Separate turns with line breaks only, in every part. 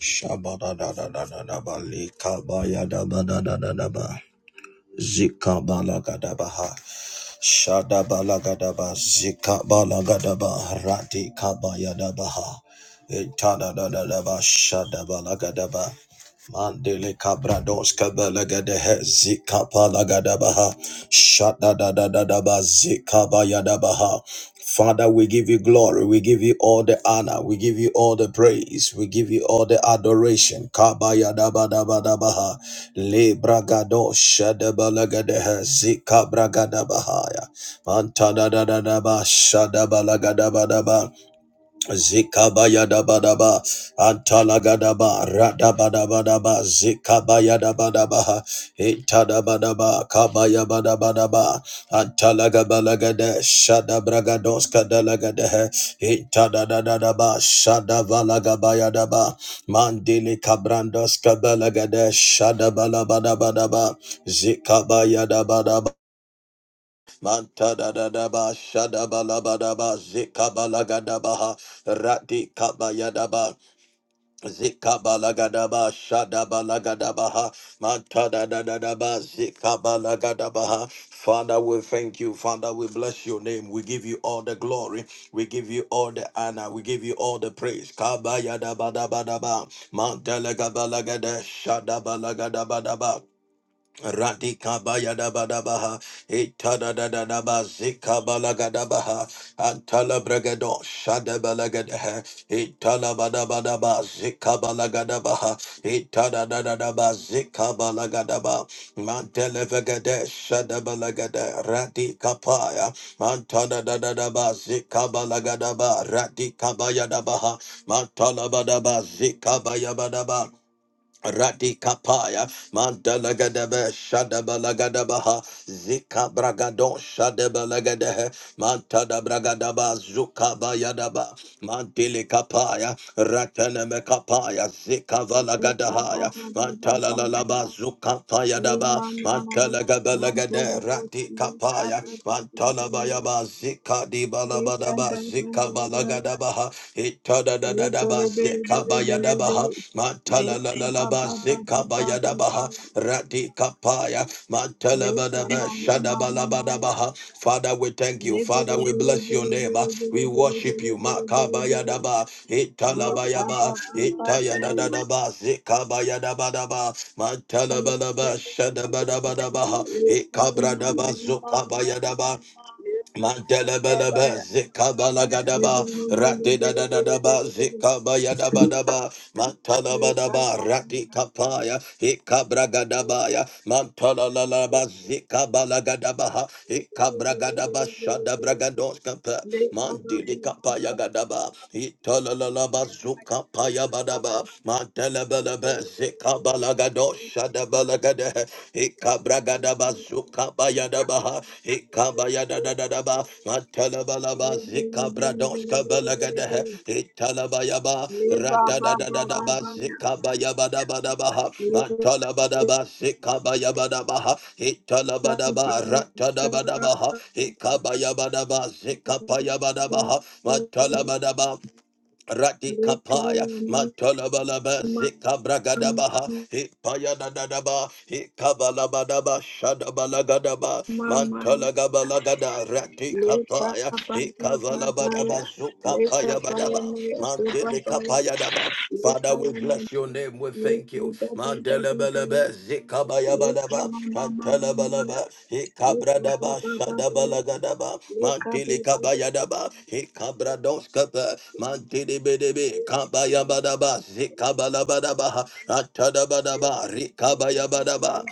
Shabadadadadadadaba, likabayadabadadadadaba, zikabalagadabaha. Shadabalagadaba Zikabalagadaba Rati Kabayadabaha Itadadadadaba Shadabalagadaba Mandele Cabrados Kabalagadehe Zikapalagadabaha Shadadadadadaba Zikabayadabaha Father, we give you glory. We give you all the honor. We give you all the praise. We give you all the adoration. Kabayadabadabaha. Le bragado shadabalagadeha zika bragadabahaya. Manta da da da da ba shadabalagadabalaba. Zikabaya Zikabayadabadaba, Antalagadaba, Radabadabadaba, Zikabayadabadaba, Itadabadaba, Kabayabadabadaba, Antalagabalagade, Shadabragadoska dalagade, Itadadadadaba, Shadavalagabayadaba, Mandili Kabrandoska balagade, Shadabalabadabadaba, zikabaya dabadaba Manta da da da ba shada ba la ba da ba zika ba la ga da ba ha rati ka ba ya da ba zika ba la ga da ba shada ba la ga da ba ha manta da da da da ba zika ba la ga da ba ha Father we thank you Father we bless your name we give you all the glory we give you all the honor we give you all the praise ka ba ya da ba da ba da ba manta la ga ba la ga da shada ba la ga da ba da ba Radika bayada badabaha, itada da da da ba zika balagadabaha, antala bragado Bayadabadabaha, Itadadadaba, Zikabalagadabaha, Antalabragado, Shadabalagadaha, Italabadabadaba, Zikabalagadabaha, Mantele Zikabalagadabaha, Mantelevagade, Shadabalagada, Radika Paya, Mantadadadaba, Zikabalagadaba, Radika Bayadabaha, Matalabadaba, Zikabayabadaba, Radikapaya, Mandalagadebe, Shadabalagadabaha, Zika Bragadon, Shadabalagadehe, Mantada Bragadaba, Zuka Bayadaba, Mantili Kapaya, Rataneme Kapaya, Zika Valagadahaya, Mantala Lalaba,
Le
Zuka Payadaba,
manamaya mandiri
Mantalagabalagade,
bosia
Radikapaya,
kabri kabri
Mantala Bayaba, Zika
le
Dibalabadaba,
kabri
Zika
kabri le bele
Balagadabaha, da da da da da ba
bele bele
zeka
bele
ba ya da ba ha,
bele le
matala la la la
kababa
Itadadadaba Zekabayadabaha, Matalalaba
babu baba
Zekabayadabaha, Radikapaya, ba ha. radika pa ya
le
matala ba da ba
kamama
shada ba
mama
la ba da
maya
ba ha. Father, we thank you.
le
Father,
bele
we
bele
bless your
bele
name.
bele bele
We
bele
worship
bele
you. da
bele
da
bele bele
da
le kababa babu
da da da da ba, zeka ba ya da ba, da ba matala ba la ba, shada ba da ba da ba ha
le
ikabra da ba la ya ya shada
kamama
Makabayadaba, Italabayaba, Itayadadadaba, Zekabayadabadaba, Matalabalaba
mama
Shadabadabadabaha, da ba
le
gadaba rati
kababa
Mandelabalaba,
baba Thank
Zikabalagadaba, Radidadadadaba, Zikabayadabadaba, Mantalabadaba, Radikapaya, Ikabragadabaya, Mantalalalaba, Zikabalagadabaha, Ikabragadaba, Shadabragadoskapa, Mandilikapayagadaba, Italalalaba, Zukapayabadaba, Mantelabalaba, Zikabalagadosh, Shadabalagada, Ikabragadaba, Sukabayadabaha, Ikabayadadadadaba, Matalabalaba, Zikabradoska Balagada, Italabayaba, Radadadadaba, Zikabayabadabaha, Matalabadaba, Zikabayabadabaha, Italabadaba, Ratadabadabaha,
you.
Ikabayabadaba,
Leka
Zikapayabadabaha, Matalabadaba, Radikapaya, Mantalabalaba,
mama
Zika Bragadabaha, Hipayadadadaba, Hikabalabadaba, Shadabalagadaba, Mantalagabalagada,
leka
Radikapaya,
baba baya babaya
Hikavalabadaba,
leka baya
Zukapayabadaba,
maya babaya
Mantelikapayadaba.
leka
Father, we
yana
bless your name, we thank
leka
you.
baba baba baya
Mandelabalaba,
leka
Zikabayabadaba,
mama mama maya
Mantalabalaba,
leka baba
Kabradaba
baba ya
Shadabalagadaba
leka baba
Mantili
baba baya leka
kabaya Kabayadaba Hikabradoskapa Mantili Bedebe Kabayabadaba Zikabalabadaba Atadabadaba Rikabayabadaba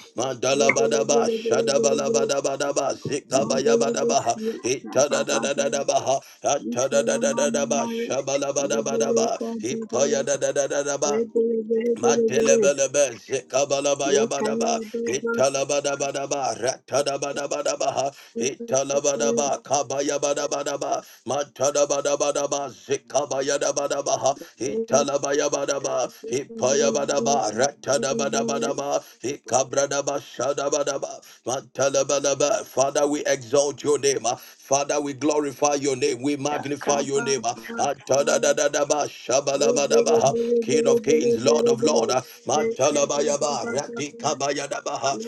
baba
Mandalabadaba
baba ya
Shadabalabadabadaba Zikabayabadaba
Mandelebusiya Kadi Babla
Itadadadadaba
Vikiwa Mama
Atadadadadaba
Maya Rebele
Shabalabadabadaba
Kadi Bele
Hipayadadadadaba
Rebele Bele Bele Bele
Matelebelebe, Zekabalabaya
Lekaya
Badaba
Baba
Italabadabadaba, Ratadabadabadabaha, Italabadaba, Kabayabadabadaba, Matadabadabadaba, Zekabayadabadabaha, Italabayabadaba, Ipayabadaba,
Lekaba
Ratadabadabadaba, Ikabradaba, Shadabadaba, Matalabadaba. Father, we exalt your name. Father, we glorify your name. We magnify your name.
Baba
Atadadadadaba,
Rebele
shabalabadaba,
Bele
King
Bele
of
Bele
kings, Lord
Bele
of
Bele,
lords. ah.
Lekaba Baba Lekaba
Matalabayaba, radikabayadaba,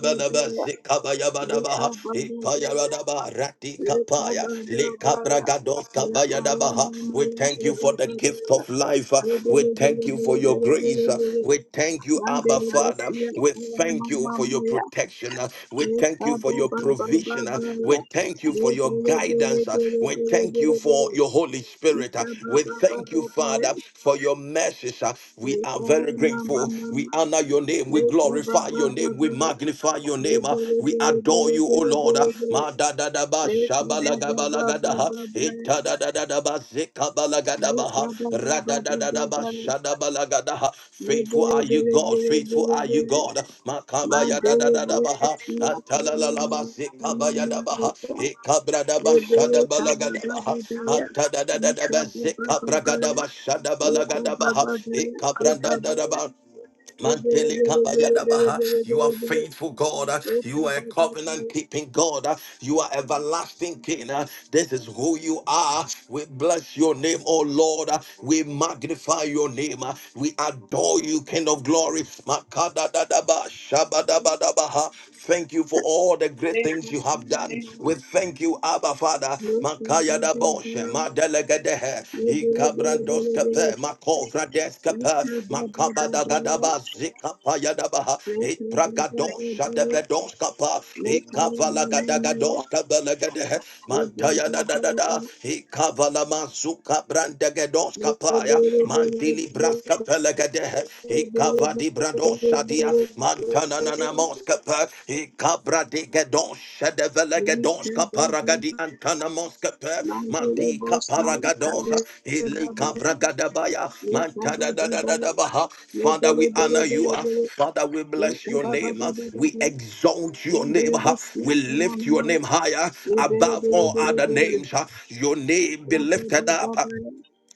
Baba
zikabayabadaba,
Lekaba Baba
ipayabadaba, radikapaya,
Rekabazabaya,
likabragadoskabayadaba. We thank you for the gift
Rekomamamashibabaya,
of life. ah. We thank you for your grace. ah. Jesus.
Rebelebelebelebelebele,
We thank you, Abba Father.
Mandelebosia,
We thank you for your
Kayamamamaya,
protection. We thank you for your provision. We
Rekabababababaya,
thank you for your guidance. We thank you
Rebelebelebelebelebele,
for your Holy Spirit. We thank you,
Ikabababababaya,
Father, for your mercies. We are very grateful. We
Rekayamamamaya,
honor your name. We glorify your name. We
Rekabababababaya,
magnify your name. We adore you, O Lord.
Rebelebelebelebelebele,
Shabalagadabalagadaba,
Rekabababababaya,
itadadadadaba,
Thank
zikabalagadabaha, radadadadaba, shadabalagadaha. Faithful are you, God. Faithful are you, God. Makabaya da da da da baha. Atalalaba zikabaya da baha. Ikabra da basha da balaga da baha. Mata da da da da ba zikabra ga da basha da balaga da baha. Ikabra da da da ba.
you.
Mantele kabayadabaha. You are faithful, God. You are a covenant keeping God. You are everlasting King. This is who you are. We bless your name, oh Lord. We magnify your name. We adore you, King of glory. Makadadadaba, shabadabadabaha. Thank you for all the great things you have done. We thank you, Abba Father. Radaboshe, Madelegadehe, Ikabrandos Kape, Makovra Deskape, Makabada Gadaba, Zikapa Yadabaha,
Thank
Ipragadosha de
you.
Bedoskapa, Ikavala Gadagadoska Belegadehe, Mantaya da da da da, Ikavala Mazuka Brandegadoskapaya, Mantili Braska Pelegadehe, Ikavadi Bradosha dia, Tananana Moscapa, Cabra de Gadon, Shadevela Gadons, Caparagadi Antana Moscapa, Mandi Caparagadosa, Ili Cabra Gadabaya, Mantada da da da da Baha. Father, we honor you. ah. Father, we bless your name. ah. We exalt your name. ah. We lift your name higher above all other names. ah. Your name be lifted up. ah.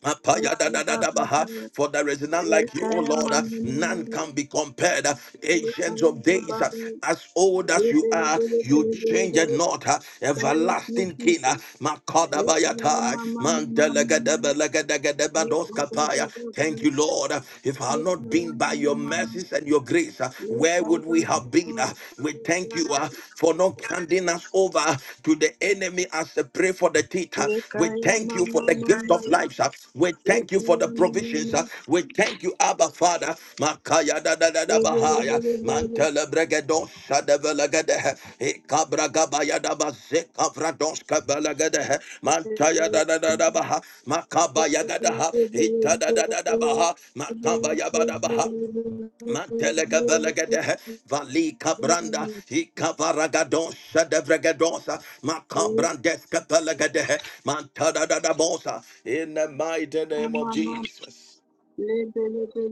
Apaya da da da da baha. For there is none like you, O
Lekaya
Lord. Uh,
mama
None
mama,
can be compared. Uh, Ancients of
lekaya
days, uh,
baba,
as old as you
lebele
are,
bele
you
bele bele
change it
bele.
not. Uh,
Thank you,
Everlasting King, uh,
Jesus. Lekaya
Makadabayata,
mama mama mama, lekaya baba
Mandelegadebelegadegadebadoskapaya.
baba,
Thank you, Lord. Uh, If I had not
lekaya
been by
mama
your
mama,
mercies and your grace, uh, where
lekaya
would
baba
we have
baba,
been? Uh, We thank you uh, for not counting handing us over to the enemy as a prey for the teeth. uh. We
lekaya
thank you
mama
for the gift
mama,
of life. sir. We thank
lekaya
you for the
mama
provisions. sir.
mama,
We thank you, Abba Father. Makaya da da da da
lebele
bahaya.
bele bele
Mantele bregedo sadevelegedehe. Ikabra da bazeka vrados kabelegedehe. Mantaya da da da da
bele.
baha.
Amen.
Makabaya gadaha. Ita da da da da baha. Makabaya ba da baha. Mantelega belegede, vali cabranda, i cavaragados, shadevregadosa, macabrandeska belegede, mantada da da bosa, in the mighty name of Jesus.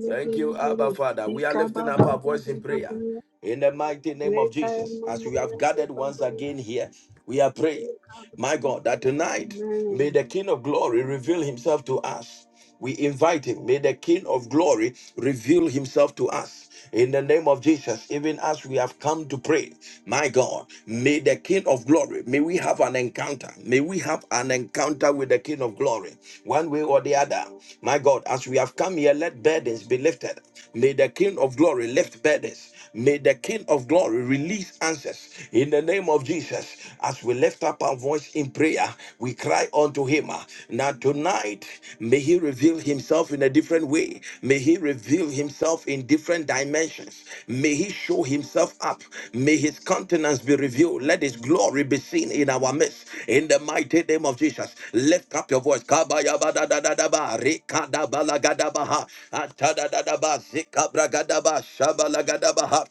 Thank you, Abba Father. We are lifting up our voice in prayer in the mighty name of Jesus. As we have gathered once again here, we are praying. My God, that tonight may the King of Glory reveal himself to us. We invite him. May the King of Glory reveal himself to us. In the name of Jesus, even as we have come to pray, my God, may the King of Glory, may we have an encounter. May we have an encounter with the King of Glory, one way or the other. My God, as we have come here, let burdens be lifted. May the King of Glory lift burdens. May the King of Glory release answers in the name of Jesus. As we lift up our voice in prayer, we cry unto Him. Now, tonight, may He reveal Himself in a different way. May He reveal Himself in different dimensions. May He he show himself up. May his countenance be revealed. Let his glory be seen in our midst. In the mighty name of Jesus, lift up your voice. Kabayabadadadadaba, rekadabalagadabaha, atadadadaba, zikabragadaba, shabalagadabaha.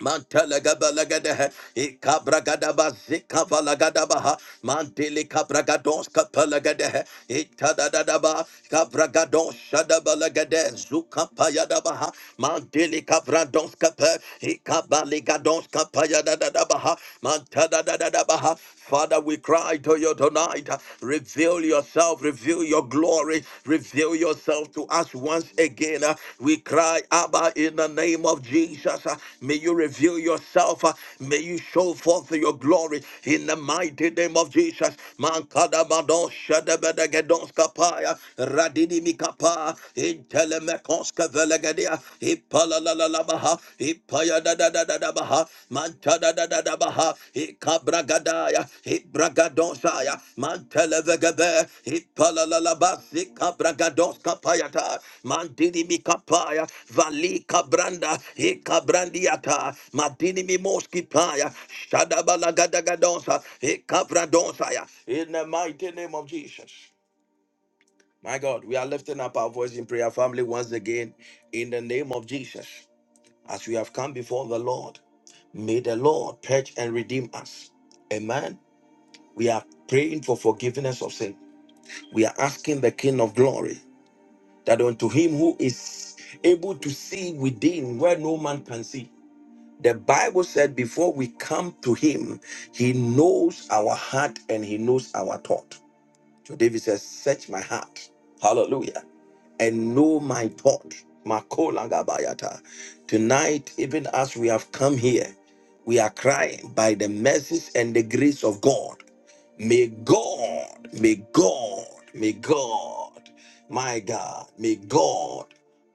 Mantelegabelegedehe, ikabragadaba zikavalagadabaha, mantelikabragadonskapelegedehe, itadadadaba, kabragadonshadabalegede, zukapayadabaha, mantelikabrandonskape, ikabaligadonskapayadadadabaha, mantadadadadabaha. Father, we cry to you tonight. Reveal yourself, reveal your glory, reveal yourself to us once again. We cry, Abba, in the name of Jesus. May you reveal yourself. May you show forth your glory in the mighty name of Jesus. Mankada badon shadabada gedonska paya radini mikapa in telemekonska velegadia la la baha ipaya da da da da baha manta da da da baha ikabragadaya ibragadonsaya mantelevegebe ipala la la ba ikabragados kapayata mandini mikapaya vali kabranda ikabrandiata madini mimoski paya shadabalagadagadonsa ikabrandonsaya in the mighty name of Jesus my God, we are lifting up our voice in prayer, family, once again, in the name of Jesus as we have come before the Lord. May the Lord purge and redeem us. Amen. We are praying for forgiveness of sin. We are asking the King of glory that unto him who is able to see within where no man can see. The Bible said before we come to him, he knows our heart and he knows our thought. So David says, Search my heart. Hallelujah. And know my thought. Makola gabayata. Tonight, even as we have come here, we are crying by the mercies and the grace of God. May God, may God, may God, my God, may God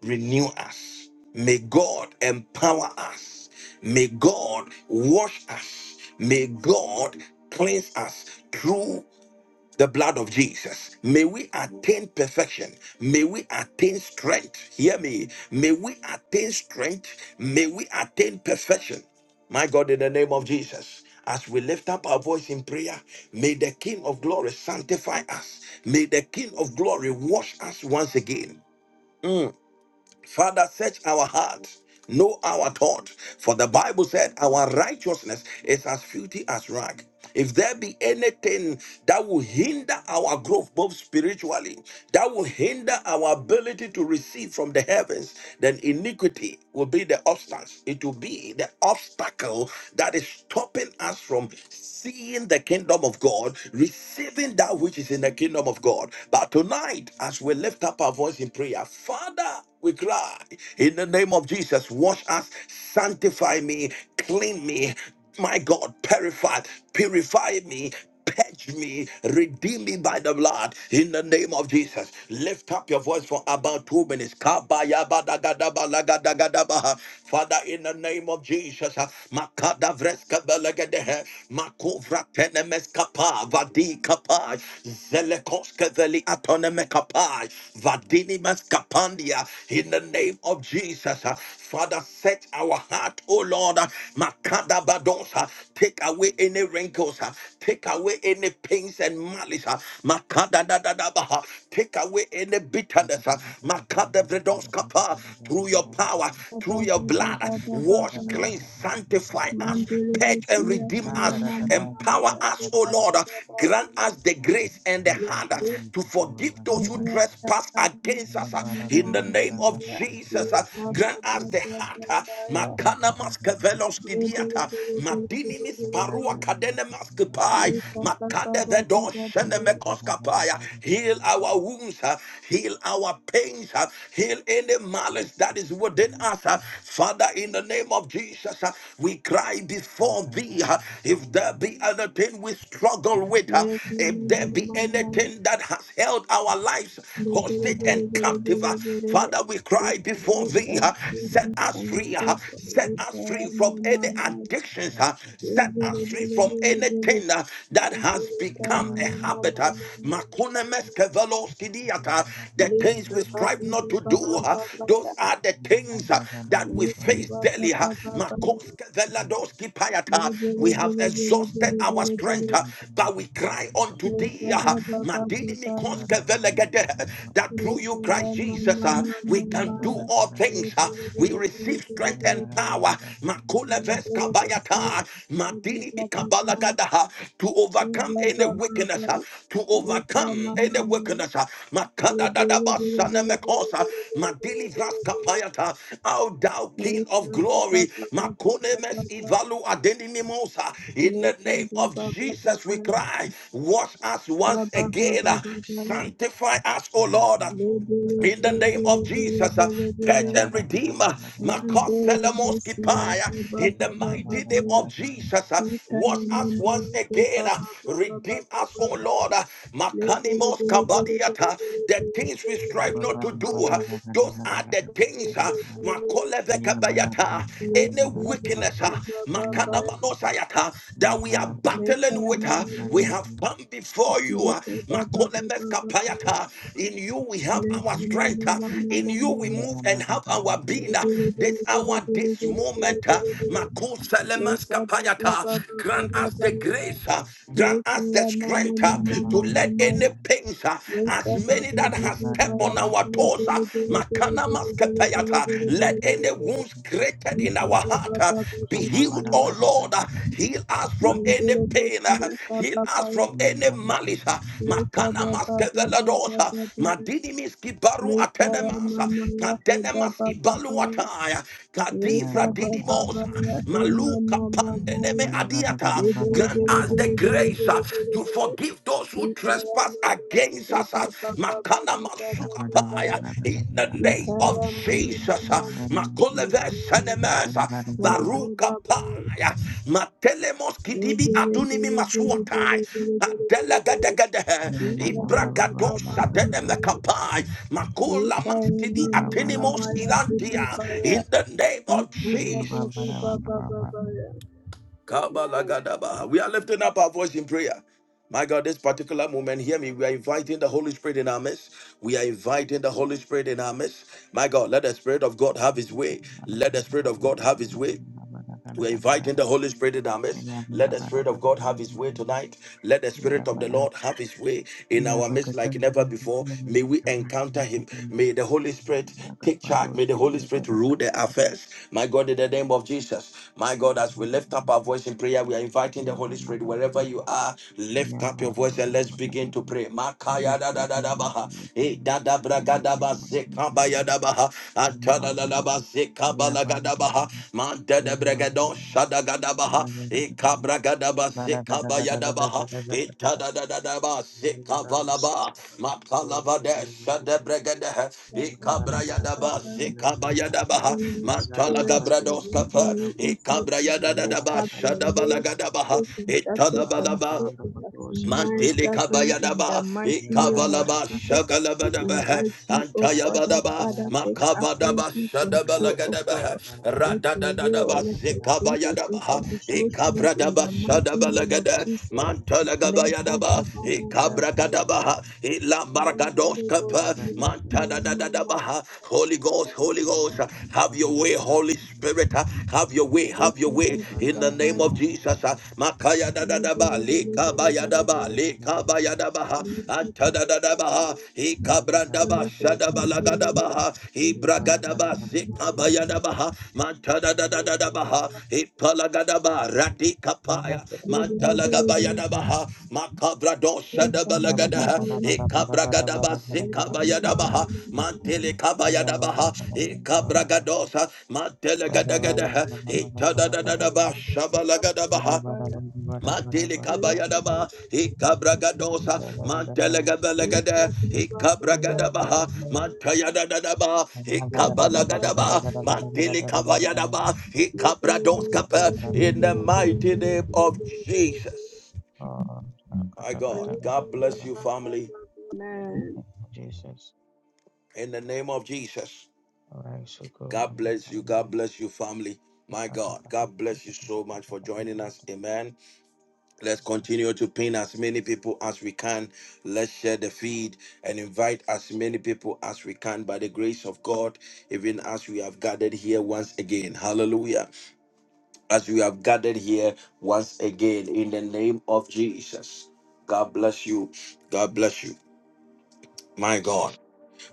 renew us. May God empower us. May God wash us. May God cleanse us through the blood of Jesus. May we attain perfection. May we attain strength. Hear me. May we attain strength. May we attain perfection. My God, in the name of Jesus, as we lift up our voice in prayer, may the King of glory sanctify us. May the King of glory wash us once again. Mm. Father, search our heart, know our thought. For the Bible said, Our righteousness is as filthy as rag. If there be anything that will hinder our growth, both spiritually, that will hinder our ability to receive from the heavens, then iniquity will be the obstacle. It will be the obstacle that is stopping us from seeing the kingdom of God, receiving that which is in the kingdom of God. But tonight, as we lift up our voice in prayer, Father. We cry in the name of Jesus. Wash us, sanctify me, clean me, my God, purify, purify me. Purge me, redeem me by the blood in the name of Jesus. Lift up your voice for about two minutes. Kabayabadagadabalagadagadabaha. Father, in the name of Jesus, ah, makadavreskabalagadehe, makovratenemeskapa, vadikapa, zelekoskeveli atonemekapa, vadinimeskapandia, Hallelujah. in the name of Jesus. uh, Father, set our heart, oh Lord, uh, Makada Badosa, take away any wrinkles, uh, take away any pains and malice, uh, Makada da da da baha, take away any
Yeah,
bitterness, uh, Makada Vredoska pa through your power, through your blood. Wash, cleanse, sanctify us, purge and redeem us, empower us, O Lord. Grant us the grace and the hand to forgive those
Mama,
who
mama,
trespass against us. In the name of Jesus, grant us the heart. Makana maskevelos kidiata, madinimis parua kadene maskepai, makade vedos shenemekos kapaya heal our wounds, uh, heal our pains, uh, heal any malice that is within us. uh. Father, in the name of Jesus, uh, we cry before thee. uh, If there be anything we struggle with, uh, if there be anything that has held our lives hostage and captive, uh, Father, we cry before thee. uh, Set us free. uh, Set us free from any addictions. uh, Set us free from anything uh, that has become a
mama, mama,
habit. uh,
mama,
Makunemes
mama,
kevelos
Yeah,
kidiata, The
Thank you.
things we strive not to do. uh, Those are the things uh, that we face daily. uh, Makos kevelados kipayata, We have exhausted our strength, uh, but we cry unto thee. uh, Madini mikos kevelegede, That through you, Christ Jesus, uh, we can do all all things, uh, we receive strength and power. Makuleves ves kabayata, madini bikabalagada, uh, To overcome any wickedness, uh, to overcome any wickedness. uh, makadadadabasanemekosa, madili vras kapayata, O thou King of glory, makune mes ivalu adenimimosa. in the
Later,
name of
blah blah blah blah
Jesus
blah
we
blah le
cry, wash us once
blah blah blah
again, uh,
blah.
sanctify us, O Lord.
Blah blah blah
In the
blah
name of
blah
Jesus, uh,
blah blah
purge
blah.
and redeemer,
Man, blah blah
Makoselemoski
siya,
Paya.
blah
In the
blah blah
mighty
blah
name of
blah.
Jesus, uh,
Ita na
wash us
mama
once
yake,
again,
blah
uh,
blah blah blah
redeem
le
us,
blah blah
O
blah.
Lord. uh,
Blah blah
Makanimos
blah blah le blah blah blah
Kabadiata. The things we strive not to do, uh, those are the things. uh, Makolevekabayata.
blah. Blah
Any
blah blah
wickedness,
blah
uh,
blah blah blah.
Makanamanosayata, that we are
Leka
battling
ya
with her.
mama,
We have come before you. uh,
leka blah blah blah
Makolemes
blah blah blah.
kapayata. In you we have
Leka
our
mama
strength. uh, In
mama
you we
mama.
Thank
move and have our
you.
being. uh, This hour, this moment. uh, Makoselemes kapayata. Grant us the grace. uh, Grant us the strength uh, to let any pains, uh, as many that has stepped on our toes, uh, Makana maskepayata. Let any wounds created in our heart uh, be healed, oh Lord. Uh, Heal us from any pain. uh, Heal us from any malice. uh, Makana maskeveladosa. Madinimis kibaru
Leka
atenemasa.
mama yahe
Kadenemas
baba baba
ibaluataya.
Reka
Kadivra
baba
didimosa.
baya hima
Maluka
mama
pandeneme
maya
adiata.
rebele
Grant
bele
us the
bele bele
grace uh,
bele bele
to
bele
forgive those who who
ikaya
trespass
mama
against us.
reka
uh,
baba
Makana
baba baba baba
masukapaya, In the name
ikaya
of
mama mama
Jesus. uh, Makoleve
mama
senemes, uh,
baba baba
Varukapaya, Matelemos kidibi
rebele
adunimi
bele bele
masuatai.
bele bele bele bele bele
Adelegedegedehe,
ikaya baba baba
Ibragadosa
baba
denemekapai, Makula
ikaya
maskidi
mama mama
atinimos
ya baba
ilantia,
baya
In the name of
ikaya
Jesus.
baba baba baba Amen.
Kabalagadaba. We are lifting up our voice in prayer. My God, this particular moment, hear me. We are inviting the Holy Spirit in our midst. We are inviting the Holy Spirit in our midst. My God, let the Spirit of God have His way.
Holy
Let the Spirit of God have His way. We're inviting the Holy Spirit in our midst. Let the Spirit of God have His way tonight. Let the Spirit of the Lord have His way in our midst like never before. May we encounter Him. May the Holy Spirit take charge. May the Holy Spirit rule the affairs. My God, in the name of Jesus. My God, as we lift up our voice in prayer, we are inviting the Holy Spirit wherever you are. Lift up your voice and let's begin to pray. Makaya da
Spirit,
da da
I
da
need
baha.
you,
Eh,
Lord.
da da
I
bra ga
need
da ba
your
Laba
money, I need
Seka
you, I need
Bayadabaha,
you, you are my one. Yeah, but-
Antanabasekabalagadaba, Mandada Bregadon Shadagadabaha, Ekabragadaba
yeah,
Sekabayadabaha,
but- yeah, but-
Etadadadaba
Thank
Sekavalaba, Matalavade Shadabregade,
that the
Ekabrayadaba
Father,
Sekabayadabaha,
Holy Spirit, we
Mantalagabrados
welcome
Kapa,
you into our midst.
Ekabrayadadaba
Have your way.
Shadabalagadaba,
Take instructive
Etalabalaba
control and maximize
Mantele
gathering in the
kabayadaba,
mighty name of
ikavalaba,
Jesus. We
shakalabadaba,
invite you, O God, our
antayabadaba,
Father, take absolute
makavadaba,
control, O
shadabalagadaba,
God. Let your will,
radadadadaba,
let your presence, O
zikabayadaba,
God, be shown forth in
ikavradaba,
the mighty name of
shadabalagada,
Jesus. Let's
mantalagabayadaba, ikabragadaba,
Mandele
ilabargadoskapa,
Bosia,
you.
Mama,
mantadadadaba. Holy Ghost, Holy
Yeah,
Ghost, have your way, Holy Spirit, have your way, have
Lika
your way,
Baba
in the name of
Baba,
Jesus, makayadadaba,
Lebele
yadaba le
Bele
kaba
Bele Bele
yadaba
Bele,
le kaba yadaba ha
Lika
antada
Baba
dadaba
Baba,
ha he kabrandaba
Holy Ghost
shadaba
have your
lagadaba
way.
ha he
Lika Mama
bragadaba se
Mama
kaba
Mama,
yadaba ha mantada
Lika
dadadaba ha
Baba
he
Baba Baba
palagadaba
Baba,
radika paya
Lebele
mantala
Bele
gaba
Bele,
yadaba ha makabra don
Lika
shadaba lagada
Mama
ha
Baba,
he kabragadaba se
Lika Mama Mama Mama,
mantele
Lika
kaba yadaba ha he kabragadosa
Baba Baba Baba Baba Baba,
Mantele
Man, my
kabayadaba, ikabragadosa, mantelegabelegade, ikabragadabaha, mantayadadadaba,
Jesus.
ikabalagadaba, mantele kabayadaba, ikabradoskapa, In the mighty name of Jesus. My God, God bless you, family.
Yes.
In the name of Jesus. God bless you. God bless you, family. My God, God bless you so much for joining us. Amen. Let's continue to pin as many people as we can. Let's share the feed and invite as many people as we can by the grace of God, even as we have gathered here once again. Hallelujah. As we have gathered here once again in the name of Jesus. God bless you. God bless you. My God.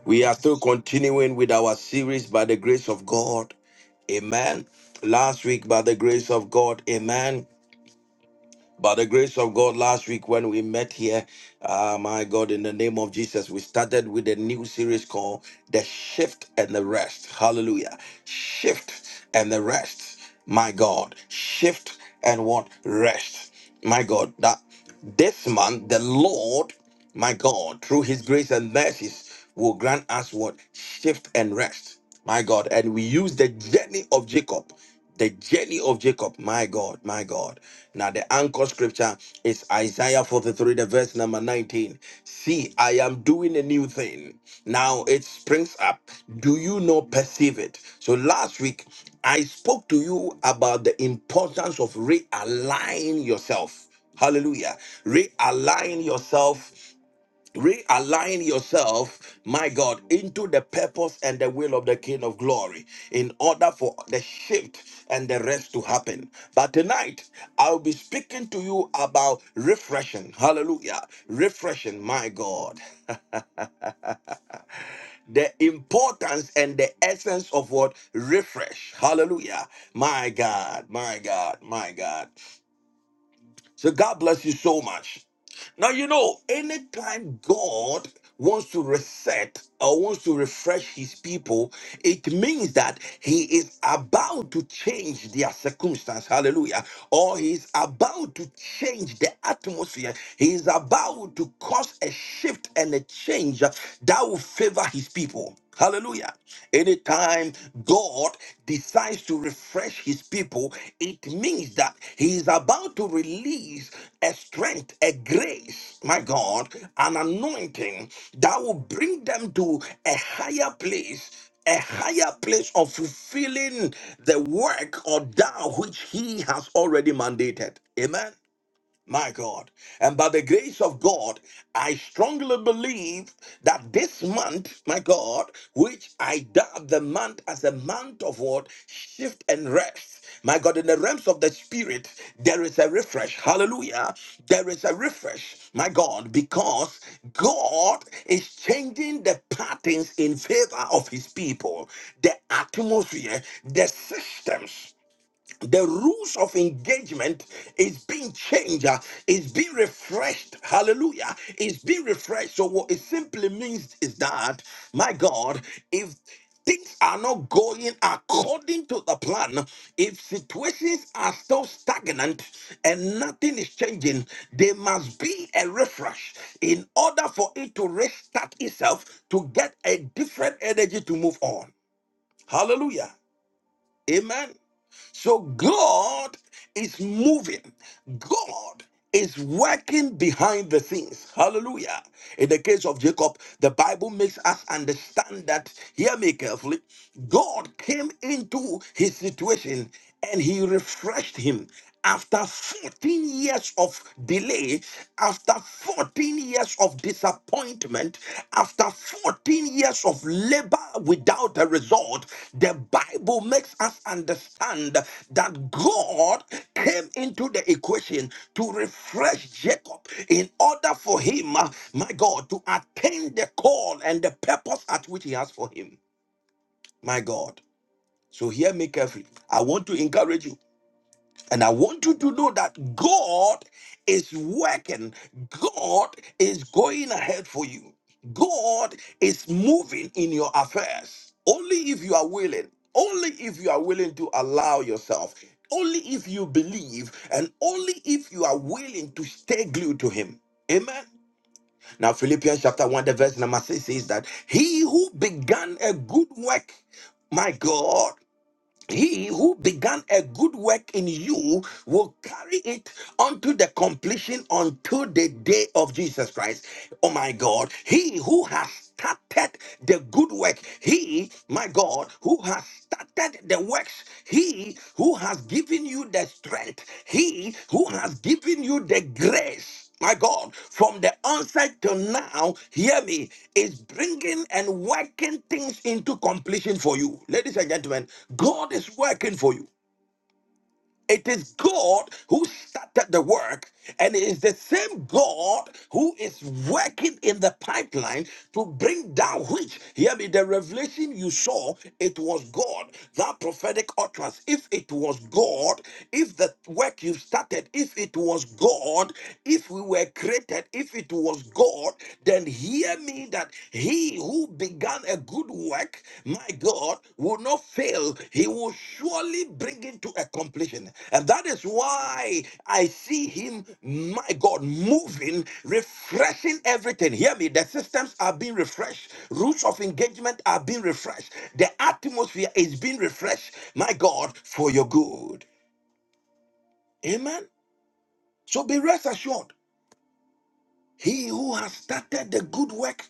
We are still continuing with our series by the grace of God. Amen. Last week, by the grace of God, amen. By the grace of God, last week when we met here, uh, my God, in the name of Jesus, we started with a new series called The Shift and the Rest. Hallelujah. Shift and the Rest. My God. Shift and what? Rest. My God. That. This month, the Lord, my God, through his grace and mercies, will grant us what? Shift and rest, my God. And we use the journey of Jacob. The journey of Jacob, my God, my God. Now, the anchor scripture is Isaiah 43, the verse number 19. See, I am doing a new thing. Now it springs up. Do you not perceive it? So, last week, I spoke to you about the importance of realigning yourself. Hallelujah. Realign yourself. Realign yourself, my God, into the purpose and the will of the King of Glory in order for the shift and the rest to happen. But tonight, I'll be speaking to you about refreshing. Hallelujah. Refreshing, my God. The importance and the essence of what? Refresh. Hallelujah. My God, my God, my God. So God bless you so much. Now, you know, anytime God wants to reset or wants to refresh his people, it means that he is about to change their circumstance. Hallelujah. Or he is about to change the atmosphere. He is about to cause a shift and a change that will favor his people. Hallelujah time God decides to refresh his people, it means that he is about to release a strength, a grace, my God, an anointing that will bring them to a higher place a higher place of fulfilling the work or that which he has already mandated. Amen. My God. And by the grace of God, I strongly believe that this month, my God, which I dub the month as a month of what? Shift and rest. My God, in the realms of the spirit, there is a refresh. Hallelujah. There is a refresh, my God, because God is changing the patterns in favor of his people, the atmosphere, the systems the rules of engagement is being changed, uh, is being refreshed. Hallelujah. It's being refreshed. So, what it simply means is that, my God, if things are not going according to the plan, if situations are still stagnant and nothing is changing, there must be a refresh in order for it to restart itself to get a different energy to move on. Hallelujah. Amen. So God is moving. God is working behind the scenes. Hallelujah. In the case of Jacob, the Bible makes us understand that, hear me carefully, God came into his situation and he refreshed him after 14 years of delay, after 14 years of disappointment, after 14 years of labor without a result, the Bible makes us understand that God came into the equation to refresh Jacob in order for him, uh, my God, to attain the call and the purpose at which he has for him, my God. So hear me carefully. I want to encourage you. And I want you to know that God is working, God is going ahead for you, God is moving in your affairs. Only if you are willing, only if you are willing to allow yourself, only if you believe, and only if you are willing to stay glued to Him. Amen. Now, Philippians chapter 1, the verse number 6 says that he who began a good work, my God, he who began a good work in you will carry it unto the completion until the day of Jesus Christ. Oh my God, he who has started the good work, he, my God, who has started the works, he who has given you the strength, he who has given you the grace my God, from the onset till now, hear me, is bringing and working things into completion for you. Ladies and gentlemen, God is working for you. It is God who started the work, and it is the same God who is working in the pipeline to bring down which, hear me, the revelation you saw, it was God. That prophetic utterance, if it was God, if the work you started, if it was God, if we were created, if it was God, then hear me that he who began a good work, my God, will not fail. He will surely bring it to a completion. And that is why I see him, my God, moving, refreshing everything. Hear me. The systems are being refreshed, rules of engagement are being refreshed, the atmosphere is being refreshed, my God, for your good. Amen. So be rest assured. He who has started the good work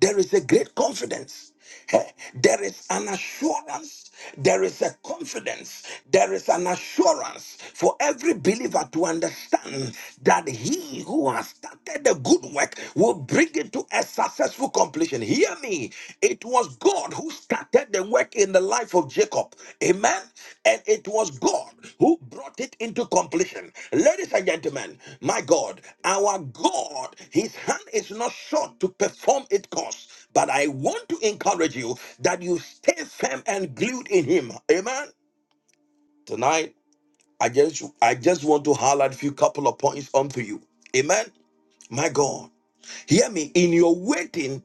There is a great confidence. Eh, There is an assurance. There is a confidence. There is an assurance for every believer to understand that he who has started the good work will bring it to a successful completion. Hear me. It was God who started started the work in the life of Jacob. Amen. And it was God who brought it into completion. Ladies and gentlemen, my God, our God, his hand is not short to perform its course. But I want to encourage you that you stay firm and glued in him. Amen. Tonight, I just I just want to highlight a few couple of points onto you. Amen. My God, hear me. In your waiting,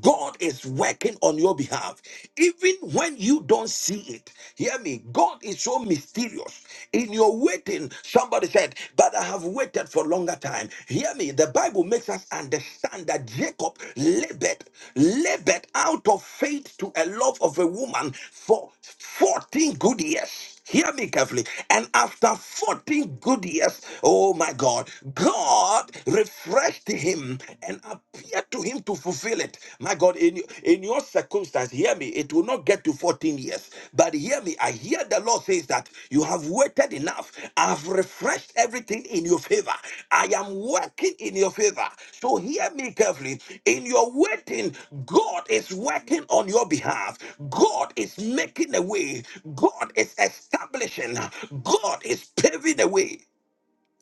God is working on your behalf. Even when you don't see it, hear me. God is so mysterious. In your waiting, somebody said, But I have waited for longer time. Hear me. The Bible makes us understand that Jacob labored, labored out of faith to a love of a woman for 14 good years. Hear me carefully. And after 14 good years, oh my God, God refreshed him and appeared to him to fulfill it. My God, in, in your circumstance, hear me, it will not get to 14 years. But hear me, I hear the Lord says that you have waited enough. I've refreshed everything in your favor. I am working in your favor. So hear me carefully. In your waiting, God is working on your behalf. God is making a way. God is establishing. God is paving the way.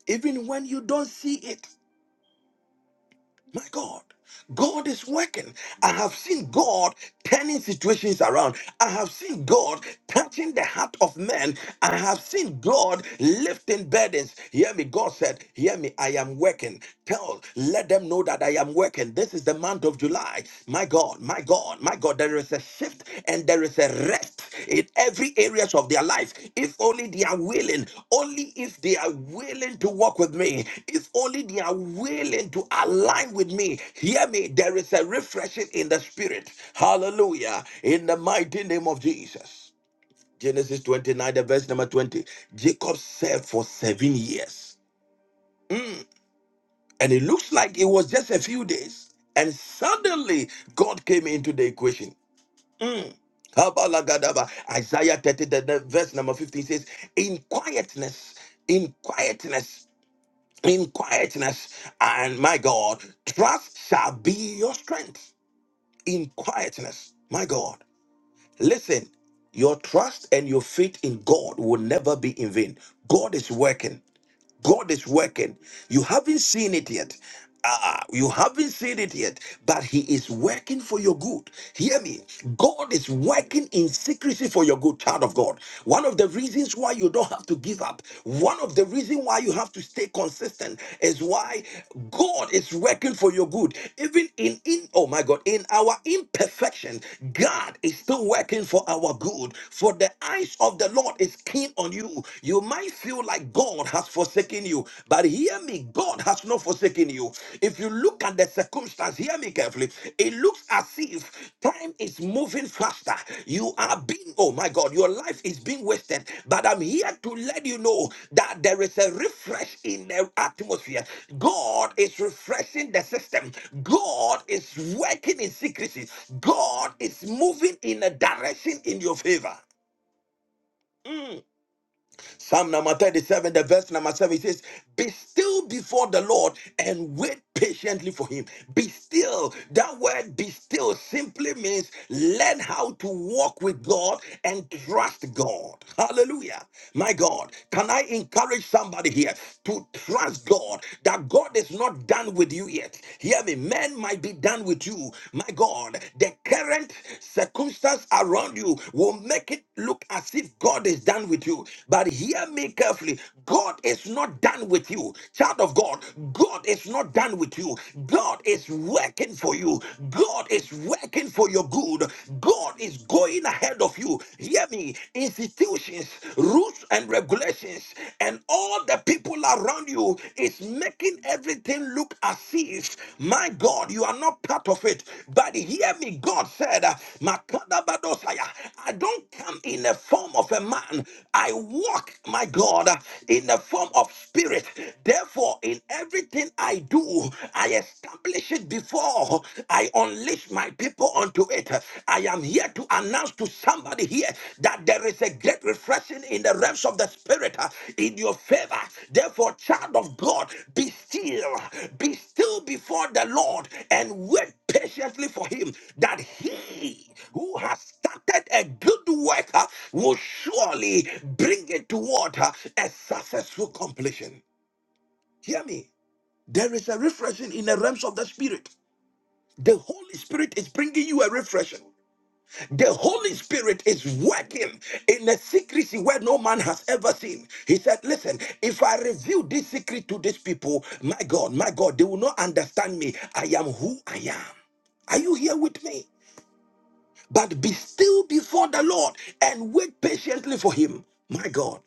Even when you don't see it. My God, God is working. I have seen God turning situations around. I have seen God touching the heart of men. I have seen God lifting burdens. Hear me, God said, Hear me, I am working. Tell, let them know that I am working. This is the month of July. My God, my God, my God there is a shift and there is a rest in every areas of their life if only they are willing only if they are willing to walk with me if only they are willing to align with me hear me there is a refreshing in the spirit hallelujah in the mighty name of jesus genesis 29 the verse number 20 jacob served for seven years and it looks like it was just a few days and suddenly god came into the equation Mm. Kabalagadaba. Isaiah 30, the, the verse number 15 says, In quietness, in quietness, in quietness, and my God, trust shall be your strength. In quietness, my God. Listen, your trust and your faith in God will never be in vain. God is working. God is working. You haven't seen it yet. Ah, you haven't seen it yet, but He is working for your good. Hear me. God is working in secrecy for your good, child of God. One of the reasons why you don't have to give up, one of the reasons why you have to stay consistent is why God is working for your good. Even in, in oh my God, in our imperfection, God is still working for our good. For the eyes of the Lord is keen on you you might feel like God has forsaken you, but hear me, God has not forsaken you. If you look at the circumstance, hear me carefully, it looks as if time is moving faster. You are being, oh my God, your life is being wasted. But I'm here to let you know that there is a refresh in the atmosphere. God is refreshing the system, God is working in secrecy, God is moving in a direction in your favor. Mm. Psalm number 37, the verse number 7 says, Be still before the Lord and wait patiently for him. Be still. That word be still simply means learn how to walk with God and trust God. Hallelujah. My God, can I encourage somebody here to trust God that God is not done with you yet? Hear me. Men might be done with you, my God, the current circumstance around you will make it look as if God is done with you. But hear me carefully God is not done with you. Child of God, God is not done with you. God is working for you. God is working for your good. God is going ahead of you. Hear me. Institutions, rules, and regulations, and and all the people around you is making everything look as if, my God, you are not part of it. But hear me, God said, uh, Makadabadosaya, I don't come in the form of a man. I walk, my God, uh, in the form of spirit. Therefore, in everything I do, I establish it before I unleash my people unto to it. I am here to announce to somebody here that there is a great refreshing in the realms of the spirit uh, in your favor. Therefore, child of God, be still, be still before the Lord and wait patiently for him that he who has started a good work uh, will surely bring it toward uh, a successful completion. Hear me. There is a refreshing in the realms of the spirit. The Holy Spirit is bringing you a refreshing. The Holy Spirit is working in a secrecy where no man has ever seen. He said, Listen, if I reveal this secret to these people, my God, my God, they will not understand me. I am who I am. Are you here with me? But be still before the Lord and wait patiently for Him. My God.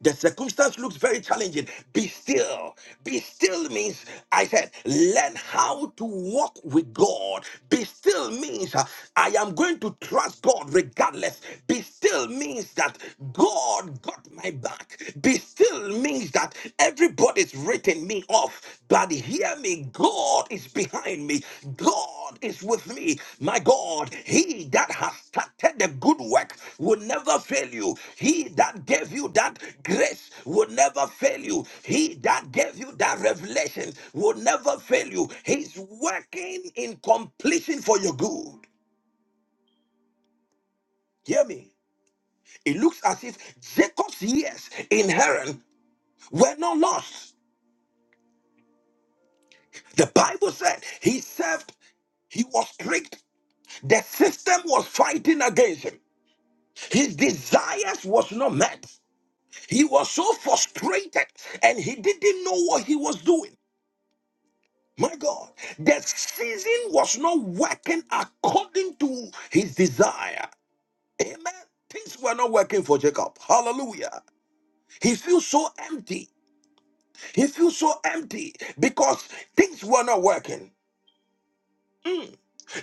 The circumstance looks very challenging. Be still. Be still means, I said, learn how to walk with God. Be still means, uh, I am going to trust God regardless. Be still means that God got my back. Be still means that everybody's written me off. But hear me, God is behind me. God is with me. My God, he that has started the good work will never fail you. He that gave you that grace will never fail you. He that gave you that revelation will never fail you. He's working in completion for your good. Hear me. It looks as if Jacob's years in Haran were not lost. The Bible said he served, he was tricked. The system was fighting against him. His desires was not met. He was so frustrated and he didn't know what he was doing. My God, the season was not working according to his desire. Amen. Things were not working for Jacob. Hallelujah. He feels so empty. He feels so empty because things were not working.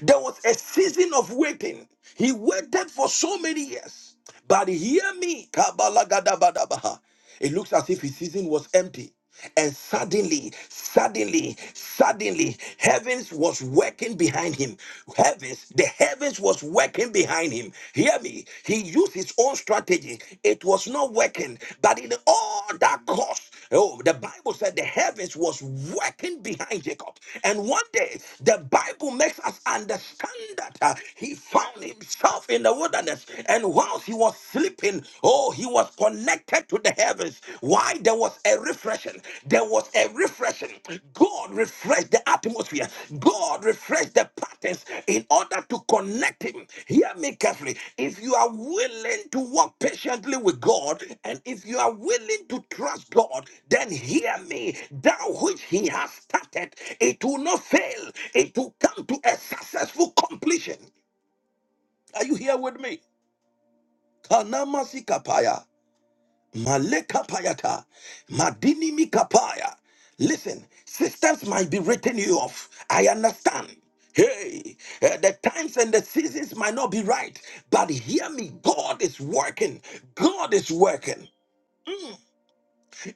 There was a season of waiting. He waited for so many years. But hear me, Kabalagadabadabaha. it looks as if his season was empty. And suddenly, suddenly, suddenly, heavens was working behind him. Heavens, the heavens was working behind him. Hear me. He used his own strategy. It was not working, but in all that course, oh, the Bible said the heavens was working behind Jacob. And one day, the Bible makes us understand that uh, he found himself in the wilderness, and whilst he was sleeping, oh, he was connected to the heavens. Why? There was a refreshing. There was a refreshing God refresh the atmosphere. God refresh the patterns in order to connect him. Hear me carefully. If you are willing to walk patiently with God and if you are willing to trust God, then hear me. That which he has started, it will not fail. It will come to a successful completion. Are you here with me? Kanama sikapaya. Maleka payata. Madini mikapaya. Listen, systems might be written you off. I understand. Hey, eh, the times and the seasons might not be right, but hear me. God is working. God is working.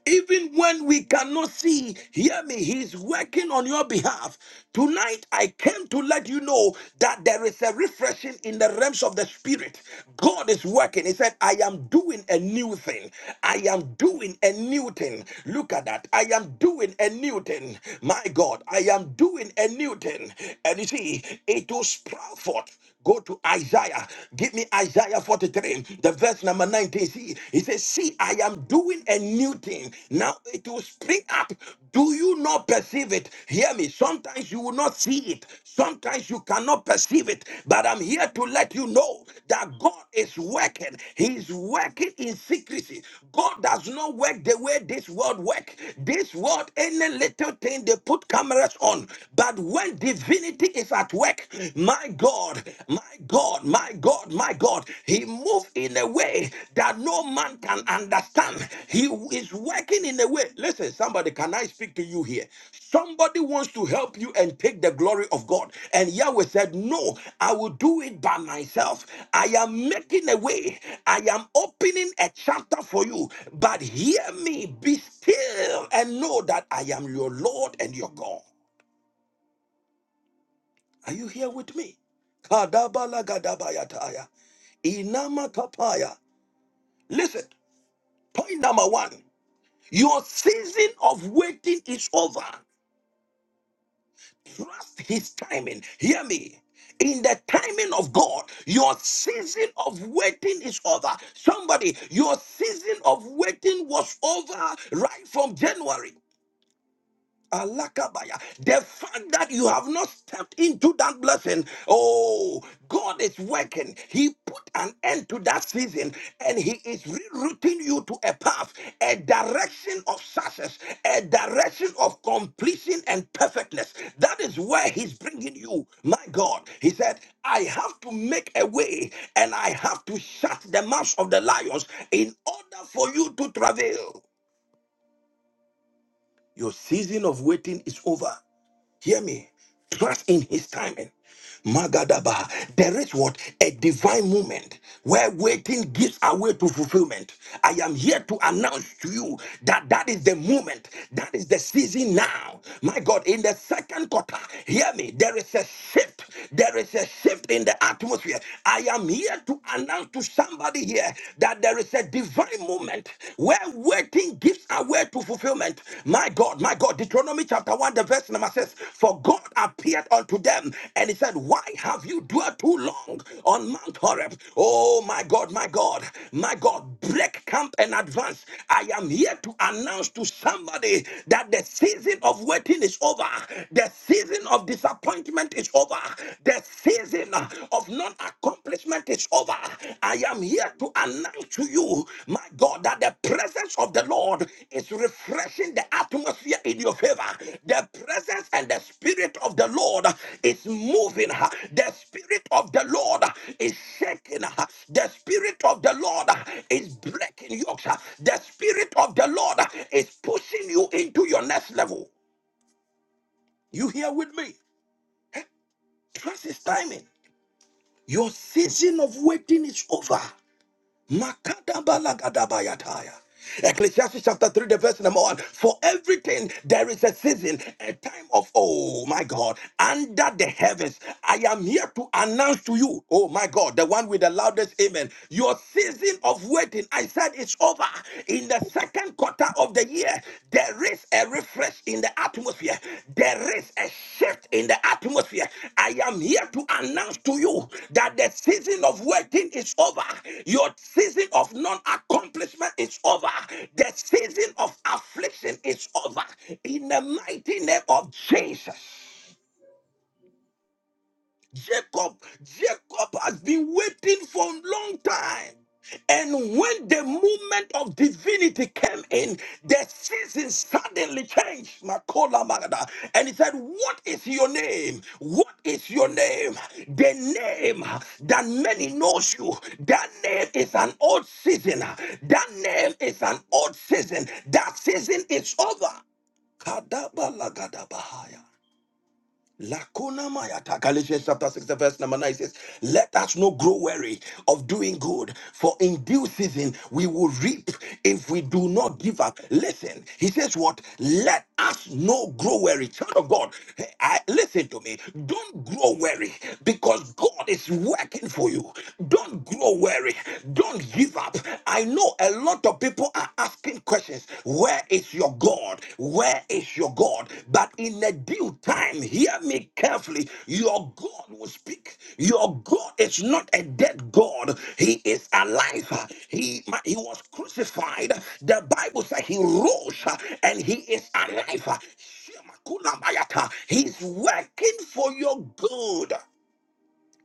Even when we cannot see, hear me, He's working on your behalf. Tonight, I came to let you know that there is a refreshing in the realms of the Spirit. God is working. He said, I am doing a new thing. I am doing a new thing. Look at that. I am doing a new thing. My God, I am doing a new thing. And you see, it will sprout forth. Go to Isaiah. Give me Isaiah 43, the verse number 19. See, he says, See, I am doing a new thing. Now it will spring up. Do you not perceive it? Hear me. Sometimes you will not see it. Sometimes you cannot perceive it. But I'm here to let you know that God is working. He's working in secrecy. God does not work the way this world work. This world, any little thing they put cameras on. But when divinity is at work. My God, my God, my God, my God. He moves in a way that no man can understand. He is working in a way. Listen, somebody, can I speak to you here? Somebody wants to help you and take the glory of God. And Yahweh said, No, I will do it by myself. I am making a way. I am opening a chapter for you. But hear me, be still, and know that I am your Lord and your God. Are you here with me? Kadabala gadabayataya. Inama kapaya. Listen, point number one. Your season of waiting is over. Trust his timing. Hear me. In the timing of God, your season of waiting is over. Somebody, your season of waiting was over right from January. Alakabaya. The fact that you have not stepped into that blessing, oh, God is working. He put an end to that season and He is rerouting you to a path, a direction of success, a direction of completion and perfectness. That is where He's bringing you. My God, He said, I have to make a way and I have to shut the mouths of the lions in order for you to travail. Your season of waiting is over. Hear me. Trust in his timing. Magadaba. There is what? A divine moment where waiting gives away to fulfillment. I am here to announce to you that that is the moment, that is the season now. My God, in the second quarter, hear me, there is a shift. There is a shift in the atmosphere. I am here to announce to somebody here that there is a divine moment where waiting gives away to fulfillment. My God, my God, Deuteronomy chapter 1, the verse number says, For God appeared unto them and he said, Why have you dwelt too long on Mount Horeb? Oh, my God, my God, my God, break camp and advance. I am here to announce to somebody that the season of waiting is over, the season of disappointment is over, the season of non accomplishment is over. I am here to announce to you, my God, that the presence of the Lord is refreshing the atmosphere in your favor. The presence and the spirit of the Lord is moving. The spirit of the Lord is shaking. The spirit of the Lord is breaking yokes. The spirit of the Lord is pushing you into your next level. You here with me? Trust his timing. Your season of waiting is over. Makadabalagadabayataya. Ecclesiastes chapter 3, the verse number 1. For everything there is a season, a time of, oh my God, under the heavens. I am here to announce to you, oh my God, the one with the loudest amen. Your season of waiting, I said it's over. In the second quarter of the year, year, there is a refresh in the atmosphere. There is a shift in the atmosphere. I am here to announce to you that the season of waiting is over. Your season of non accomplishment is over. The season of affliction is over. In the mighty name of Jesus. Jacob, Jacob has been waiting for a long time. And when the movement of divinity came in, the season suddenly changed. Makola Magada. And he said, What is your name? What is your name? The name that many knows you. That name is an old season. That name is an old season. That season is over. Kadaba Lagadabahaya. Lakuna Mayata, Galatians chapter 6, the verse number 9 says, Let us not grow weary of doing good, for in due season we will reap if we do not give up. Listen, he says, What? Let us not grow weary. Child of God, hey, I, listen to me. Don't grow weary because God is working for you. Don't grow weary. Don't give up. I know a lot of people people are asking questions Where is your God? Where is your God? But in the due time, hear me carefully. Your God will speak. Your God is not a dead God, He is alive. He, he was crucified. The Bible said He rose uh, and He is alive. Shema kula He's working for your good.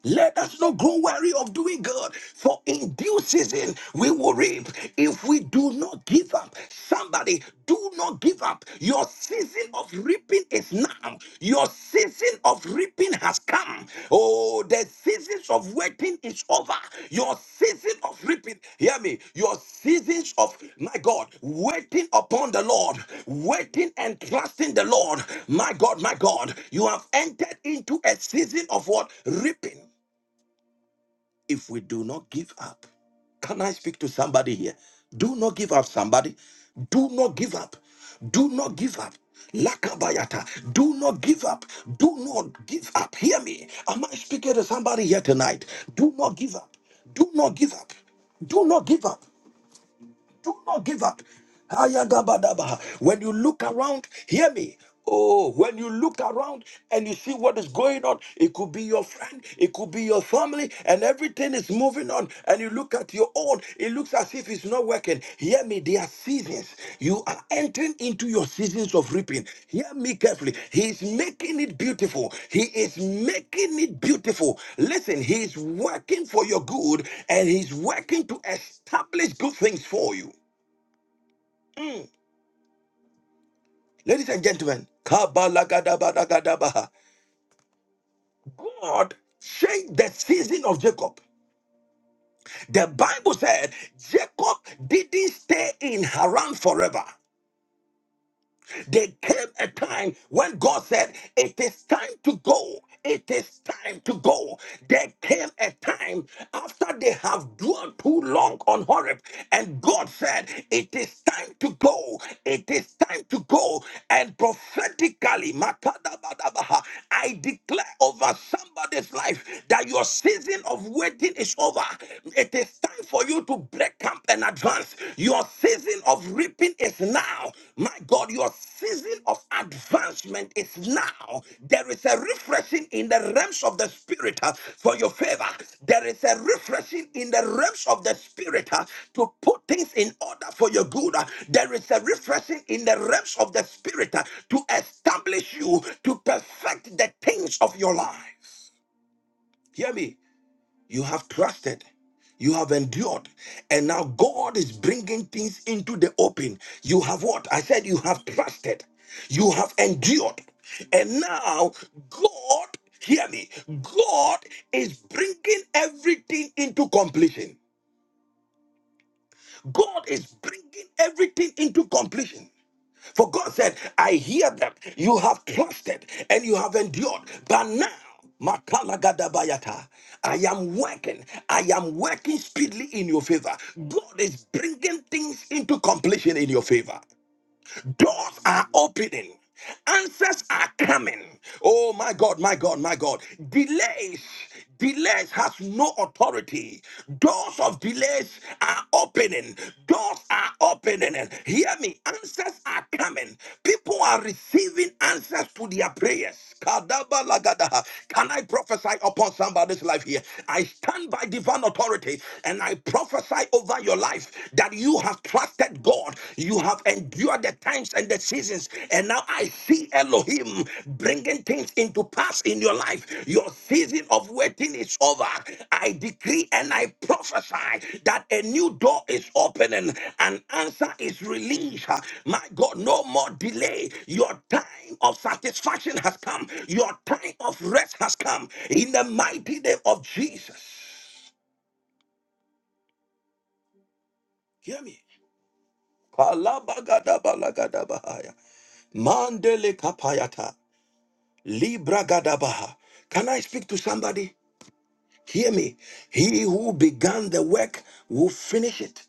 Let us not grow weary of doing good, for in due season we will reap if we do not give up. Somebody, do not give up. Your season of reaping is now. Your season of reaping has come. Oh, the seasons of waiting is over. Your season of reaping, hear me. Your seasons of, my God, waiting upon the Lord, waiting and trusting the Lord. My God, my God, you have entered into a season of what? Reaping if we do not give up. Can I speak to somebody here? Do not give up, somebody. Do not give up. Do not give up. Lakabayata. Do not give up. Do not give up. Hear me. Am I speaking to somebody here tonight? Do not give up. Do not give up. Do not give up. Do not give up. Ayagabadabaha. When you look around, hear me. Oh, when you look around and you see what is going on, it could be your friend, it could be your family, and everything is moving on. And you look at your own, it looks as if it's not working. Hear me, there are seasons. You are entering into your seasons of reaping. Hear me carefully. He is making it beautiful. He is making it beautiful. Listen, He is working for your good and He's working to establish good things for you. Mm. Ladies and gentlemen, Kabalagadabadagadabaha. God changed the season of Jacob. The Bible said Jacob didn't stay in Haran forever. There came a time when God said, It is time to go. It is time to go. There came a time after they have dwelt too long on Horeb, and God said, It is time to go. It is time to go. And prophetically, Matadabadabaha, I declare over somebody's life that your season of waiting is over. It is time for you to break camp and advance. Your season of reaping is now. My God, your season of advancement is now. There is a refreshing in the realms of the spirit uh, for your favor. There is a refreshing in the realms of the spirit uh, to put things in order for your good. Uh, There is a refreshing in the realms of the spirit uh, to establish you, to perfect the things of your life. Hear me. You have trusted. You have endured. And now God is bringing things into the open. You have what? I said you have trusted. You have endured. And now God, hear me, God is bringing everything into completion. God is bringing everything into completion. For God said, I hear them. You have trusted and you have endured. But now, Makalagadabayata, I am working. I am working speedily in your favor. God is bringing things into completion in your favor. Doors are opening. Answers are coming. Oh my God, my God, my God. Delays, delays has no authority. Doors of delays are opening. Doors are opening. Hear me. Answers are coming. People are receiving answers to their prayers. Kadaba lagadaha. Can I prophesy upon somebody's life here? I stand by divine authority and I prophesy over your life that you have trusted God, you have endured the times and the seasons, and now I see Elohim bringing things into pass in your life. Your season of waiting is over. I decree and I prophesy that a new door is opening, an answer is released. My God, no more delay. Your time of satisfaction has come, your time of rest has come in the mighty name of Jesus. Hear me. Kalabagadabalagadabahaya. Mandele kapayata. Libra gadabaha. Can I speak to somebody? Hear me. He who began the work will finish it.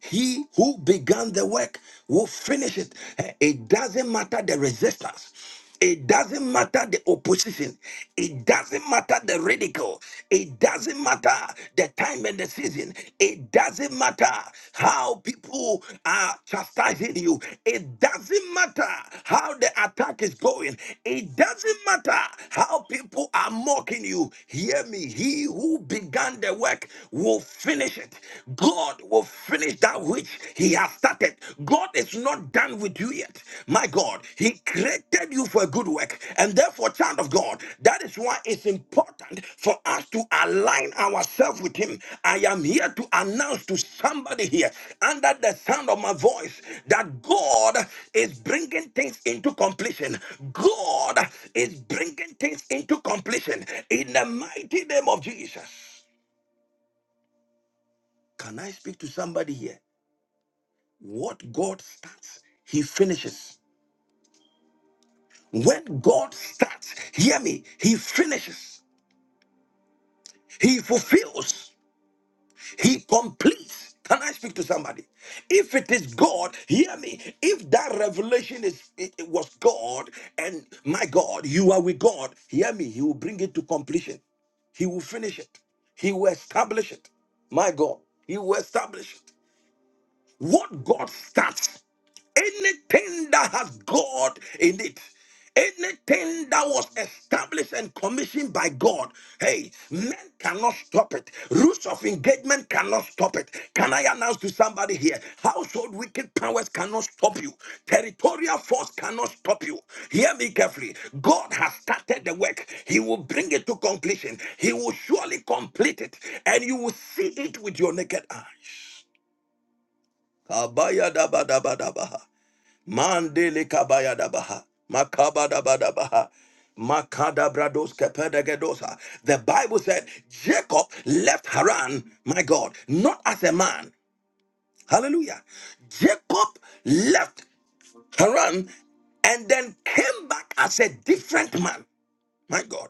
He who began the work will finish it. Eh, It doesn't matter the resistance. It doesn't matter the opposition. It doesn't matter the ridicule. It doesn't matter the time and the season. It doesn't matter how people are chastising you. It doesn't matter how the attack is going. It doesn't matter how people are mocking you. Hear me. He who began the work will finish God will finish that which He has started. God is not done with you yet. My God, He created you for a good work. And therefore, child of God, that is why it's important for us to align ourselves with Him. I am here to announce to somebody here under the sound of my voice that God is bringing things into completion. God is bringing things into completion in the mighty name of Jesus. Can I speak to somebody here? What God starts, He finishes. When God starts, hear me, He finishes, He fulfills, He completes. Can I speak to somebody? If it is God, hear me. If that revelation is it, it was God, and my God, you are with God, hear me. He will bring it to completion. He will finish it. He will establish it. My God, He will establish it. What God starts, anything that has God in it, anything that was established and commissioned by God, hey, men cannot stop it. Rules of engagement cannot stop it. Can I announce to somebody here? Household wicked powers cannot stop you. Territorial force cannot stop you. Hear me carefully. God has started the work. He will bring it to completion. He will surely complete it, and you will see it with your naked eyes. Kabaya daba daba daba. Mandele kabaya daba. Makaba daba daba. Makada brados kepedegedosa. The Bible said Jacob left Haran, my God, not as a man. Hallelujah. Jacob left Haran and then came back as a different man. My God.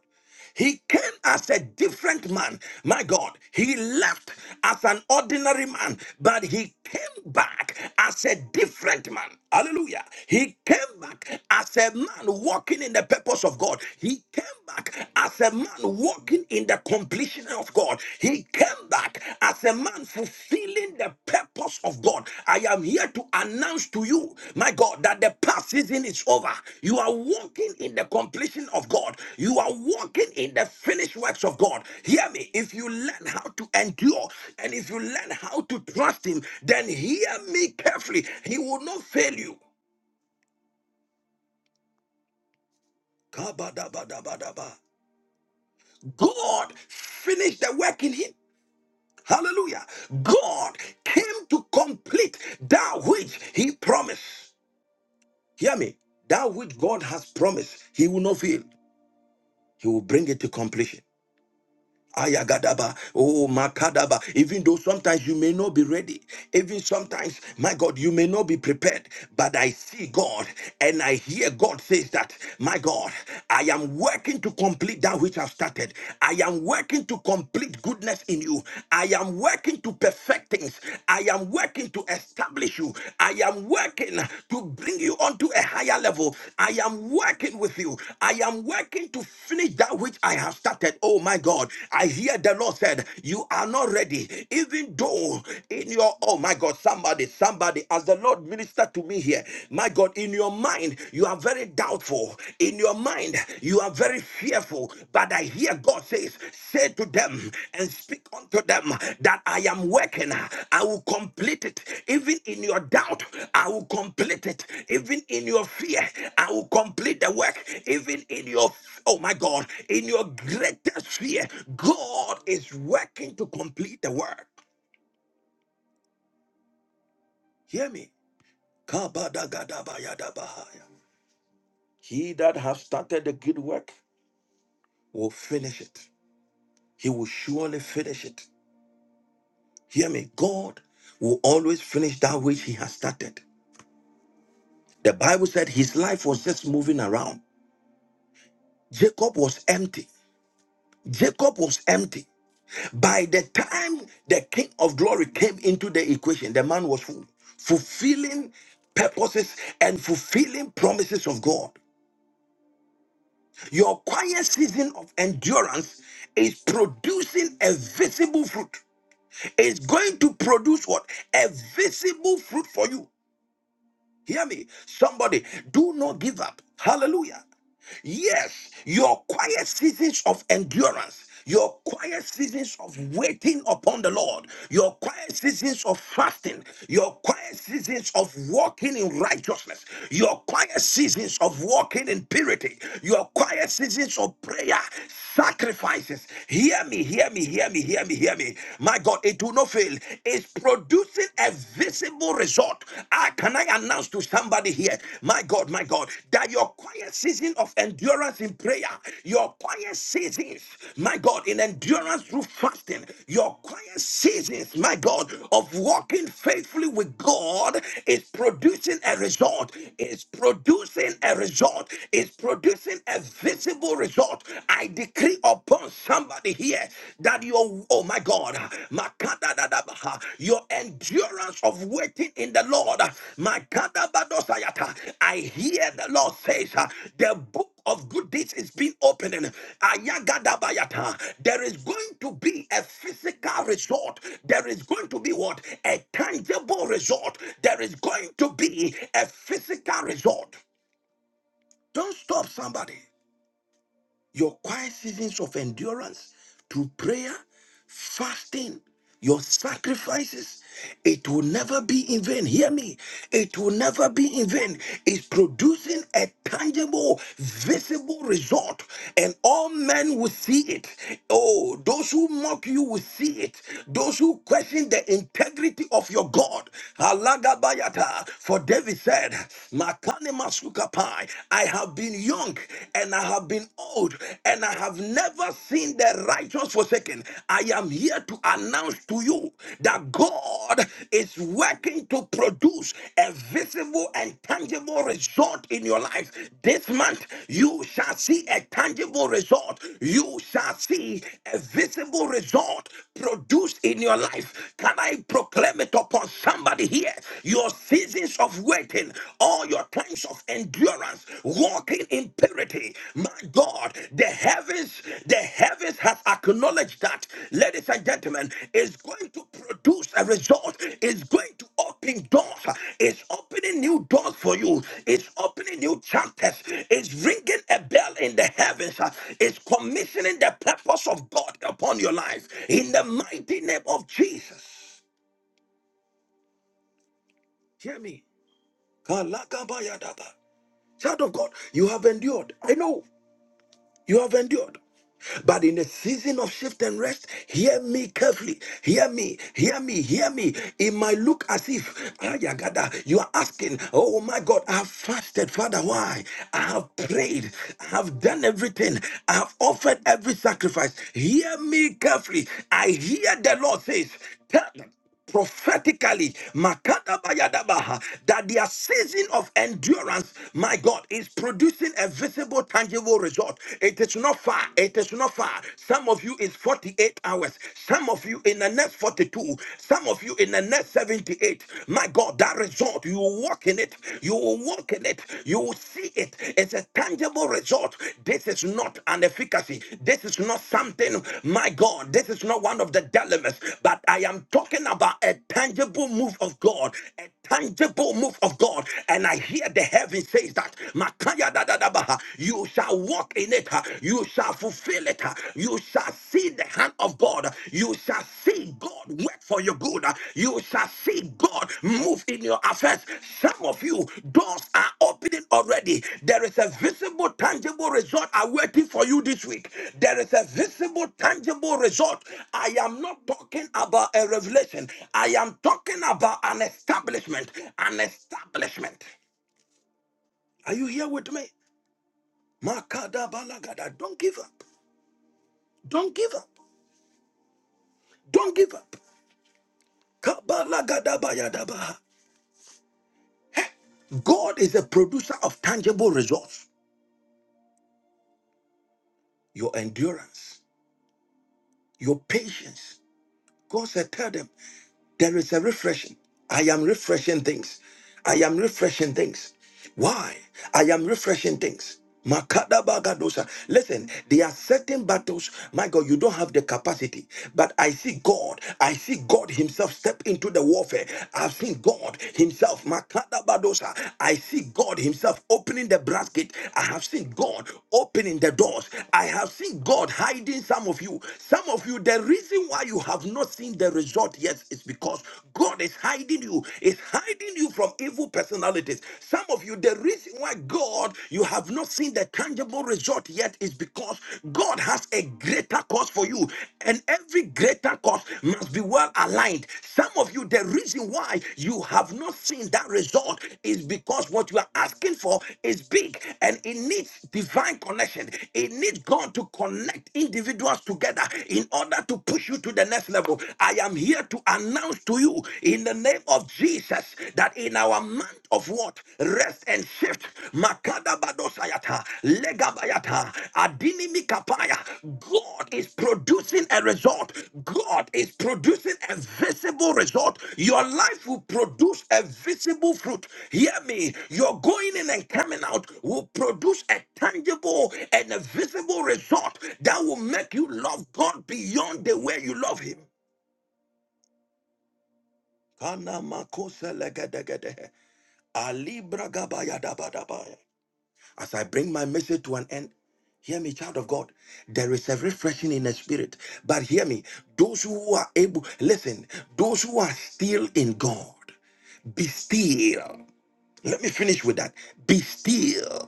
He came as a different man. My God. He left as an ordinary man, but he came back as a different man. Hallelujah. He came back as a man walking in the purpose of God. He came back as a man walking in the completion of God. He came back as. The man fulfilling the purpose of God. I am here to announce to you, my God, that the past season is over. You are walking in the completion of God. You are walking in the finished works of God. Hear me. If you learn how to endure and if you learn how to trust Him, then hear me carefully. He will not fail you. Kabadabadabadaba. God finished the work in him. Hallelujah. God came to complete that which he promised. Hear me. That which God has promised, he will not fail. He will bring it to completion. Ayagadaba, oh Makadaba. Even though sometimes you may not be ready, even sometimes, my God, you may not be prepared, but I see God and I hear God says that, my God, I am working to complete that which I've started. I am working to complete goodness in you. I am working to perfect things. I am working to establish you you. I am working to bring you onto a higher level. I am working with you. I am working to finish that which I have started. Oh my God. I hear the Lord said, You are not ready. Even though in your, oh my God, somebody, somebody, as the Lord ministered to me here, my God, in your mind, you are very doubtful. In your mind, you. You are very fearful, but I hear God says, Say to them and speak unto them that I am working. I will complete it. Even in your doubt, I will complete it. Even in your fear, I will complete the work. Even in your, oh my God, in your greatest fear, God is working to complete the work. Hear me. Kabadagadabayadabahaya. He that has started the good work will finish it. He will surely finish it. Hear me. God will always finish that which he has started. The Bible said his life was just moving around. Jacob was empty. Jacob was empty. By the time the King of Glory came into the equation, the man was full, fulfilling purposes and fulfilling promises of God. Your quiet season of endurance is producing a visible fruit. It's going to produce what? A visible fruit for you. Hear me. Somebody, do not give up. Hallelujah. Yes, your quiet seasons of endurance, your quiet seasons of waiting upon the Lord, your quiet seasons of fasting, your quiet seasons of walking in righteousness, your quiet seasons of walking in purity, your quiet seasons of prayer, sacrifices. Hear me, hear me, hear me, hear me, hear me. My God, it will not fail. It's producing a visible evil result. Ah, can I announce to somebody here, my God, my God, that your quiet season of endurance in prayer, your quiet seasons, my God, in endurance through fasting, your quiet seasons, my God, of walking faithfully with God is producing a result. It's producing a result. It's producing a visible result. I decree upon somebody here that your oh my god makadadadabaha, your endurance of waiting in the lord makadabadosayata, i hear the lord says uh, the book of good deeds is being opening Ayagadabayata. there is going to be a physical result there is going to be what a tangible result there is going to be a physical result don't stop somebody your quiet seasons of endurance through prayer, fasting, your sacrifices, it will never be in vain. Hear me. It will never be in vain. It's producing a tangible, visible result, and all men will see it. Oh, those who mock you will see it. Those who question the integrity of your God. Halagabayata. For David said, Makane mind. I have been young and I have been old and I have never seen the righteous forsaken. I am here to announce to you that God is working to produce a visible and tangible result in your life. This month, you shall see a tangible result. You shall see a visible result produced in your life. Can I proclaim it upon somebody here? Your seasons of waiting, all your times of endurance, walking in purity. My God, the heavens, the heavens has acknowledged that, ladies and gentlemen, is going to produce a result, is going to open doors, is opening new doors for you, is opening new chapters, is ringing a bell in the heavens, is commissioning the purpose of God upon your life in the mighty name of Jesus. Hear me. Kalagabayadaba. Child of God, you have endured. I know you have endured. But in a season of shift and rest, hear me carefully. Hear me, hear me, hear me. It might look as if ah, yagada, you are asking, Oh my God, I have fasted, Father, why? I have prayed, I have done everything, I have offered every sacrifice. Hear me carefully. I hear the Lord says, Tell them prophetically makadabayadabaha, that their season of endurance my god is producing a visible tangible result it is not far it is not far some of you is 48 hours some of you in the next 42 some of you in the next 78 my god that result you will walk in it you will walk in it you will see it it's a tangible result. This is not an efficacy. This is not something, my God, this is not one of the dilemmas, but I am talking about a tangible move of God, a tangible move of God. And I hear the heaven says that, Makaya da da da baha, you shall walk in it, you shall fulfill it, you shall see the hand of God, you shall see God work for your good. You shall see God move in your affairs. Some of you, doors are opening already. There is a visible, tangible result awaiting for you this week. There is a visible, tangible result. I am not talking about a revelation, I am talking about an establishment. An establishment. Are you here with me? Makada balagada. Don't give up. Don't give up. Don't give up. Kabalagadaba yadaba. God is a producer of tangible results. Your endurance, your patience. God said, tell them. There is a refreshing. I am refreshing things. I am refreshing things. Why? I am refreshing things. Makada bagadosa. Listen, there are certain battles, my God, you don't have the capacity. But I see God. I see God Himself step into the warfare. I've seen God Himself. Makada badosa. I see God Himself opening the brass gate. I have seen God opening the doors. I have seen God hiding some of you. Some of you, the reason why you have not seen the result yet yes, it's because God is hiding you, is hiding you from evil personalities. Some of you, the reason why God, you have not seen the tangible result yet is because God has a greater cause for you, and every greater cause must be well aligned. Some of you, the reason why you have not seen that result is because what you are asking for is big and it needs divine connection. It needs God to connect individuals together in order to push you to the next level. I am here to announce to you in the name of Jesus that in our month of what? Rest and shift. Makada Makadabadosayata, legabayata, adinimikapaya. God is producing a result. God is producing a visible result. Your life will produce a visible fruit. Hear me. Your going in and coming out will produce a tangible and a visible result that will make you love God beyond the way you love Him. Kana makose legedegedehe. Ali bragabaya dabadabaya. As I bring my message to an end, hear me, child of God. There is a refreshing in the spirit. But hear me, those who are able, listen, those who are still in God, be still. Let me finish with that. Be still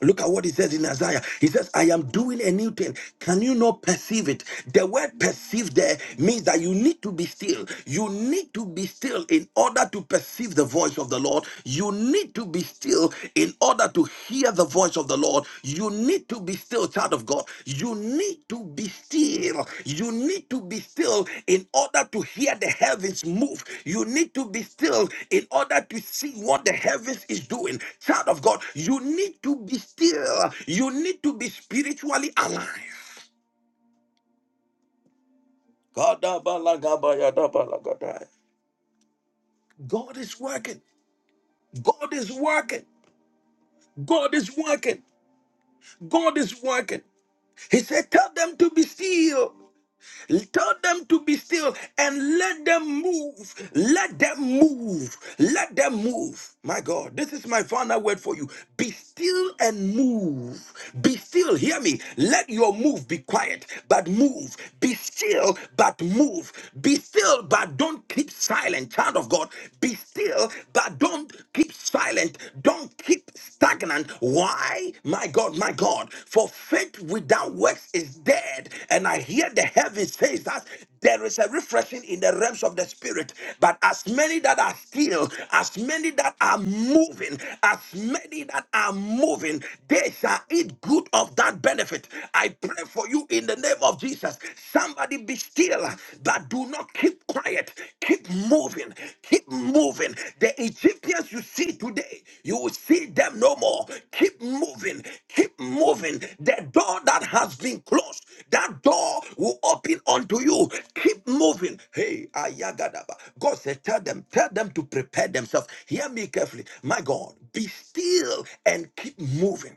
Look at what he says in Isaiah. He says, I am doing a new thing. Can you not perceive it? The word perceive there means that you need to be still. You need to be still in order to perceive the voice of the Lord. You need to be still in order to hear the voice of the Lord. You need to be still, child of God. You need to be still. You need to be still in order to hear the heavens move. You need to be still in order to see what the heavens is doing. Child of God, you need to be still. You need to be spiritually alive. Kadabalagabayadabalagada. God is working. God is working. God is working. God is working. He said, Tell them to be still. Tell them to be still and let them move. Let them move. Let them move. My God, this is my final word for you. Be still and move. Be still. Hear me. Let your move be quiet, but move. Be still, but move. Be still, but don't keep silent. Child of God, be still, but don't keep silent. Don't keep stagnant. Why? My God, my God. For faith without works is dead. And I hear the heavens says that there is a refreshing in the realms of the spirit. But as many that are still, as many that are moving, as many that are moving, they shall eat good of that benefit. I pray for you in the name of Jesus. Somebody be still, but do not keep quiet. Keep moving. Keep moving. The Egyptians you see today, you will see them no more. Keep moving. Keep moving. The door that has been closed, that door will open unto you. Keep moving. Hey, Ayagadaba. God said, Tell them, tell them to prepare themselves. Hear me carefully. My God, be still and keep moving.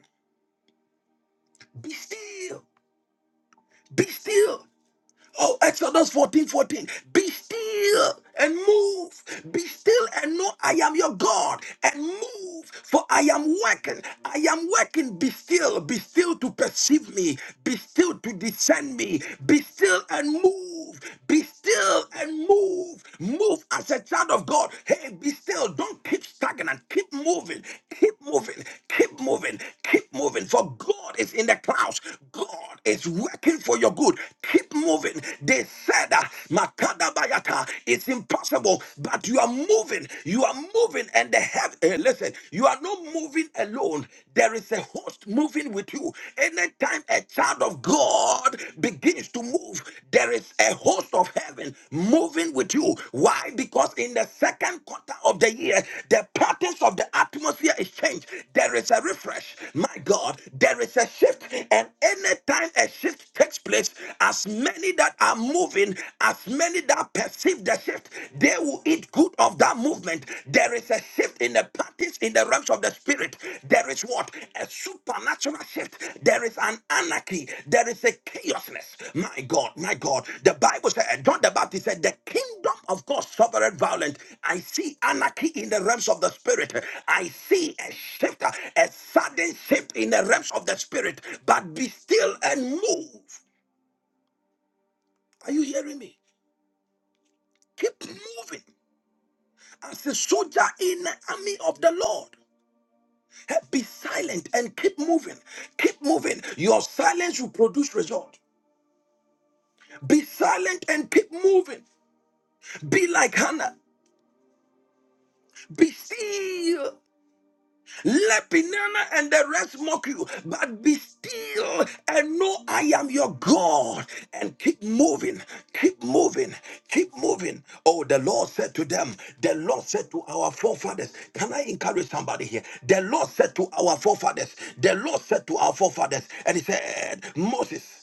Be still. Be still. Oh, Exodus 14 14. Be still and move. Be still and know I am your God and move, for I am working. I am working. Be still. Be still to perceive me. Be still to discern me. Be still and move. Be still and move. Move as a child of God. Hey, be still. Don't keep stagnant. Keep moving. Keep moving. Keep moving. Keep moving. For God is in the clouds. God is working for your good. Keep keep moving. They said, uh, Makada Bayata, it's impossible, but you are moving. You are moving, and the heaven. eh, listen, you are not moving alone. There is a host moving with you. Anytime a child of God begins to move, there is a host of heaven moving with you. Why? Because in the second quarter of the year, the patterns of the atmosphere is changed. There is a refresh. My God, there is a shift. And anytime a shift takes place, as many that are moving, as many that perceive the shift, they will eat good of that movement. There is a shift in the parties in the realms of the spirit. There is what? A supernatural shift. There is an anarchy. There is a chaosness. My God, my God. The Bible said, uh, John the Baptist said, the kingdom of God sovereign violent. I see anarchy in the realms of the spirit. I see a shift, a sudden shift in the realms of the spirit. But be still and move. Are you hearing me? Keep moving as a soldier in the army of the Lord. Hey, Be silent and keep moving. Keep moving. Your silence will produce result. Be silent and keep moving. Be like Hannah. Be still Let Pinana and the rest mock you, but be still and know I am your God. And keep moving, keep moving, keep moving. Oh, the Lord said to them, the Lord said to our forefathers, can I encourage somebody here? The Lord said to our forefathers, the Lord said to our forefathers, and he said, Moses.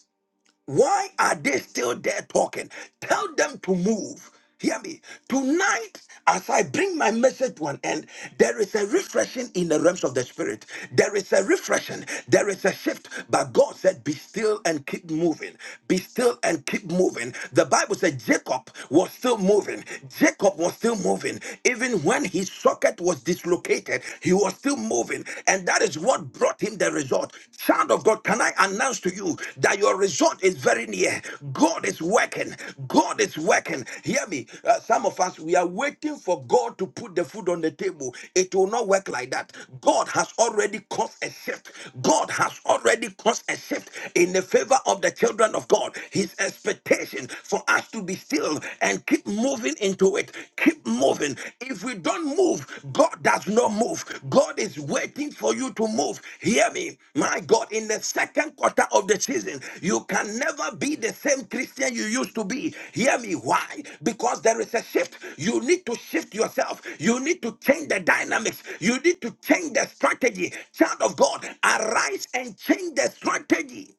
Why are they still there talking? Tell them to move. Hear me. Tonight, as I bring my message to an end, there is a refreshing in the realms of the spirit. There is a refreshing. There is a shift. But God said, Be still and keep moving. Be still and keep moving. The Bible said Jacob was still moving. Jacob was still moving. Even when his socket was dislocated, he was still moving moving. And that is what brought him the result. Child of God, can I announce to you that your result is very near? God is working. God is working. Hear me. Uh, some of us, we are waiting for God to put the food on the table. It will not work like that. God has already caused a shift. God has already caused a shift in the favor of the children of God. His expectation for us to be still and keep moving moving into it. Keep moving. If we don't move, God does not move. God is waiting for you to move. Hear me. My God, in the second quarter of the season, you can never be the same Christian you used to be. Hear me. Why? Because there is a shift. You need to shift yourself. You need to change the dynamics. You need to change the strategy. Child of God, arise and change the strategy.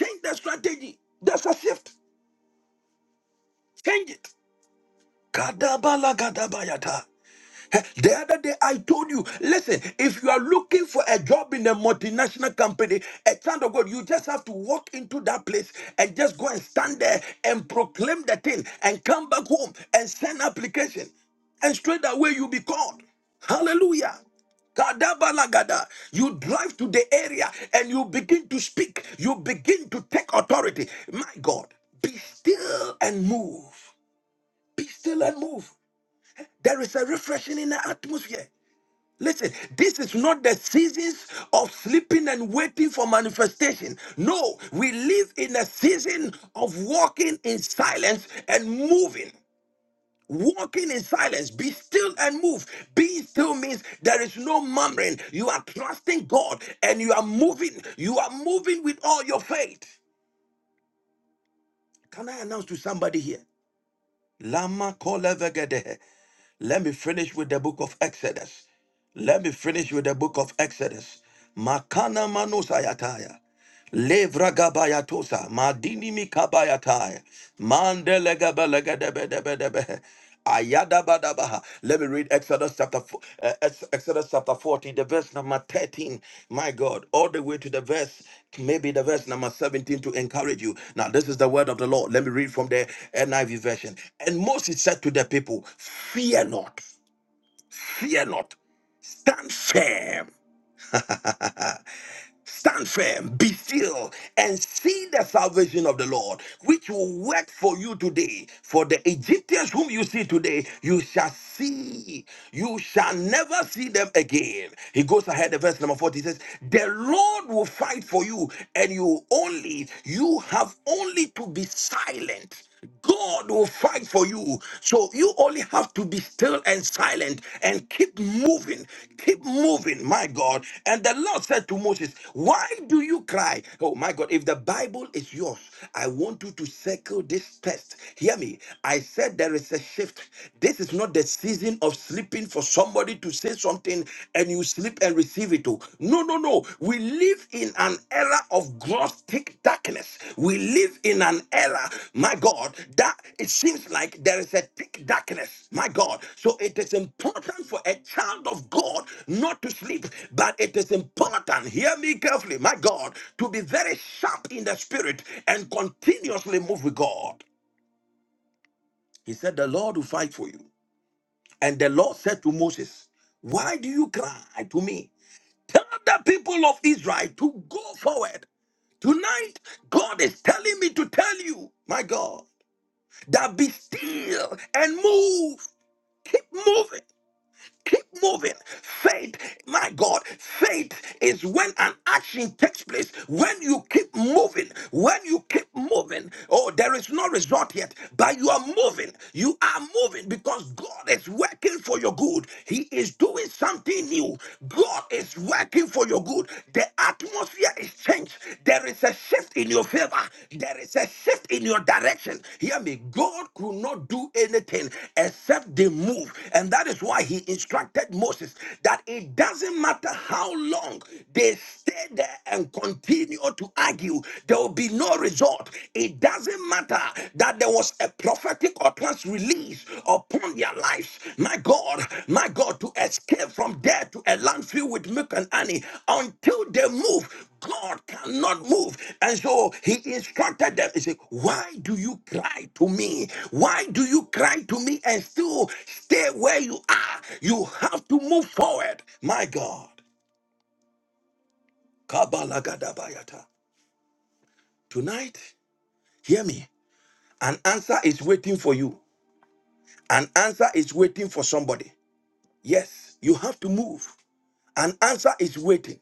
Change the strategy. There's a shift. Change it. Kadabala Eh, The other day I told you, listen, if you are looking for a job in a multinational company, a child of God, you just have to walk into that place and just go and stand there and proclaim the thing and come back home and send application. And straight away you'll be called. Hallelujah. Kadabalagada. You drive to the area and you begin to speak. You begin to take authority. My God, be still and move. Be still and move. There is a refreshing in the atmosphere. Listen, this is not the seasons of sleeping and waiting for manifestation. No, we live in a season of walking in silence and moving. Walking in silence, be still and move. Being still means there is no murmuring. You are trusting God and you are moving. You are moving with all your faith. Can I announce to somebody here? Lama kolevegede. Let me finish with the book of Exodus. Let me finish with the book of Exodus. Makana manusayataya. Levra gabayatosa, madini mikabayataya, mandele gabalegedebedebedebe, ayadabadabaha. Let me read Exodus chapter four, uh, Ex- Exodus chapter 14, the verse number 13. My God, all the way to the verse, maybe the verse number 17 to encourage you. Now, this is the word of the Lord. Let me read from the NIV version. And Moses said to the people, Fear not, fear not, stand firm Stand firm, be still, and see the salvation of the Lord, which will work for you today. For the Egyptians whom you see today, you shall see, you shall never see them again. He goes ahead, the verse number 40 says, The Lord will fight for you, and you only, you have only to be silent. God will fight for you. So you only have to be still and silent and keep moving. Keep moving, my God. And the Lord said to Moses, Why do you cry? Oh, my God, if the Bible is yours, I want you to circle this test. Hear me. I said there is a shift. This is not the season of sleeping for somebody to say something and you sleep and receive it. Oh, no, no, no. We live in an era of gross thick darkness. We live in an era, my God, that it seems like there is a thick darkness, my God. So it is important for a child of God not to sleep, but it is important, hear me carefully, my God, to be very sharp in the spirit and continuously move with God. He said, The Lord will fight for you. And the Lord said to Moses, Why do you cry to me? Tell the people of Israel to go forward. Tonight, God is telling me to tell you, my God, that be still and move. Keep moving. Keep moving. Faith, my God, faith is when an action takes place. When you keep moving, when you keep moving, oh, there is no result yet, but you are moving. You are moving because God is working for your good. He is doing something new. God is working for your good. The atmosphere is changed. There is a shift in your favor. There is a shift in your direction. Hear me. God could not do anything except the move. And that is why he instructed Moses that it doesn't matter how long they stay there and continue to argue, there will be no result. It doesn't matter that there was a prophetic utterance release upon their lives. My God, my God, to escape from there to a land filled with milk and honey until they move. God cannot move. And so he instructed them. He said, Why do you cry to me? Why do you cry to me and still stay where you are? You have to move forward. My God. Kabalagadabayata. Tonight, hear me. An answer is waiting for you. An answer is waiting for somebody. Yes, you have to move. An answer is waiting.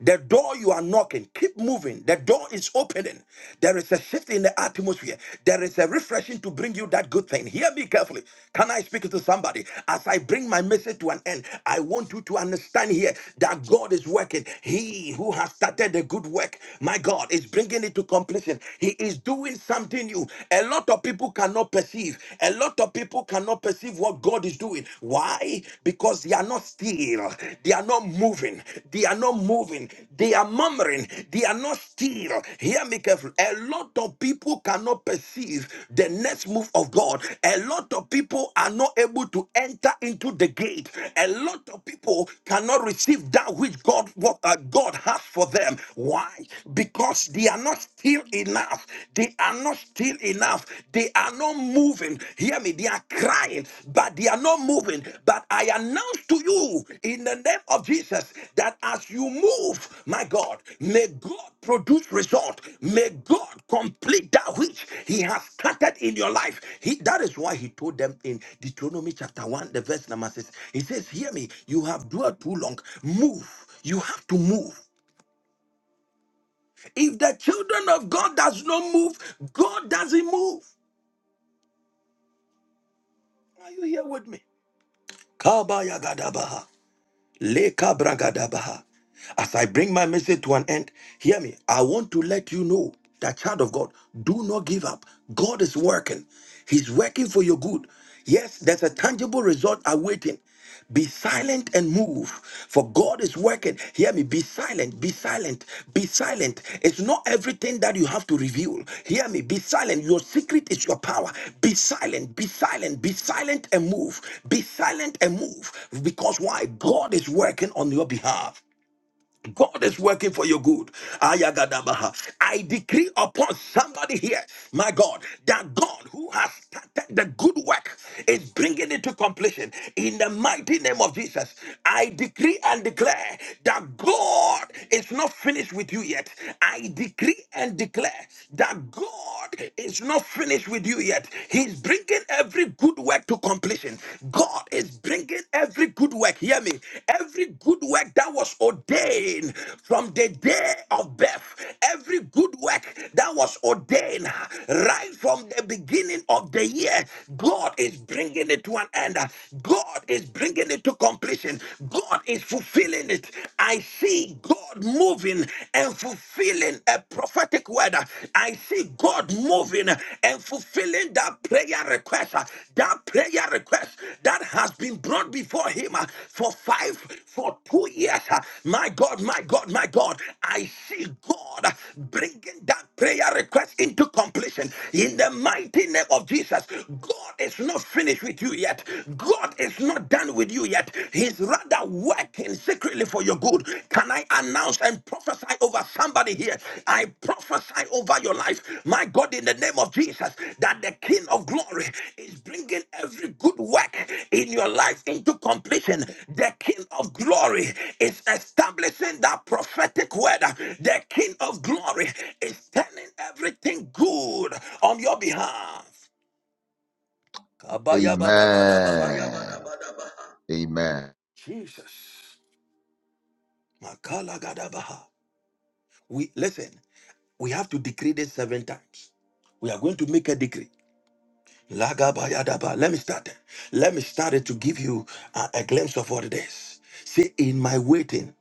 The door you are knocking, keep moving. The door is opening. There is a shift in the atmosphere. There is a refreshing to bring you that good thing. Hear me carefully. Can I speak to somebody? As I bring my message to an end, I want you to understand here that God is working. He who has started the good work, my God, is bringing it to completion. He is doing something new. A lot of people cannot perceive. A lot of people cannot perceive what God is doing. Why? Because they are not still. They are not moving. They are not moving. They are murmuring. They are not still. Hear me carefully. A lot of people cannot perceive the next move of God. A lot of people are not able to enter into the gate. A lot of people cannot receive that which God what uh, God has for them. Why? Because they are not still enough. They are not still enough. They are not moving. Hear me. They are crying, but they are not moving. But I announce to you in the name of Jesus that as you move, my God, may God produce result. May God complete that which He has started in your life. He, that is why He told them in Deuteronomy chapter 1, the verse number 6. He says, Hear me, you have dwelt too long. Move. You have to move. If the children of God does not move, God doesn't move. Are you here with me? Kabayagadabaha. Lekabragadabaha. As I bring my message to an end, hear me. I want to let you know that, child of God, do not give up. God is working, He's working for your good. Yes, there's a tangible result awaiting. Be silent and move, for God is working. Hear me. Be silent. Be silent. Be silent. It's not everything that you have to reveal. Hear me. Be silent. Your secret is your power. Be silent. Be silent. Be silent and move. Be silent and move. Because why? God is working on your behalf. God is working for your good. Ayagadabaha. I decree upon somebody here, my God, that God who has started the good work is bringing it to completion. In the mighty name of Jesus, I decree and declare that God is not finished with you yet. I decree and declare that God is not finished with you yet. He's bringing every good work to completion completion. God is bringing every good work, hear me, every good work that was ordained from the day of birth, every good work that was ordained right from the beginning of the year, God is bringing it to an end. God is bringing it to completion. God is fulfilling it. I see God moving and fulfilling a prophetic word prophetic word, uh, I see God moving uh, and fulfilling that prayer request, uh, that prayer request that has been brought before Him uh, for five, for two years. uh, My God, my God, my God, I see God uh, bringing that prayer request into completion in the mighty name of Jesus. God is not finished with you yet. God is not done with you yet. He's rather working secretly for your good. Can I announce and prophesy over somebody here? I prophesy over your life, my God, in the name of Jesus, that the King of glory is bringing every good work in your life into completion. The King of glory is establishing that prophetic word. The King of glory is turning everything good on your behalf.
Amen.
Kabayabadabadabaha.
Amen.
Jesus. Makalagadabaha. We listen. We have to decree this seven times. We are going to make a decree. Lagabayadaba. Let me start it. Let me start it to give you a, a glimpse of what it is. See, in my waiting,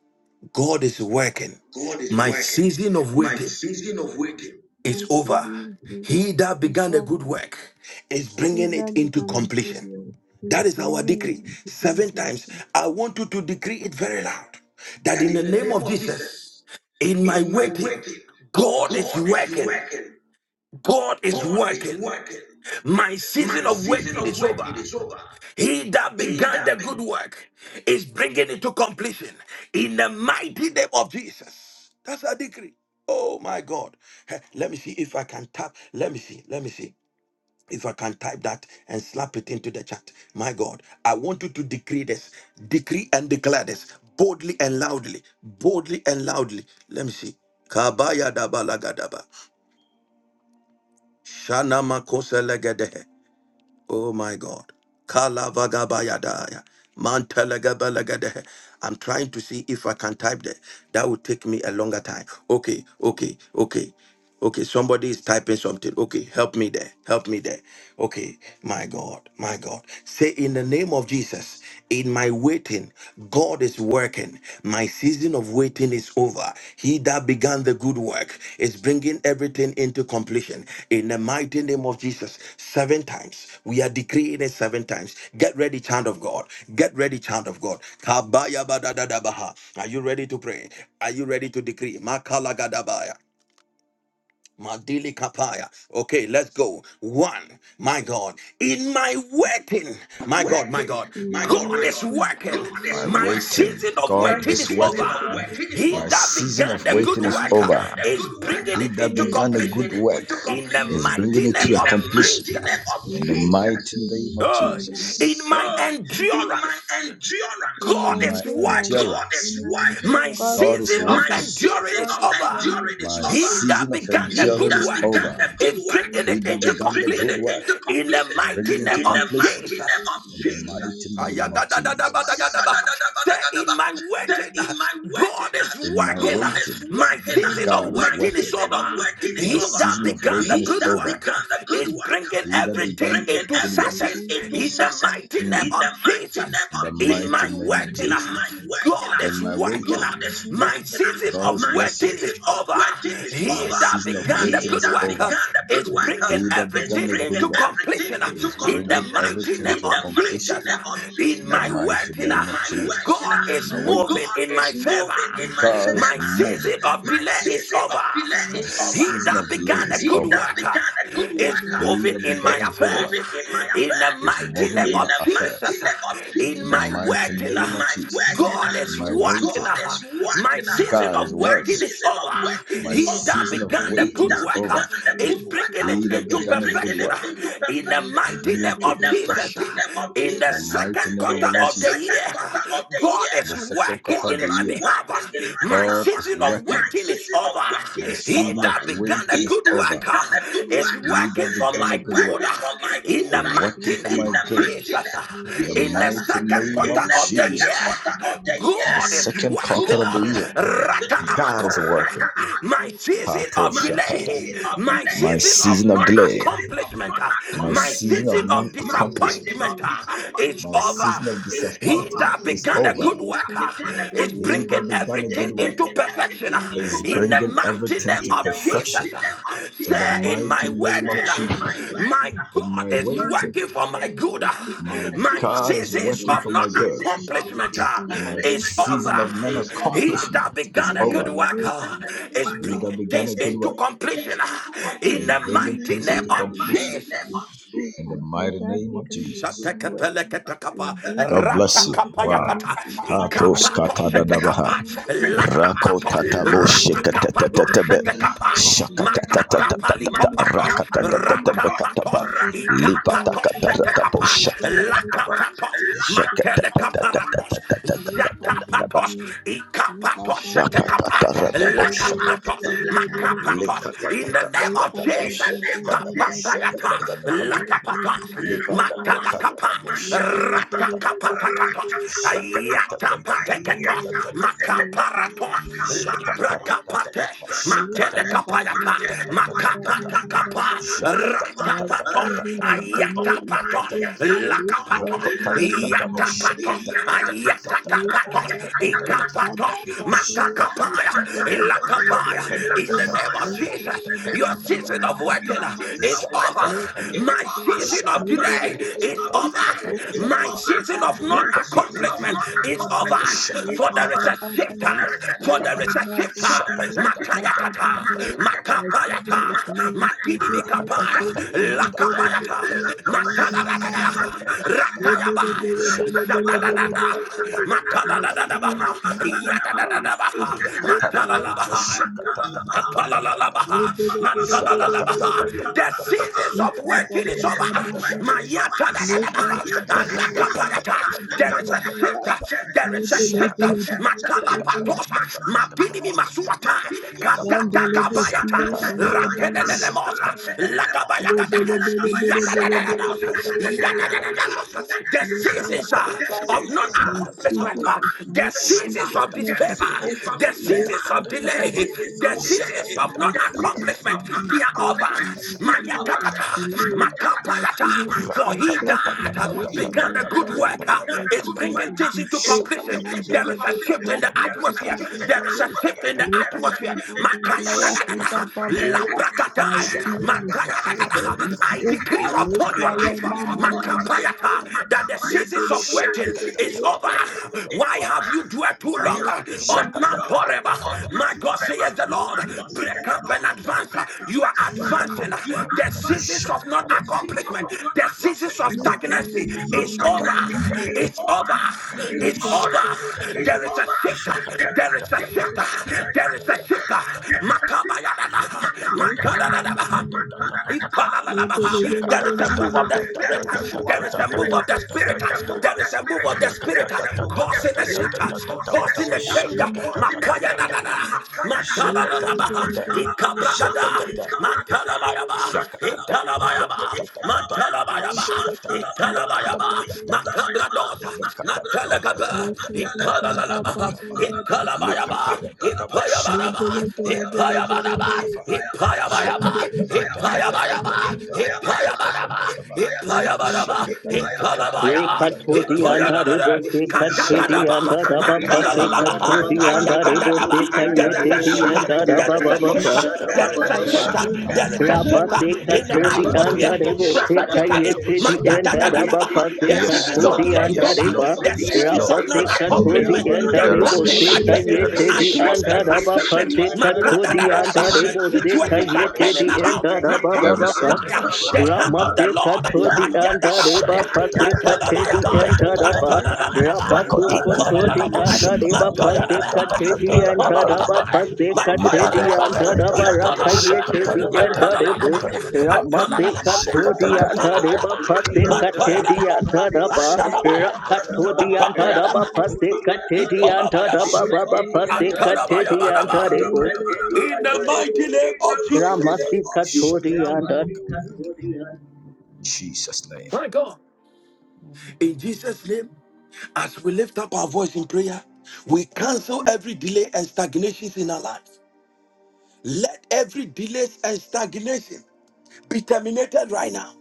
God is working.
God is
My
working.
season of
My
waiting
season of waiting,
is over.
saving is
He that began a good
dissolving.
work is bringing
Either
it into
become a
completion.
failure, is
That is our
bringing it
decree.
to the
Seven times.
conclusion.
I want you to decree it very loud that
That
in
in
the
the
name
name
of
of
Jesus,
Jesus,
in my
in my
waiting,
waiting,
God is
God is
working.
working.
God is
God is
working.
working.
My season
My
of
season
waiting
of
is over.
waiting is over.
He that
He
began the
that
good work is bringing it to completion in the mighty name of Jesus. That's a decree. Oh my God. Heh, Let me see if I can tap. Let me see. Let me see if I can type that and slap it into the chat. My God, I want you to decree this, decree and declare this boldly and loudly, boldly and loudly. Let me see. Kabaya daba lagadaba. Shana Oh my God. Kalavagabayadaya. Mantelegabelegedehe. I'm trying to see if I can type there. That would take me a longer time. Okay, okay, okay. Okay, somebody is typing something. Okay, help me there. Help me there. Okay, my God, my God. Say in the name of Jesus. In my waiting, God is working. My season of waiting is over. He that began the good work is bringing everything into completion. In the mighty name of Jesus, seven times. We are decreeing it seven times. Get ready, child of God. Get ready, child of God. Kabaya badadadabaha. Are you ready to pray? Are you ready to decree? Makala Madili Kapaya. Okay, let's go. One, my God, in my waiting, my God, my
waiting.
God,
In my
My God,
God
my
is
God.
reality,
working.
God is My working.
My
waiting, Working.
season of
God My
God
is
waiting
is
is
my
over.
working.
end.
waiting is My
He that
season of
began the
My
good
waiting is
work
saving
uh,
is
over.
is
need
bringing
He
it
that
into
and
began a good
completion.
work
development and
In the
is
willingness
bringing
to
mighty
it to
name
in the
of
contribute
Jesus,
in
in the
the mighty
mighty
name
name of
of
Oh,
Jesus.
in
Jesus.
my
Oh, in my
endurance,
endurance
God
in my
Amen.
is
Dear
endurance.
working.
God is
My
working.
God
God
is
is
season
working. My
of
working
enduring
season
is
of
over.
in the
enduring is My over. My
He
season
that
season of
of
He
the
began the
endurance
good
that is
beginning of
began
work
over.
heaven.
good
is
work
bringing
He
it
And
that
I
is
into
began
give
the
you
bringing
the
good it
completion
work
glory
in the
completion is
and
mighty
bringing it
thank
name
into
of
you to
Jesus.
completion in
completion in the
the
mighty
mighty
name
name
of
of
Jesus
Jesus.
Ayagadadadabadagadaba. Say, in my waiting,
in my waiting,
God is
In my God
working.
waiting, is
My
working.
God
season
is
of
God is My
waiting
working
working.
is
season
over.
of waiting is My
He
over.
that
season of
began
waiting
the
He is
good
that over.
work
began the good
is
work
bringing
He that is began
everything
bringing good
into
work.
and
everything
success
work. into
thanking
in the
everything
success
mighty
mm. in
name
Mm. the
of
mighty
in
Jesus
name In the of
the
mighty
in
Jesus.
my
Mighty
mighty
name of Jesus.
name
In
working. uh,
of
my
Jesus.
waiting,
God is
In my waiting,
working. uh,
God is is
My
working.
season
God is
of
My
Amen.
working.
working is
season of
over.
waiting
by
is
seeking
My
He
over.
and
that
season of
began
seeking
the
the
waiting He is
good
that
peace
over.
work uh,
began the good
is
and
work He that
bringing
leaders
is
become
began
the
everything
the good
into
people,
work everything
completion. uh,
and the
into is
In
people
bringing
the
of
completion
the
mighty
everything in
city
name
to completion.
of
the
seeking
mighty completion.
Jesus,
also the
uh,
name of Jesus.
in
nature
In the
my
Jesus.
and the
mighty In
working,
name
person,
uh,
in of my Jesus. waiting,
and
God
the
is
My
way to
moving
God
in
is
my favor.
moving in
find
my
this
God my is
My
miracle.
moving.
season of
My
delay
By
is
season
over.
of delay is
He
over.
seeking
season
and
that
of delay
began
being a
is
a
He
good
savior,
that
worker
began a good
see
work
they
uh,
have
moving
done the
in my
is
good
affairs.
moving in my
in
In the
affairs.
mighty name
in
of
the mighty affairs.
Jesus,
name of In
the
in
Jesus,
mighty
uh,
my
name of
in
waiting,
Jesus,
my
and
working, uh,
God is
the way to
waiting,
working.
God is
My
working.
find
uh,
the
season
God is
of
working. My
person,
waiting is
season of
over.
and
waiting
receiving
is
He
and
over.
that
He
creating
began
the
the
waiting
good
savior.
work
began a
We don't
is
good work uh,
bringing it
become
good
a
have
into
He's
good
a good
work.
perfection.
work.
We
into
In the
we think
mighty
bringing
name
it to
of
everything is
Jesus,
within
in the
perfection.
empty.
second quarter
In the mighty name of the Lord
of
Jesus.
the year,
the
God is
second quarter
working
of
in
the
my
year,
behalf. My
God is
season of
working.
waiting is time is over.
My
God is
He
season
that
of waiting
began
mercy,
a
is
good
over.
work
began
uh,
a
is
is
He
giving us
that
working
uh,
for
began
mercy
a
my
and
good work
good uh,
favor.
is
in the
uh,
We don't
working
mighty
for
name
my
become
of
a
good.
good
Jesus. uh,
In
work.
the
We
In the
bring
mighty
second
name
everything
quarter
of
to
of the
Jesus.
year,
completion in the
the
mighty
God
name
is
of
second
Jesus.
quarter
working.
of
uh,
the
In humility,
year,
Rakanamakosaya.
God
God is
is
working
My
mercy.
season
my
of
By
delay,
seeking and
my season of
season of
non
completion,
delay, my
accomplishment,
and
my
he
season
season
of non
don't
of
become a
accomplishment,
disappointment
good
uh, is
my
over.
work.
season of
every
He that
disappointment
that
is
country
began a
over.
and
good
He that
work
person
uh,
began a
in the
good
is
work
bringing
name of
is
everything into
Jesus.
perfection uh,
And my
in
way
the
bringing
is
mighty
everything to
name of Jesus.
able.
perfection
uh.
in the
Say
My
in my
mighty
season of
name of
waiting, uh,
blessing is
Jesus.
able.
my
In
God
my
And
is
there has
waiting,
working for my
begun
good.
a
uh.
good
my
work
My
and
God is
bring
seasons
working
them
of
for
non
my
into
good.
accomplishment
completion
uh,
in the
My
is
mighty
over.
name
season
of
of non
Jesus.
He that
accomplishment
And
is
began a good
over.
my
work
will
uh,
is
is
all
He
bringing
this
that began a
things
work.
good
into
work is
completion uh, in
My
the
bringing
season
mighty
of
things
name
into
of
blessing
completion
His
Jesus.
who
in the
and
mighty
either
name of
began a
Jesus.
good work and
Shatekapelekatakapa,
bring
God bless
everything
you.
to
Wow.
ratakapayatakata,
completion in the
Katos
mighty name of
ikapatoshetekapa,
katadadabaha.
Jesus.
lakapatos,
In
Rakotatabo
my way, do
shikatatatatabe.
it
ratikapatoshetekapa,
miracle. My season
Shakatatatatatatata.
of
makakapalikopatoshetekapa,
waiting is over.
Rakatatatatatabekataba.
Rakapatos,
Without beginning
Ikapatos,
a good work
Libatakatatabo
Setekapat,
and bring
shakata-
everything to,
Lakapatos,
to completion.
Matelekaparatos,
Lord Father,
shakatatatatatatatatatatatataba.
Zakapatos,
Father,
Ikapatos, Setekapat,
Shakatatatabo
Father,
Lakapatos,
shakatata.
Father,
Makapatos, in the name of
Thank
Likatatatatatatabo
Jesus,
shakatatabo
Kapatayata,
shakatatabekaba.
lakapata, matalakapa,
Libatakotadabo
rakakapatakatos, ayatapateketos, makaparatos,
you.
librakapate,
My season of delay
matelekapayata,
is over.
makapatakapa,
My season
ratapatos,
is over. It's
Ayatapatos,
over. Let her
Lakapatos,
be there.
Yatapatos, Ayatakapatos, Ikapatos, Matakapaya, Lakapaya. In the name of Jesus, your season of waiting is
shakata-
over. My season of
Let her
delay
be
is
there.
over.
Let her
My
be
season of non
there. Let her be there. Let her
accomplishment is over for
be
there is a shifter,
there.
for there is a
Let
shifter.
her be there. Baba,
Makayakata,
Baba, my
makapayata,
season of men accomplishment is
matidimikapaya,
over. My baby
lakapayata,
this year, my
matadadadada,
mama,
ratayabaya, zadadadada,
my season
makadadadadabaha,
of mountain time is
yadadadadabaha,
over. Ye kaya ba ma ma
makadalabaha.
ma ma ma. Le
Apalalalabaha,
be le be le be le be le
matalalalabaha.
be le.
The seasons
Ye
of
ka ba
waiting
ba
is over.
ba ba ba
Mayatadadadabaha, alakaparata. There is a shift. There is a shift. Matalapatosa. Madinimi masuata. Kadata
si
kabayata. Ratenenelemosa.
Bele bele
Lakabayakata.
bele bele bele bele bele
Yatadadadadosa.
The
bele bele bele.
Yatadadadadosa. The
Your
seasons uh,
father
of
Baba,
non
seasons uh,
My
of
accomplishment.
season of
The
new
seasons
not
of
accomplishment,
accomplishment
the
is
disfavor.
over.
seasons of
the
disfavor,
seasons of
Your
the
delay,
father
the
Baba,
seasons
seasons
of
of
non
My
delay, the
season
seasons
of
of
accomplishment,
not
they are
disgrace
over.
accomplishment,
and my
they are
season
over
of
Mayakatata,
delay, my
makapalata.
season of
For he
rejection,
that
in the
began
Your
the good
father
work
Baba,
uh,
my
is
good
season
bringing
work.
of
things into
disfavor,
In the
completion.
my
season
There
to
brother
is a
this
shift in
year,
the
completion, there,
atmosphere. There is a shift in the
there is
atmosphere.
a shift in the
Makaya da da da da.
my
Labrakataya.
season of
Makaya da da
Chicago
da.
is
I
over.
decree
Your
upon your
father
life uh,
atmosphere upon
Mama, mama,
your life.
mama.
makapayata, that the
Thank
Kabayata,
seasons of waiting
That
waiting
the
is
seasons of
over.
waiting is
Why have
over.
you dwelt too
Why
long
have you
on
sweat too
Mount
long?
Horeb?
Or
My
not
God
forever?
says the Lord,
My God says
break
the
up and
Lord. break
advance.
up
You are
and
advancing.
you.
You are
The seasons
advancing.
of
The seasons of
non-accomplishment, the seasons
non-accomplishment,
of
the
stagnancy
seasons of
is over.
darkness is
It's
over
over. It's over. There is a shifter. There is a shifter. There is a shifter. Makabayadaba. Matadadadaba. There is a move of the spirit. There is a move of the spirit.
the work of
There
the
is a move
spirit.
of
There
the
is
spirit
a move of the
causing a
spirit causing
shift,
the
causing a change.
center, causing the
Makaya da da
tender.
da.
Makayana,
Bye.
Matala la la ba. Ikabra ga da. Matala ba ya ba. Itala ba ya ba. Matala ba ya ba. Itala ba ya ba. Makabra Matala ga Ipala la la ba. Itala ba ya ba. Ipaya
Kalabayama,
ba da ba.
Ipayabayama,
Ipaya ba da
Ipayabayama,
Ipayabayaba,
Ipayabayama,
Ipayabayaba,
Ipayabayama,
Ipayabayaba,
Ipayabayama, Yes,
Ipayabaraba, Ipayabaraba, Itanabaya,
Rekatodianta
Ipayadadada,
rebose
Katakadaba,
katedianta rabapa se
Matalalaba,
katodianta
Ayatadadaba.
rebose
There is a
kayete
shift,
dianta
there is
rababa
a shift,
baba.
there is a shift, there is a
Rapa
shift
se
in the atmosphere
katodianta rebose
prophetically.
kayete dianta
Mayatadadadaba.
rabapa se
The seasons of
Lord.
delay is
katodianta
over,
Yes,
reba.
the
Lord. Yes,
seasons
Lord.
Rapa
of
se
non
Yes,
Thank
Lord.
accomplishment,
katodianta
the
There is a
patterns
rebose
are
shift.
changing.
There is
kayete
a shift.
dianta
Atmospheres
There
are
is a shift.
rabapa
shifting.
se
There is a
katodianta
shift.
Makadadadadabaha.
There is
rebose
a
Situations are
divine
kayete
turning
shift.
around.
dianta rababa
There is a
baba.
Makabayataya. The hand of the Lord.
Ramasekathodi
you.
andareba
Ayadagabaya.
divine
pasekathedi
Makadabayabaya.
shift.
andaraba
Atadadadadabaha.
Rabasukothodi
Ipalalabaya.
andareba
Makayadadabaya.
pasekathedi andaraba
Thank
Rakotaratatatapushakatatatatatatatatatatatatapa.
Ipalalabaya.
pasekathedi
Liparakatatatatapushakataratatatatatatatapa.
Makayadadabaya.
andaraba
Ipalalabaya.
rakayethedi andarebo
Atalalabaya.
Shakatatatatatatatatatatatatatatatapa.
Atalalabaya.
Ramasekathodi andareba
Atalalabaya.
Shakatatatatatatata. Shakatatatatatatatatatatatatatatatapa.
pasekathedi
Makayadadabaya.
andaraba
Atalalabaya.
Rakathodi andaraba
Makabayadabaya.
pasekathedi
Rakota-
Ipalalabaya.
andaraba baba pasekathedi
Atadabayabadaba.
andarebo
In the mighty name of Jesus.
Ramasikathodi
Amen.
Shakatatatatatatatatatapa. Jesus' name.
My God. In Jesus' name, as we lift up our voice in prayer, we cancel every delay and stagnations in our life. Let every delay and stagnation be terminated right now.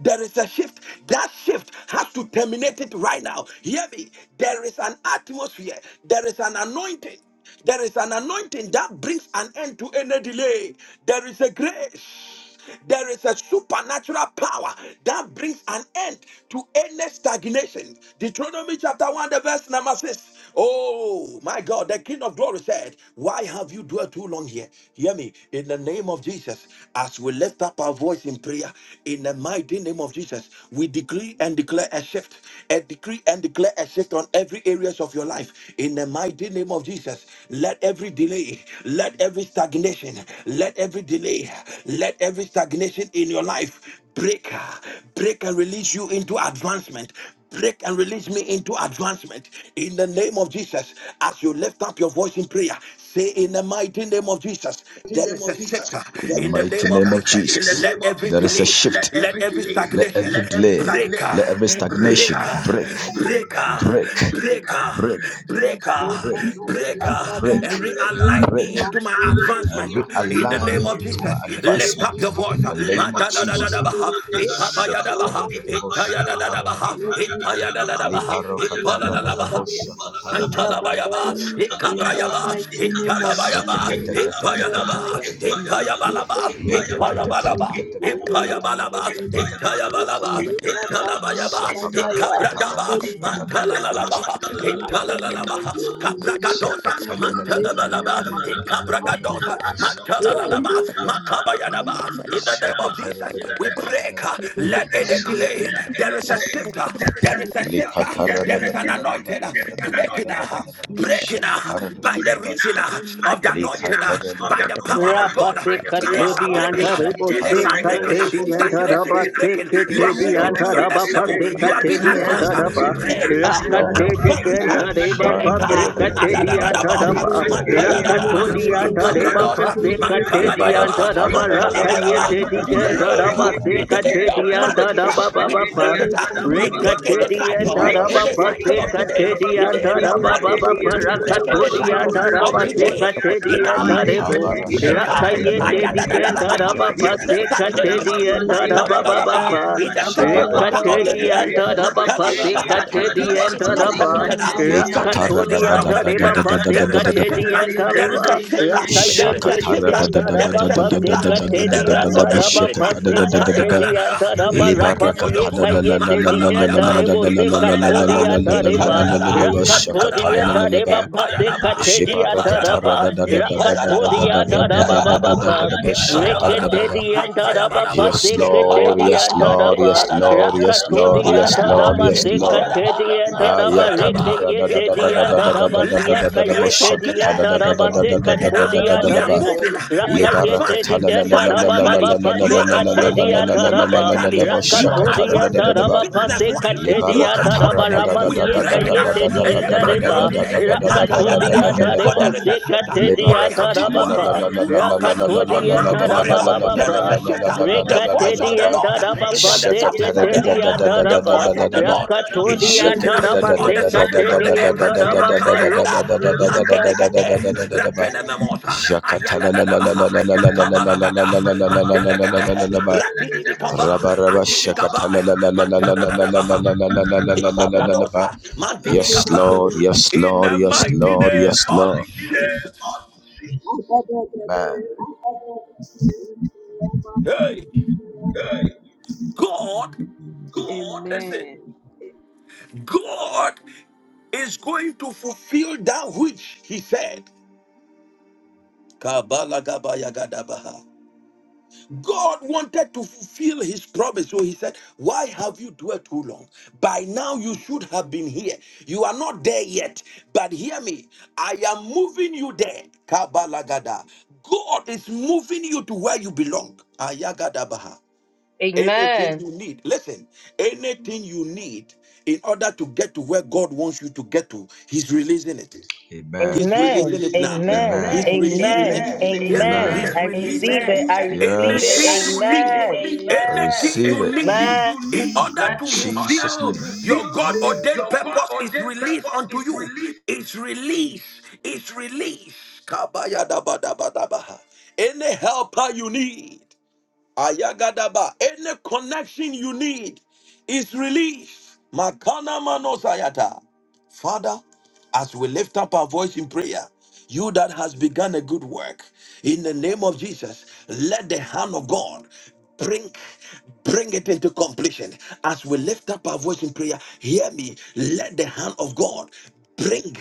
There is a shift. That shift has to terminate it right now. Hear me. There is an atmosphere. There is an anointing. There is an anointing that brings an end to any delay. There is a grace. There is a supernatural power that brings an end to any stagnation. Deuteronomy chapter 1, the verse number 6. Oh my God, the King of Glory said, Why have you dwelt too long here? Hear me, in the name of Jesus, as we lift up our voice in prayer, in the mighty name of Jesus, we decree and declare a shift, a decree and declare a shift on every areas of your life. In the mighty name of Jesus, let every delay, let every stagnation, let every delay, let every stagnation in your life break, break and release you into advancement break and release me into advancement in the name of Jesus. As you lift up your voice in prayer, say in the mighty name of Jesus,
In the
there
name
is a
of Jesus,
sector
In the
in the
mighty
name
name of
of Jesus.
Jesus, there
Let
is
every
a
delay,
shift. let
let
every
every
delay,
Jesus,
Let every
stagnation.
Lord,
Breaker,
delay,
Lord,
stagnation let
breaker,
every
Lord, Lord,
break,
is the
stagnation uh, break, break, uh, break,
breaker,
break,
great
uh,
King.
breaker,
Lord,
breaker,
uh,
in the
break,
mighty
break,
name
breaker,
break,
of
and
Jesus,
realign
we
me into my
destroy
and
advancement in the
realign
every
me
name of
into my
Jesus.
enemy not
Lift
advancement
up
in
your voice.
power
the
of
Ma
name of
da da da da
Jesus.
da
darkness
ba ha.
in
Ika ba ya da ba ha. Ika ya da da da ba ha. e
the name
Ipayadadabaha,
of
Ipalalabaha,
God. Lord,
Antalabayaba,
any
In the
Ikabrayaba,
mighty
stagnation,
name of
not
Ikalabayaba,
Jesus,
any
oh
Ipayalaba,
delay.
Ipayabalaba,
Thank you.
let
Ipayabalaba. Ipayabalaba, Itayabalaba, Italabayaba,
make up,
Ikabradaba,
ready to break and off
Mantalalalaba,
my life, off my
Italalalaba,
way in the
Thank
name of
Shakatara
Capragadosa,
Jesus. Make fire,
Mantalabalaba,
Mama, Mama,
Ikabragadosa,
Mama. Yeah,
Mantalalalaba, Makabayadaba. In the name of Jesus, we break. uh, Let any delay. There is a shifter. There is a shifter. There is an anointed uh, breaking uh, breaking uh, by the reason uh, of the
Lift up
anointed uh,
the
by the
anointed
power of God. uh,
by
Rakatedi
the
Delays
power of
are
Rekatedi
God.
and
breaking. uh,
Daraba
Yes,
Pase
Delays are breaking. uh, Stagnation is breaking. You are moving to your next level. You are being advanced. uh, Break. uh, Advance. uh, Break. uh, adadadadabosa, matayadada, ikabradosa, matalaba, Matalabayaba, Matalabadaba, delay in the area of marriages. uh, We
Lord. Yes, Lord.
break it. uh, We break
Yes, Lord.
any cycle,
Shabaraka
any cycle of delay
Katedi
in
and
the area of
Daraba
marriages.
Baba
We break any
Parakatodi and
cycles of
Daraba
delay
Sekatedi
in
and
our lives. uh,
Darebo
Break uh,
Rakayete di
Thank you.
enda raba
ayadadadadada, we
pa
break
se kate
stagnation. uh,
di enda raba ba ba
Thank
matadadadada,
pa.
In the
Thank
second quarter of
Rekate
the
di
year,
enda raba pa se
matadadadada,
kate di
delay is
enda
not
raba.
permitted. uh, Stagnation
Rakato
Lekatara da
di
is
da
not
da
enda
da da
reba
permitted.
da
uh,
pa
da
se
There there
da da
is a
da
kate di
shifter.
enda
da.
you.
There is a
reba.
shifter.
Typical,
There is
Rakayete
a
Shakatara
shifter.
da da
di
da
There
da
Taraba
is
da
a
da da da
pase
shifter
da
in the
katedi
da da
realms
da
of
anta
the
da
raba
spirit. uh,
Shakata da
pase
da da da
Makaya
da
da
da
katedi
da da. da.
anta raba
It's working
Libaraka
rapasi
for your
pada
good.
la la la
ekayete
la
di
la la la
enda
la
Matalabayaba.
rebo se
la la la la
katodi
Ipanalalaba.
la
anta reba
la
Itayadada.
rakatodi anta
Antanabaya.
la
reba
la
pase
Ipayadaba.
katedi
Shibara
anta
Ipayadaba.
raba
katara da da da da da da
Ipayadaba.
rakatodi
da da
anta
da da da
raba baba
you.
da
pa
Ipayabadaba.
da da
rekete
Ipayabadaba.
da
di anta
you.
raba
Apayabadaba.
pase
Yes,
Thank
Lord!
katedi
Yes,
anta
Lord!
raba
Yes,
Ipayabadaba.
Lord! Yes, Lord!
rakatodi
Yes,
anta
Hippayaraba,
Lord!
hippayaraba,
raba
Yes,
se
Lord!
katedi
hippayaraba,
anta raba
Ayah kata
hippayaraba,
rada da
rekete
da
di
da da da
anta
da
hippayaraba.
raba
da da
Let
siya
the
da da da da.
spirit
Bosh
kayete
of
di
kata da
anta
da
delay
da da
raba
be
da
se
da da
broken. up.
katodi
da da
We
da
are
ba.
moving. We are
Libar
Rakayete
kata
di
advancing
da da da
enda
da da
raba
da da da da da
baba
financially. You
pase
da
are
kate di
advancing
enda
da da
raba.
da da da.
maritally.
Bosh
You are
kata
Rakato di
rada da da da
enda
advancing
da ba.
raba
business
pase
wise.
kate di
You are
enda raba
advancing. We
ramasiye
break it. up.
kayete di
Any
enda
barrier of
reba.
delay.
Rakato di
Makayadada.
enda
For
rebo
there is a
se
shift.
kate di
Why
enda
have you
raba
dwell
pa.
too long uh,
Rakato di
on Mount
enda
Horeb.
raba
uh,
baba
There is
pa.
a shift. uh, The
you.
voice
Rekate
of
di
the Lord
enda
uh,
raba
is on the
pase
surface of
kate
the
di
earth. uh,
enda
The
raba.
voice of the Lord uh,
Rakato
is
di
moving
enda
uh, on
se
the surface
kate
of the
di
earth. uh,
enda raba
Makaya
pa.
dada, nandelegede, ratene nandenegede, ratenememos, uh,
Jakatala la la la
ayadadadaba,
la
uh,
la la la la la la la
makabalagada,
la la la
mandelegede,
la ba
ratili bikaba,
Rabba Rabba
andili
Shakatala la
gabaya
la
uh,
la la la
matadadadaba,
la la la
uh,
la la la la la ba.
ikabradosa, mandili
Yes,
kapa
Lord, yes,
In
Lord,
the
yes,
mighty
Lord,
name
yes,
of
Lord.
Jesus.
Amen.
Hey, God, listen,
Amen.
God is going to fulfill that which he said. Kabalagabayagadabaha. God wanted to fulfill his promise, so he said, Why have you dwelt too long? By now you should have been here. You are not there yet, but hear me. I am moving you there. Kabalagada. God is moving you to where you belong. Ayagadabaha. Anything you need, listen, anything you need in order to get to where God wants you to get to, He's releasing it.
Amen.
He's
He's
releasing
Amen.
it
releasing
now.
it now.
Amen.
He's
Amen. Amen. He's
releasing
Amen.
it.
releasing it.
Hear me.
Amen.
He's
I
Amen.
releasing
receive
it.
it.
Amen.
I receive
Yes,
it.
Anything you need,
I
Amen.
anything
receive it. Yes.
you need
Man.
in
In
order to
Jesus' name.
fulfill your God ordained
your God
purpose is
ordained
released
purpose
unto
is
you.
released.
It's released. It's released. Kabaya Any helper you need. Ayagadaba. Any connection you need is released. Makana manosayata. Father, as we lift up our voice in prayer, you that has begun a good work, in the name of Jesus, let the hand of God bring bring it into completion. As we lift up our voice in prayer, hear me. Let the hand of God bring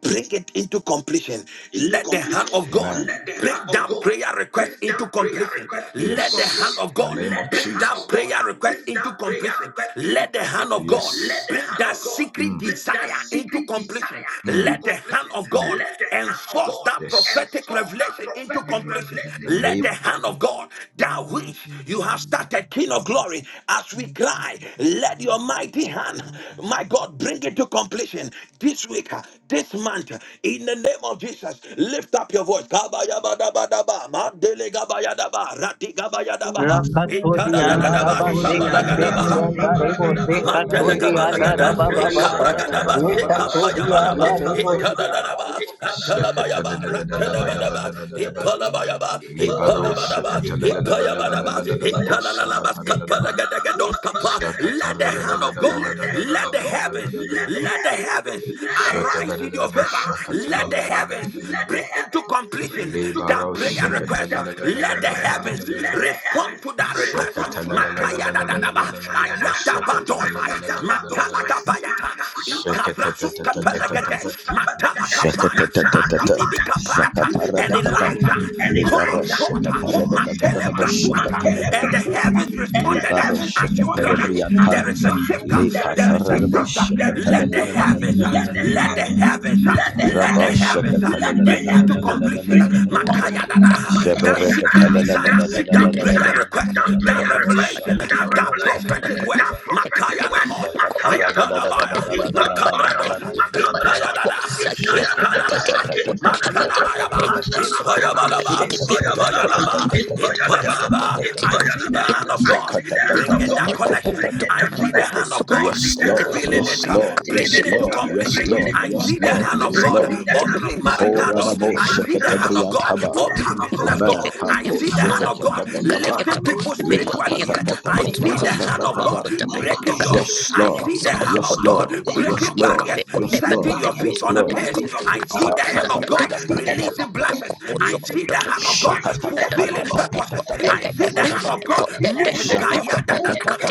bring it into completion
into
let the hand
completion.
of god
Amen. Let the
bring
hand of
that
God
prayer
bring
request
that
into
prayer
completion
request into Yes.
let the hand
completion.
of
In
god
the name Let the
bring
Jesus. hand
that
of God
prayer request
bring that
into
prayer
completion
request into
let the hand of
completion. Yes.
god
Let Yes. the
bring
hand
that
of God
secret
Mm, bring that
desire into
secret
completion
desire mm. into
let
mm,
the hand
completion.
of
mm.
god
Let the hand of
enforce
God
that
Yes.
prophetic
enforce that
revelation into
prophetic
completion
revelation.
places.
In the revelation name
Let the hand of
you.
God, that which you have started, King of glory, as we cry, let your mighty hand, my God, bring it to completion this week, uh, this month, uh, in the name of Jesus. Lift up your voice. Kabayabadabadaba, mandelegabayadaba, ratigabayadaba,
Rakatodi
Let
and
itadadadadaba,
Araba
the
Sekatedi
shabalagadaba.
and Arebo Sekatodi and
Mantelegabalagada,
Araba Baba.
Ikabragadaba,
Rekatodi
Sekapayamadaba,
and
Itadadadaba, Atalabayaba, Ratadabadaba, Ipalabayaba, Ipalabadaba, Ipayabadaba, Italalabas, Kapalagadagadon, Kapa. Let the hand of God, let the heavens, let the heavens arise in your favor. Let the heavens bring into completion that prayer request. Let the heavens
heavens
respond to that that request.
Shakhtala la la la
Makaya da
la la
da
la
da ba.
la la la la.
Ayada ba
Shakhtala la
dosaya.
la la la la la la
Matala gabayata. Ikavrasuf
la
kapenegede.
la.
Matala kapaya.
Shakhtala la la la
Adini
la
mikapayata.
la la la la la. Shakhtala la la la la la. Shakhtara da
And
da ba.
Elijah
Ligara
called forth.
shakhtara
uh,
da da da da
Matele
da. Shakhtara
brasuata.
da da da
And the
da da
heavens
and the
responded.
Libaro
Thank
uh,
you.
heavens
As you
reported and
cry, there is a
Thank
shifter. There is a shifter. Let the heavens, uh, let the heavens, uh,
let
let the heavens uh, bring into completion. Makaya that secret desire, that prayer request, that revelation, that prophetic word. Makaya namos, itadabaya, makabradosa, itayadada,
Yes, Lord, yes, Lord, yes, Lord,
itadadada,
yes,
makalabayaba, ipayabalaba, ipayalaba, ipayalaba. I see the hand of God bringing that connection. I see the hand of God fulfilling it, uh,
Lord, yes,
bringing it to completion. I see the
Lord,
hand of
yes,
God. God
Lord.
opening marital
Korada
doors.
bo
I see the hand of God
shekete
Thank
be the
opening
hand of God.
business
Amen.
doors.
Open the
I
Kato hand
see
of
the
shete
hand
God.
of God
tete Be the tete. hand of
lifting
God.
people
Let it rain. Be quiet.
spiritually here.
Likatatatatatatatatatata.
I
Be the
see the
hand
hand
of
of God
God.
breaking yokes.
Yes, Let it
I
Lord.
see
be
the
your
hand
Yes,
of
be Lord.
God
the hand Yes, of
breaking
God. Lord.
barriers,
Yes, Release the Lord.
setting your
blanket.
feet
Yes,
on a
Lord. Let
pace.
be your
I
feet
see
on the
the
earth. I see
hand of
the
God
Katatatatatatataba. hand
releasing
of God.
blessings. I
Release the
see the
you.
blanket. I
hand
see
of
the
God
hand of God.
fulfilling
you.
Spirit,
purposes.
yes,
I see the
somebody.
hand
Shakatatatatatatatatataba. I see the hand of God. Ekayadada.
of God
Prophetically,
moving kaya
Shakatatatatatatatatataba.
da, da, da,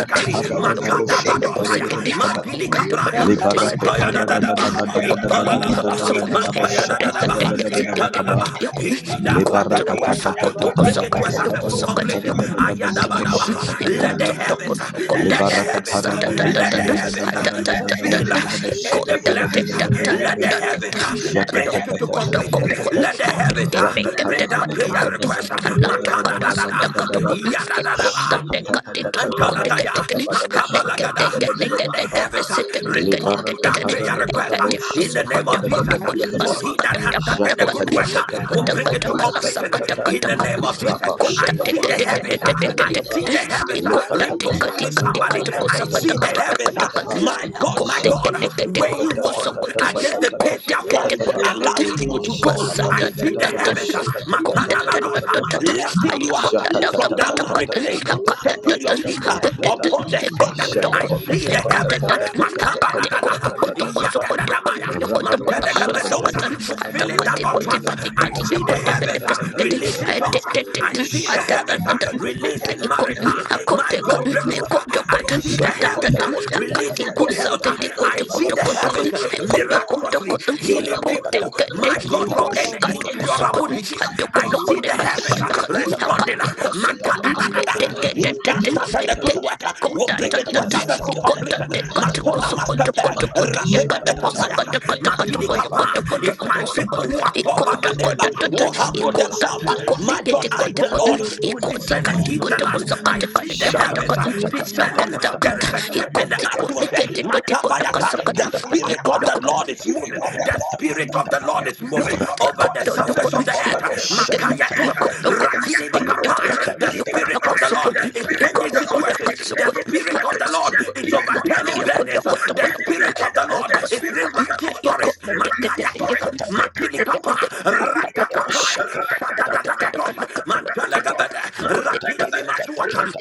Makadabaro,
Makadabadosaya.
Makedididi, Kapaya,
Mandili Cabraya,
Isoyadadada,
Mantaya
Libarakotara
da da da Baha, Ipala la
Thank
la Baha,
Isoyadadada,
Mantaya da da da Baha,
Shakatara
Itala la
Isoyadadada,
Baha. He that
Lebara
started the
katata
worker
tata
will bring
tata
it to a
tata
successful
tabada katara
completion.
da da da da da
Ayada
da
ba da
bosha
Baha.
katada da
Let the
da
heavens, uh, let the
Lebara
heavens,
katara
uh,
da da da
let the
da da
heavens
da da
uh,
da da da da da da
fulfill
da
uh,
da da bosha
any
katada da
blessings.
da
uh,
da da da da
Let the
da
heavens uh,
Jaka
bring it to,
tata
to
tata tata
completion.
tata
Let the heavens uh, bring
Rakatara
down
da da
prayer
da da da
requests.
da
uh,
da da da
Makada da
da da da da
da
da da
da,
da da
Yada da da
Shaka
Baha. Antalataya,
Thank you.
Makabalagada. Let the heavens
Thank
uh, respond to that prayer request uh, in the name of Jesus. uh, For he that has started the good work uh, will bring it to completion uh, in the name of Jesus. I see the heavens. uh,
you.
I see the heavens uh,
Lekaya maya
repositioning
kripa
somebody.
papa
I
ya.
see the heavens. uh,
Ikaya
My God,
mama
my
ya
God, uh,
kripa
where you
papa
war
papa
against
ya.
the Persia force,
Eli
Aku
bili
allowing you
bili
to
bili
go.
Shaka
I
bili
see
bili
the
bili
heavens. uh,
bili.
Makana
Mandele
house, uh,
kusia
lifting you
kapa
up uh,
papa
from
papa
that
ya.
marry clay,
Lekaya
setting your
mama
feet uh,
ya kripa
upon the stage.
papa
uh,
ya.
I see the heavens, uh,
Ikaya mama ya kripa
makabadadada,
ya. Ikaya
yadadadabaya,
mama ya kripa
matelegebedos, uh,
ya.
fulfilling
Thank
that utterance. uh, I see the heavens uh, releasing jobs. uh, I see the
Shakata
heavens uh, releasing
Ikut
marital. My God, breakthroughs. uh, I see the heavens uh, releasing good health. uh, I see the heavens uh, miraculously healing people people, my God, from any incurable disease. I see the heavens uh, responding. uh, makadadadada. He that started the good
Hakati
work uh, will bring it to a successful completion. Makona mastepe, ratene bekapayata, madini kapa. If my people who are called by my name uh, will humble themselves, uh,
you.
my God,
Rapa
I, the Lord,
Mandele
will
Bosi,
descend and heal the land. I
Mandele
see the
Shaka taka taka
heavens
taka
uh,
taka
Nika
you.
Baba
descending.
Baba.
There is a
Thank
shift in the atmosphere. Makabayata. The Spirit of
Ikut
the Lord is moving. The Spirit of the Lord is
Look,
moving over the surface of the earth. Makayatos. Rapini bikapaya. The Spirit of the Lord is changing situations. The Spirit of the Lord is overturning burdens. The Spirit of the Lord is rewriting stories. Makayatos. Matini kapa. Ratakapaya. Shadadadagatos. Mantalagabada.
taka
Ratini
taka taka
masuata.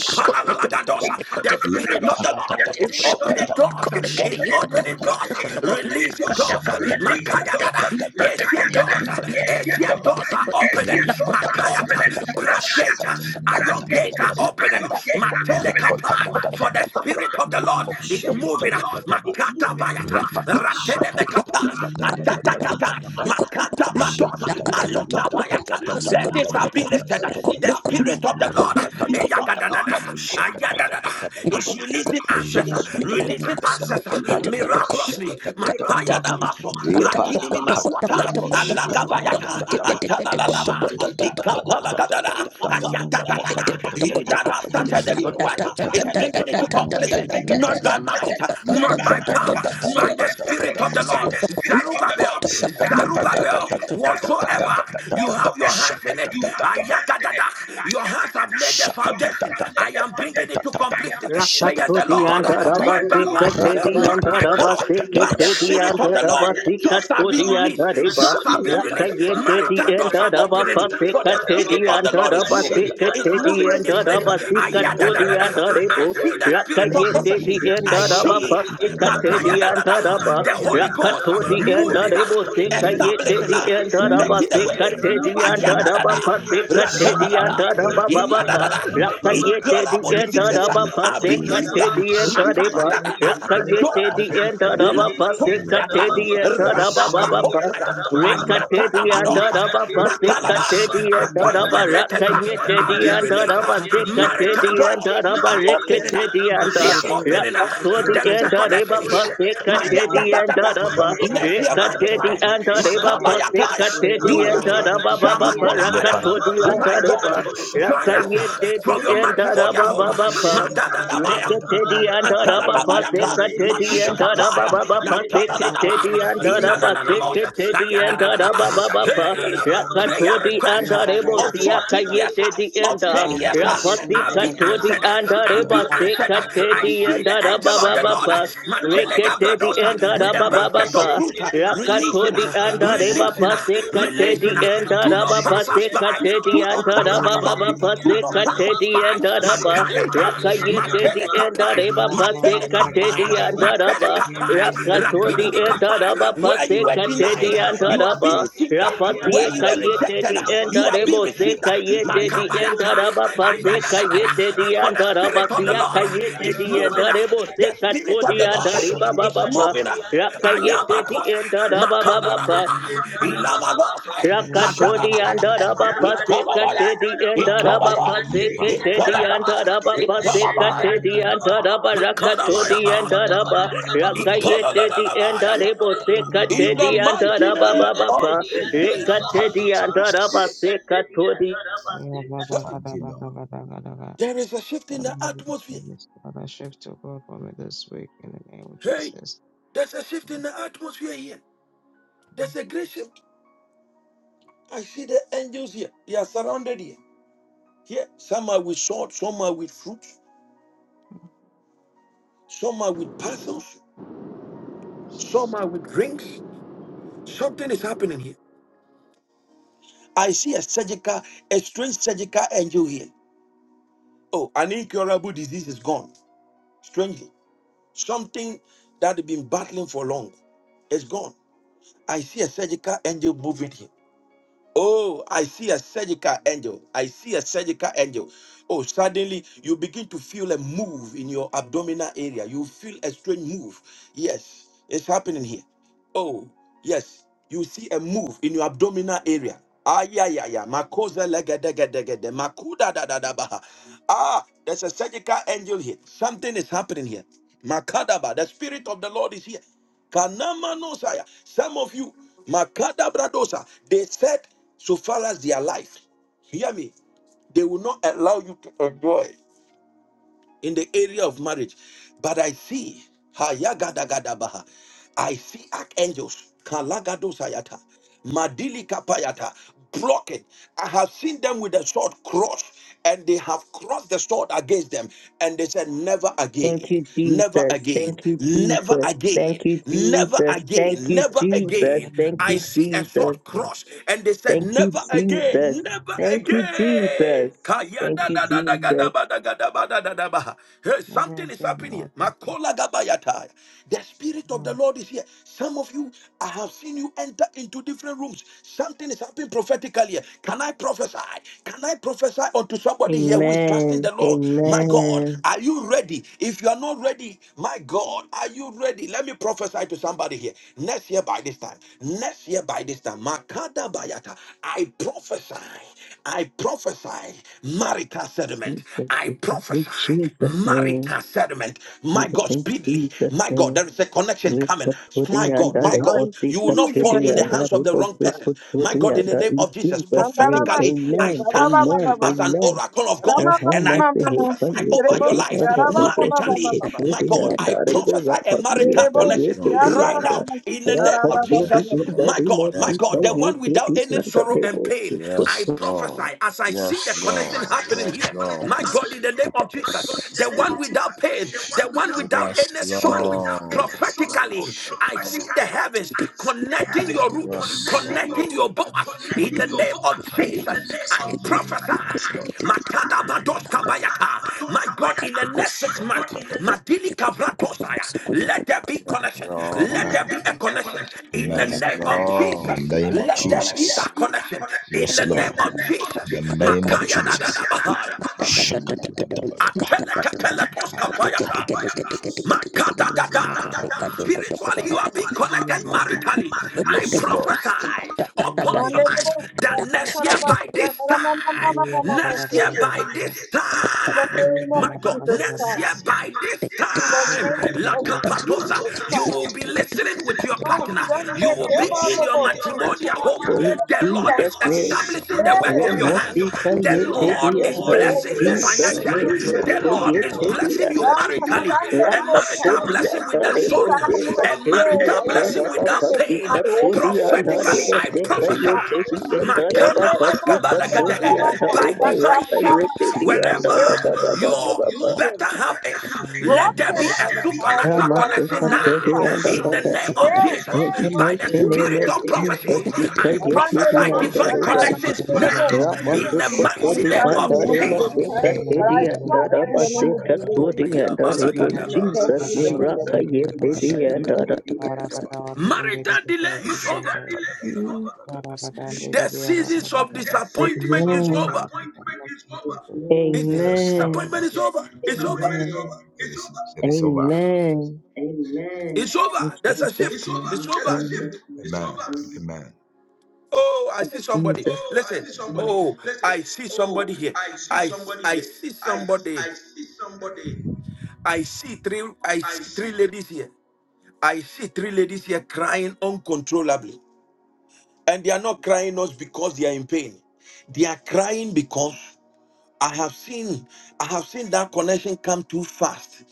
shaka taka taka taka
The Spirit of the
taka taka
Lord is
shaka taka taka shaka shaka
opening
taka taka
doors, is opening doors, releasing doors.
shaka
Makaya dada, Asian doors, Asian doors are opening. Makaya brass gate, iron gate are opening. Mateleka for the Spirit of the Lord is moving. Makata bayata, ratene mekapa,
taka
adata kata, Katos, Malika Bayata. Burdens have
taka taka
been lifted.
taka
The Spirit of the Lord
Shaka
eh, yagadadada, ayadadada, is releasing ancestor, releasing ancestor miraculously.
Thank you.
Makaya Damaso,
Thank
Rakini Maswata, Alaka Bayata, Atadadadaba, Ikapalagadada, Ayatadadada.
you.
He that has started
Thank
the good work is bringing it to completion, not by might not by power, by the Spirit of the Lord. Zerubbabel, Zerubbabel, whatsoever you have your hands in it, Ayagadada, your hands have laid the foundation. I am bringing it to completion, says the Lord, not by might, not by power, by the Spirit of the Lord. Jobs are being released, jobs are being released, marital doors are opening for the Spirit of the Lord is moving. It's moving in this place. Aya da da da da. I
Rakayete
see the spirit of
Rakayete the
prophecy.
end
I
of a
see
pasikate
Makaya
the
da da
end
da.
of a
the Holy Ghost
rakato the end of
moving,
a
uh,
bosikayete
establishing,
the
uh,
end of a
making the
sekate
way.
the end
Iya
of
da da
a
da.
pasikate
Rakana da
the end
da. Ayadadada.
of
Rakadadada.
a baba
Yadadada.
you.
rakayete the
Incurable
Thank
end
diseases
of
uh,
a
are being healed.
pasikate the end of a
Makana da. da da.
rakayete the
Doors.
end of a
Lamatosa
pasikate the end of a
yata.
baba
Shut up,
Ayatana
Rikatiti and
Madosa,
Dadaba Pasikatiti
Matalada,
and Dadaba
Appointment letters uh, are
Rakayeti
being
and
released. uh,
Dadaba
Marital
Sikatiti and
doors
Dadaba
are opening. uh,
Rikatiti and
They are opening. uh,
Rakatoti
There is
and
a connection
Dadaba
here. My ya- da-
Pasikatiti
da-
and Dadaba
Next year by this
Rikatiti
time,
and Dadaba
Makabayataya,
Pasikatiti
you,
and Dadaba Baba
Shamakolabaya,
Parakatoti and
my God,
Dadaba
join us uh, from
Rakayeti
your
and
matrimonial
Dadaba
home. uh,
Baba
Madadadabaya.
you.
Reketedi and
Antala
Taraba
Thank you.
Dabayata,
Pasekatedi
Matini
Shut
and Taraba
Kapaya,
Baba
up.
Natala Dadaba,
Pasekatedi and Taraba
Inananamota,
Sekatedi and Taraba
Ayadadadaba.
Baba
Hey, prayer
Rakatodi and
requests uh,
Tarebo
of 14 years,
Siakayetedi
uh,
and
of 10 years uh, are being
Rapasikatodi
answered. uh,
and
Are being
Tareba
answered. uh. I
Sekatedi
see
and
the
Taraba
angel of the
Baba
Lord, uh,
Papa
Matele
Rekete di
Gabrados, uh,
enda
with
da
a
ba ba ba
basket of
ba.
fruit, uh,
Rakato
releasing, uh,
di anda de ba
releasing,
ba
uh,
se kate di
releasing. uh.
enda
Do
da ba
not
ba
pass us
se
by.
kate di
Do not
anda
pass
da
us
ba ba ba
by
ba
do
se
not pass
kate
us
di
by.
enda da ba.
Makayata,
Rakayete di
Shut
enda
Matelekapaya,
Shut
de ba ba se kate
Matelekapaya,
di anda da ba.
Matelekapaya,
Rakato di enda da ba
Rapidikapaya.
ba
Where you
se
were
kate
denied,
di anda
you
da
are being
ba.
received. Where
Rapasie
you were
kayete
rejected,
di
you
enda
are being
rebo se
received.
kayete di enda raba
Makabayata,
pase
Ayadadadada.
kayete di
For the
enda
Spirit
raba
of the
siya
Lord
kayete
is
di
moving.
enda rebo
The
se kato
Spirit of
di
the Lord
enda riba
is
baba pa.
moving. I am a
Rakayete di
cosa.
enda raba
Makana
baba
la la
pa.
la. Ilama gosa.
up.
Madana la
Rakatodi
la
and
la.
Araba
Italabaya.
Pasekatedi and Araba
Italabaya.
Pasekatedi and
Italabaya.
Araba
Italabaya.
Pasekatedi and Araba
Makana
Rakatodi
bayaba.
and Araba
Itala la la
Rakayetedi
la
and
baya.
Arebo
In the
Sekatedi and
mighty
Araba
name of
Baba
Jesus.
Rekatedi and Araba Sekatodi.
Hey,
Thank you, Lord.
there is a shift in the atmosphere.
Father, shift to God for me this week in the name of
Hey,
Jesus.
there's a shift in the atmosphere here. There's a great shift. I see the angels here. They are surrounded here. Here, some are with sword, some are with fruits, some are with parcels, some are with drinks. Something is happening here. I see a surgical, a strange surgical angel here. Oh, an incurable disease is gone. Strangely, something that they've been battling for long is gone. I see a surgical angel moving here. Oh, I see a surgical angel. I see a surgical angel. Oh, suddenly you begin to feel a move in your abdominal area. You feel a strange move. Yes, it's happening here. Oh, yes. You see a move in your abdominal area. Ah, yeah, yeah, yeah. Makosa legedegedegede. Makuda da da da baha. Ah, there's a surgical angel here. Something is happening here. Makadaba, the spirit of the Lord is here. Kanamanosaya. Some of you, Makadabradosa, they said so far as their life. Hear me. They will not allow you to enjoy in the area of marriage. But I see, ha ya gada gada hayagadagadabaha, I see archangels, kalagadosayata, kapayata blocking. I have seen them with the sword crossed, and they have crossed the sword against them, and they said, Never
Thank
again,
you,
never
Jesus.
again,
Thank you,
never
Jesus.
again,
Thank you,
never
Jesus. Thank
again,
you,
never
Jesus.
again.
Thank
I
you,
see a
Jesus.
sword crossed, and they said,
Amen.
Thank you,
Never again,
Jesus.
never
Thank you,
again.
Jesus.
Kaya
Thank
da
you,
da
Amen.
Jesus.
da da. Kadadadabaha. Hey,
Never
something is
again,
happening here.
Lord
Makola
Jesus.
gabayata. The Spirit of the
Amen.
Lord is here. Some of you, I have seen you enter into different rooms. Something is happening prophetically here. Can I prophesy? Can I prophesy unto somebody here who is trusting
Amen.
the Lord? My God,
Amen.
are you ready? If you are not ready, my God, are you ready? Let me prophesy to somebody here. Next year by this time, next year by this time, Makada Bayata, I prophesy. I prophesy marital settlement.
Jesus,
I
Jesus. In
prophesy
Jesus' name.
marital settlement. My
We
God,
thank
speedily.
Jesus'
My God,
name.
there is a connection
We
coming.
put to
My
the end
God,
of
my
I
it,
God,
or
receive
see
you will
the
not
to
in
the
fall
the
in the
name
end
of
hands
of
of
it,
the
or
Jesus
wrong
see
person.
Christ.
put to
My
the
God, in
end
the
of it.
name
In
of Jesus,
Jesus' name.
prophetically,
Mandarabashia,
I
Amen.
stand
Amen.
as an
sarababababababa,
Amen.
oracle of God and I
Rahama se he pa
prophesy
ramamamamamamashi,
ye
over
te
your
di
life
kerebosia,
anda rebo su te
maritally.
to
rabababababababa,
My
di
God, I
anda rebo
prophesy a
raha se ye
marital
pa ye
connection
Lord.
te
lerebosia,
di
right now
anda.
in the
karabasia,
name
Raha
of
to
Yes,
di
Jesus.
rabababababa,
Lord.
anda
My God,
rebo
my
si
Yes,
ta
God, the
ye
one
Lord.
te
without
di
any
anda
sorrow and
rebo
pain.
si put
I
Yes,
prophesy
Lord.
as I see
Yes,
the connection
As
Lord.
I see
happening
Yes,
the
here.
connected
Lord.
My my God, in
happening
the name
here,
of
my
Jesus,
God, in the
the
name of
one without
Jesus,
pain,
the
the
one
one
without
without
pain,
Yes,
any
the one
sorrow,
without any
Lord.
sorrow,
prophetically, I see the
prophetically,
heavens
I see the
connecting
heavens
your root,
Yes,
Amen.
connecting your
connecting
Lord.
root,
your boas. In
connecting
the
your
name of
bookmark in the
Jesus,
name of
I prophesy.
Jesus. I
Makada
prophesy,
bados
Makada
kabayata. My God, in the
you.
next six months,
God, in the
Thank
name,
Madili Kavratosaya, let there be
Yes,
connection. Let
Lord.
there
let
be
there
a
be a
connection.
connection.
In the
Amen.
Yes,
name of
In
Jesus,
Lord.
the name of
let there be
Jesus,
that connection. In
Yes,
the name
Lord.
of Jesus,
In the name of
Makaya da da
Jesus.
da
Makaya
bahaya.
Babaya.
Atelekepeletoskapayata. Makadadada.
you, Jesus.
Spiritually, you
Thank
are
you,
being
Jesus.
connected maritally. I
Yes, Lord.
prophesy upon your life
manerebosia,
that next year by
kakarabasia,
this time, next
ramamamamamamamashe,
year by this
In the
time,
name
name
of
my
of
God,
Jesus
Jesus
Christ.
next
Christ.
year
Next year
by
by
this
this
In the
The
time,
time,
name
great Jesus
of
Lakapatosa,
Jesus
Lakapatosa,
you
you
Christ.
will be
will be
listening with
listening
your
to your
Oh,
partner.
partner.
You
Sunday,
will
You will
be in your
be
Kebabos,
in your
matrimonial home.
matrimonial
For in
home.
The Lord
The
Jesus'
is
Lord is
name,
establishing the
establishing
work
Yes,
we
of
the
your
work
must
of
I'm
hands.
your
be
hand.
The
quiet
speaking it
to
The
to
Lord
my
the
ear
is
other.
Lord
In
in
is
blessing
the
you
name of
Jesus'
blessing you
name,
financially.
we
Jesus
financially.
The Lord
Christ.
The
quiet
is
to
Lord
the
is
blessing you
other.
blessing
Abba,
you
maritally,
Sunday,
a
maritally.
Rakat
Bosa.
to
And
marital
the
blessing
marital
other,
without
Each
blessing
rebo
sorrow,
without
se
time I
kat
a
sorrow.
to
pray,
And
the
marital
I will
other,
be
blessing
marital
raba
without
blessing
settled in
pasi
my
pain.
without
kat
pain.
to
home in
the
the
other,
name
Prophetically,
of
rebo
I
se
Jesus
Prophetically,
prophesy.
I
quiet
Christ.
to the
prophesy.
other,
In the
raba
Makana
name
pasi
Makana,
of
kat
makana,
to
makabalagade.
the other,
By
reba
Yatarabasa,
divine
raka
lakana, eh,
ye
shift,
to
Kaparabasa.
the
wherever
other,
Every
raba baba
demonic
your
baba.
better
hindrance
half is,
is
And we
let
pass
there
There
broken
be
by
a
the
be a
power of the
supernatural
Rama
blood of
se
connection
kat
supernatural now
Jesus
ko
now.
in
diya
my
Christ.
the
In
other,
the
baba.
name of
Yes, in the
Jesus,
In the
name of
by the
mighty name
spirit
Jesus
of
of
Christ.
spirit
Jesus,
of
prophecy,
be
prophecy.
I
you.
Amando
I
prophesy
diya to
divine
transfer
re
my
other,
This
divine
connections
de
now.
Bosa,
connections
In
Ramandu
the
now in
Some
mighty
Kotodi
the
name
trust in
and
of
mighty name
horses and
of
Jesus.
Aremaseka
chariots,
Jesus.
but I
Teddy and
trust in the name of the
Arabaseka
Lord.
Todi and
My
Arebo in
And may
Ayabalagada.
God
Jesus
give the
name
Lord.
Rakaye Teddy and Ara.
Marital delay is over.
delay
The seasons of
The seasons
disappointment
of
is over.
disappointment is over.
It's dis-
Yes, Lord.
them to
disappointment is
It-
over. It's
Jesus.
over.
Disappointment is over. It's over. It is over.
Amen.
Amen.
It's over. There's a
It's
shift. It's
over. There's
over.
Thank
a shift. It's over. Amen.
Oh, I see somebody.
Oh, I
Listen.
see somebody.
Oh,
Listen.
I see
Oh,
somebody here.
I see
I
somebody
I
here.
see
I
somebody.
I see somebody.
I see three. I
I
see three
see
ladies here. I see three ladies here crying uncontrollably, and they are not crying us because they are in pain. They are crying because I have seen I have seen that connection come too fast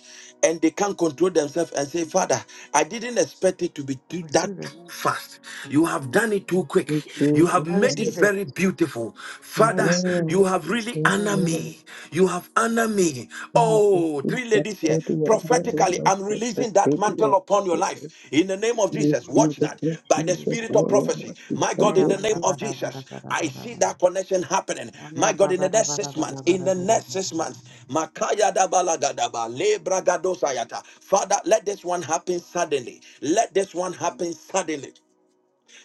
and they can't control themselves and say father I didn't expect it to be
I
too, that
receive it.
too fast you have done it too
Amen.
quick
you,
you have
Jesus.
I
made it
receive
Amen.
it.
very beautiful
I
father
receive it,
you
Amen.
have
Jesus.
really
Yes,
honored
Amen.
Lord.
me you have honored
Yes.
me
Jesus,
oh three
Jesus,
ladies here
Todi and
amen.
prophetically, I'm
Arabaseka
releasing that
Teddy
mantle
and
upon your life
Arebo.
in the name of Jesus.
Receive
Watch
it
that
in
by
Oh,
the
Jesus'
Jesus.
spirit of prophecy. My God, in
Aya
the
name.
name
bara
of
bara bara
Jesus,
bara
I
bara
see
bara.
that connection happening.
Aya
My God,
bara
in the
bara
next
bara
six months,
bara
in
bara
the
bara.
next six
bara.
months, Makaya dabalagadaba, lebragadosayata. Father, let this one happen suddenly. Let this one happen suddenly.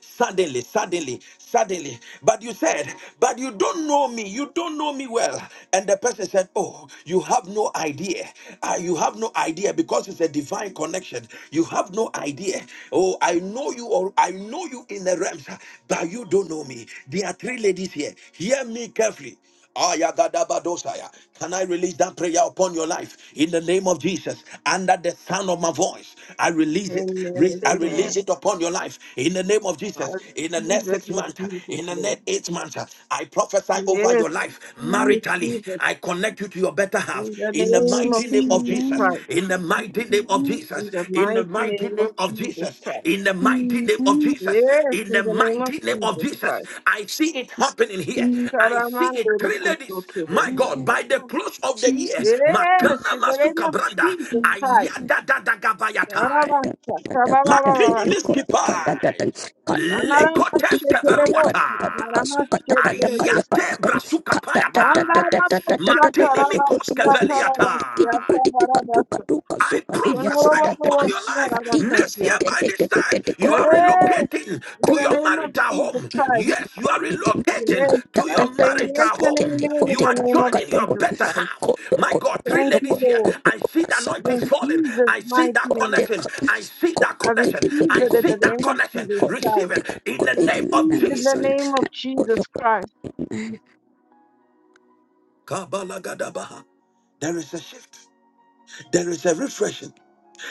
Suddenly, suddenly, suddenly. But you said, but you don't know me. You don't know me well. And the person said, oh, you have no idea. Ah, you have no idea because it's a divine connection. You have no idea. Oh, I know you or I know you in the realms, but you don't know me. There are three ladies here. Hear me carefully. Ayagadabadosaya. Can I release that prayer upon your life in the name of Jesus? Under the sound of my voice, I release it. Re-
Amen.
I release it
Amen.
upon your life in the name of
I
Jesus. In the next
receive it
six
in
months,
Jesus'
in the
name.
next eight months, I prophesy over
Yes,
your life
I
maritally.
receive it
I connect you to your better half
in the
in the mighty
name of
is
mighty name of
in
Jesus
Jesus,
one
Christ.
in the mighty name of Jesus,
In the
in the
mighty
mighty
name
name
of
of
Jesus
Jesus,
Christ.
in the mighty
in
name of
one
Jesus,
Yes,
in
in
the
the name of
mighty name of
Jesus
Jesus.
Christ.
I see it happening here. I see it three ladies. My God, by the close of the year,
Jesus
Yes,
Makana
in the name
Masuka
of
Branda,
Jesus Christ.
Kodo kodo
Ayadadadagabayatai,
kodo kodo kodo
Makini Miskipai, Lekotes
Anaramashekerebosia,
Kaveruata.
anaramashekerebosia.
Ayate brasuka payatai. Matini mikos
Andarabashakarabasia, tarabasia,
keveliatai.
tabarabasa.
I prophesy upon your
Onorobobosia,
life. Next year,
rabakasiata.
by this time, you are
Yes,
relocating
in
to
the
your
name of
marital
Jesus
home.
Christ.
Yes, you are relocating
Yes,
to
I
your
say
marital
yes and
home.
amen in
You
the
are
name of
joining your
Jesus
better
Christ.
half. My God, three
Thank you,
ladies here.
Lord.
kodo kodo
I see the anointing
kodo
In
falling.
Jesus'
I see
mighty
that
Amen.
name.
connection. I see that
I receive
connection. I
it in
see
the
that
name of
connection.
Jesus
Receive
Christ.
it in the name of
Receive in the
Jesus.
name of Jesus Christ.
Kabalagadabaha. There is a shift. There is a refreshing.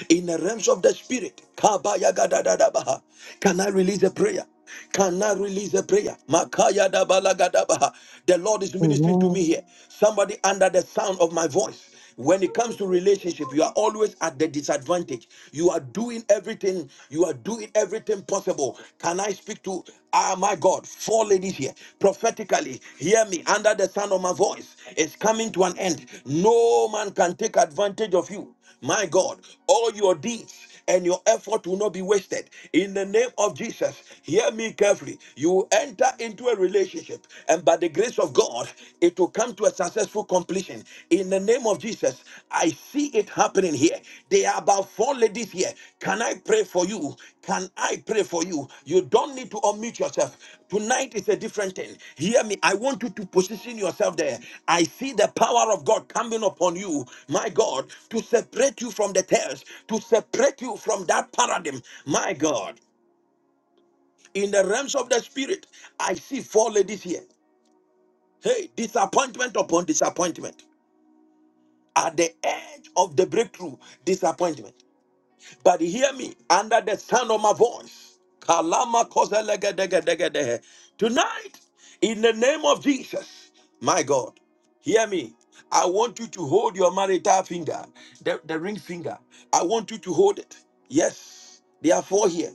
in the realms of the spirit. Kabayagadadadabaha. Can I release a prayer? Can I release a prayer? Makayadabalagadabaha. The Lord is ministering to me here. Somebody under the sound of my voice. When it comes to relationship, you are always at the disadvantage. You are doing everything, you are doing everything possible. Can I speak to ah my God, four ladies here? Prophetically, hear me under the sound of my voice. It's coming to an end. No man can take advantage of you. My God, all your deeds and your effort will not be wasted. In the name of Jesus, hear me carefully. You will enter into a relationship, and by the grace of God, it will come to a successful completion. In the name of Jesus, I see it happening here. There are about four ladies here. Can I pray for you? Can I pray for you? You don't need to unmute yourself. Tonight is a different thing. Hear me. I want you to position yourself there. I see the power of God coming upon you, my God, to separate you from the tails, to separate you from that paradigm, my God. In the realms of the spirit, I see four ladies here. Hey, disappointment upon disappointment. At the edge of the breakthrough, disappointment. But hear me under the sound of my voice. Kalama kozelegedegedegede. Tonight, in the name of Jesus, my God, hear me. I want you to hold your marital finger, the, the ring finger. I want you to hold it. Yes, there are four here.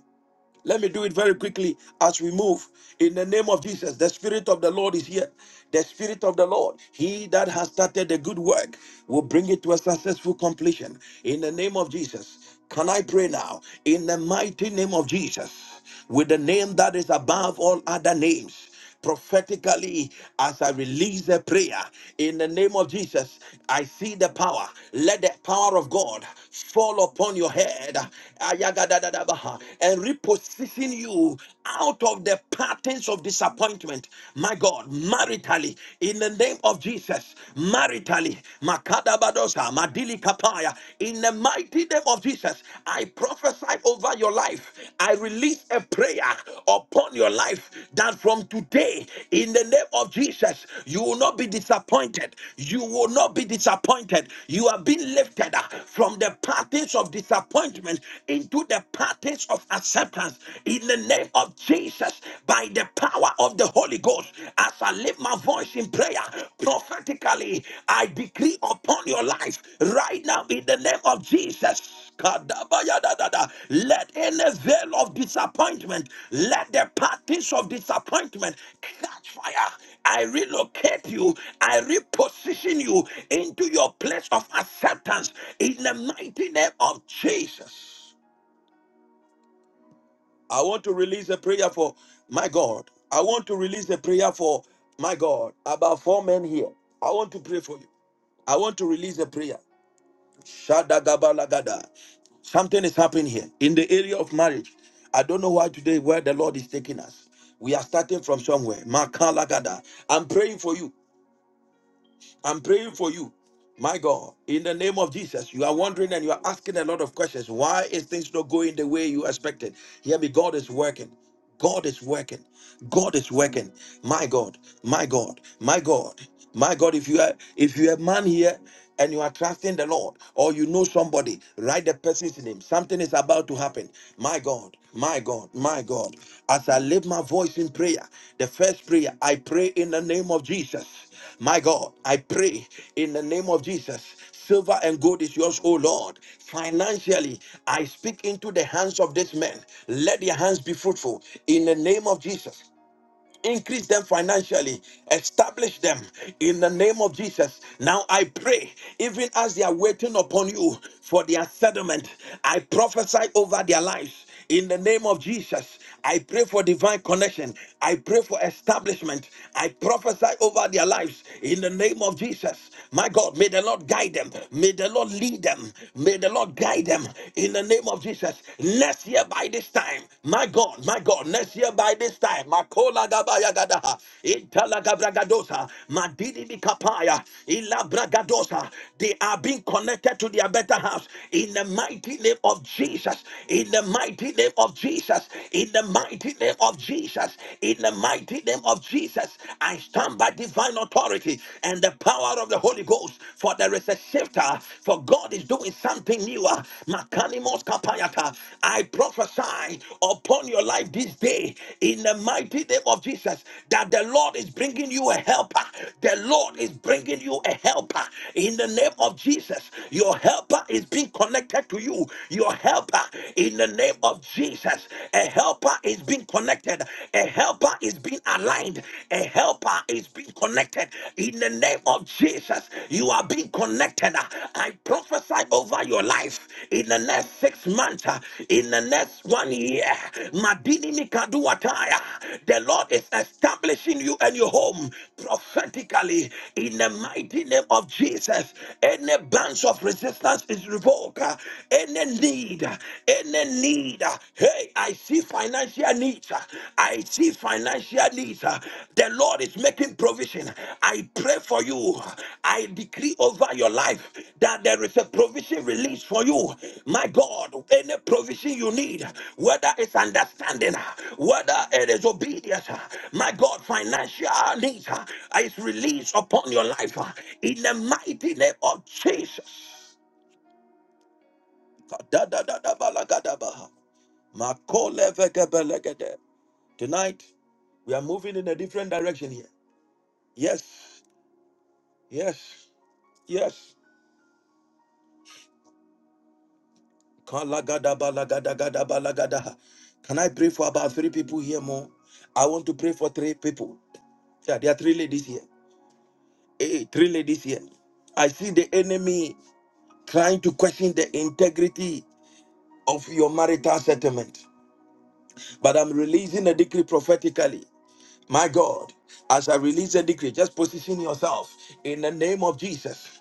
Let me do it very quickly as we move. In the name of Jesus, the Spirit of the Lord is here. The Spirit of the Lord, He that has started the good work, will bring it to a successful completion. In the name of Jesus. Can I pray now? In the mighty name of Jesus, with the name that is above all other names prophetically as I release the prayer in the name of Jesus. I see the power. Let the power of God fall upon your head Ayagadadadabaha, and reposition you out of the patterns of disappointment. My God, maritally, in the name of Jesus, maritally, Makadabadosa, Madili Kapaya, in the mighty mighty name of Jesus, I prophesy over your life. I release a prayer upon your life that from today, in the name of Jesus, you will not be disappointed. You will not be disappointed. You are being lifted uh, from the patterns of disappointment into the patterns of acceptance in the name of Jesus by the power of the Holy Ghost. as. I I lift my voice in prayer prophetically, I decree upon your life right now in the name of Jesus. Kadabayadadada. Let any veil of disappointment, let the parties of disappointment catch fire. I relocate you, I reposition you into your place of acceptance in the mighty name of Jesus. I want to release a prayer for my God. I want to release a prayer for my God. About four men here. I want to pray for you. I want to release a prayer. Shadagabalagada. Something is happening here in the area of marriage. I don't know why today where the Lord is taking us. We are starting from somewhere. Makalagada. I'm praying for you. I'm praying for you. My God, in the name of Jesus, you are wondering and you are asking a lot of questions. Why is things not going the way you expected? Hear me, God is working. God is working. God is working. My God, my God, my God, my God. If you are if you are a man here and you are trusting the Lord, or you know somebody, write the person's name. Something is about to happen. My God, my God, my God. As I lift my voice in prayer, the first prayer I pray in the name of Jesus. My God, I pray in the name of Jesus. Silver and gold is yours, O Lord. Financially, I speak into the hands of this man. Let their hands be fruitful in the name of Jesus increase them financially, establish them in the name of Jesus. Now I pray, even as they are waiting upon you for their settlement, I prophesy over their lives. In the name of Jesus, I pray for divine connection. I pray for establishment. I prophesy over their lives. In the name of Jesus, my God, may the Lord guide them. May the Lord lead them. May the Lord guide them. In the name of Jesus, Next year by this time, my God, my God, next year by this time, Makola Gabaya Gadaha, Italagabragadosa, Madidi Bikapaya, Ilabragadosa, they are being connected to their better house in the mighty name of Jesus, in the mighty name of Jesus, in the mighty name of Jesus, in the mighty name of Jesus. I stand by divine authority and the power of the Holy Ghost, for there is a shifter, for God is doing something new. Ah, Makanimos kapayata. I prophesy upon your life this day in the mighty name of Jesus that the Lord is bringing you a helper. The Lord is bringing you a helper in the name of Jesus. Your helper is being connected to you. Your helper in the name of Jesus. A helper is being connected. A helper is being aligned. A helper is being connected in the name of Jesus. You are being connected. I prophesy over your life in the next six months, uh, in the next one year. Madini Mikaduataya. The Lord is establishing you and your home prophetically in the mighty name of Jesus. Any bands of resistance is revoked. uh, Any need, uh, any need. uh, Hey, I see financial needs. I see financial needs. The Lord is making provision. I pray for you. I decree over your life that there is a provision released for you. My God, any provision you need, whether it's understanding, whether it is obedience, my God, financial needs is released upon your life in the mighty name of Jesus. Da- da- da- da- ba- la- ga- da- ba. Makole vege belegede. Tonight, we are moving in a different direction here. Yes, yes, yes. Kalagadabalagadagadabalagadaha. Can I pray for about three people here more? I want to pray for three people. Yeah, there are three ladies here. Hey, three ladies here. I see the enemy trying to question the integrity of your marital settlement. But I'm releasing a decree prophetically. My God, as I release a decree, just position yourself in the name of Jesus.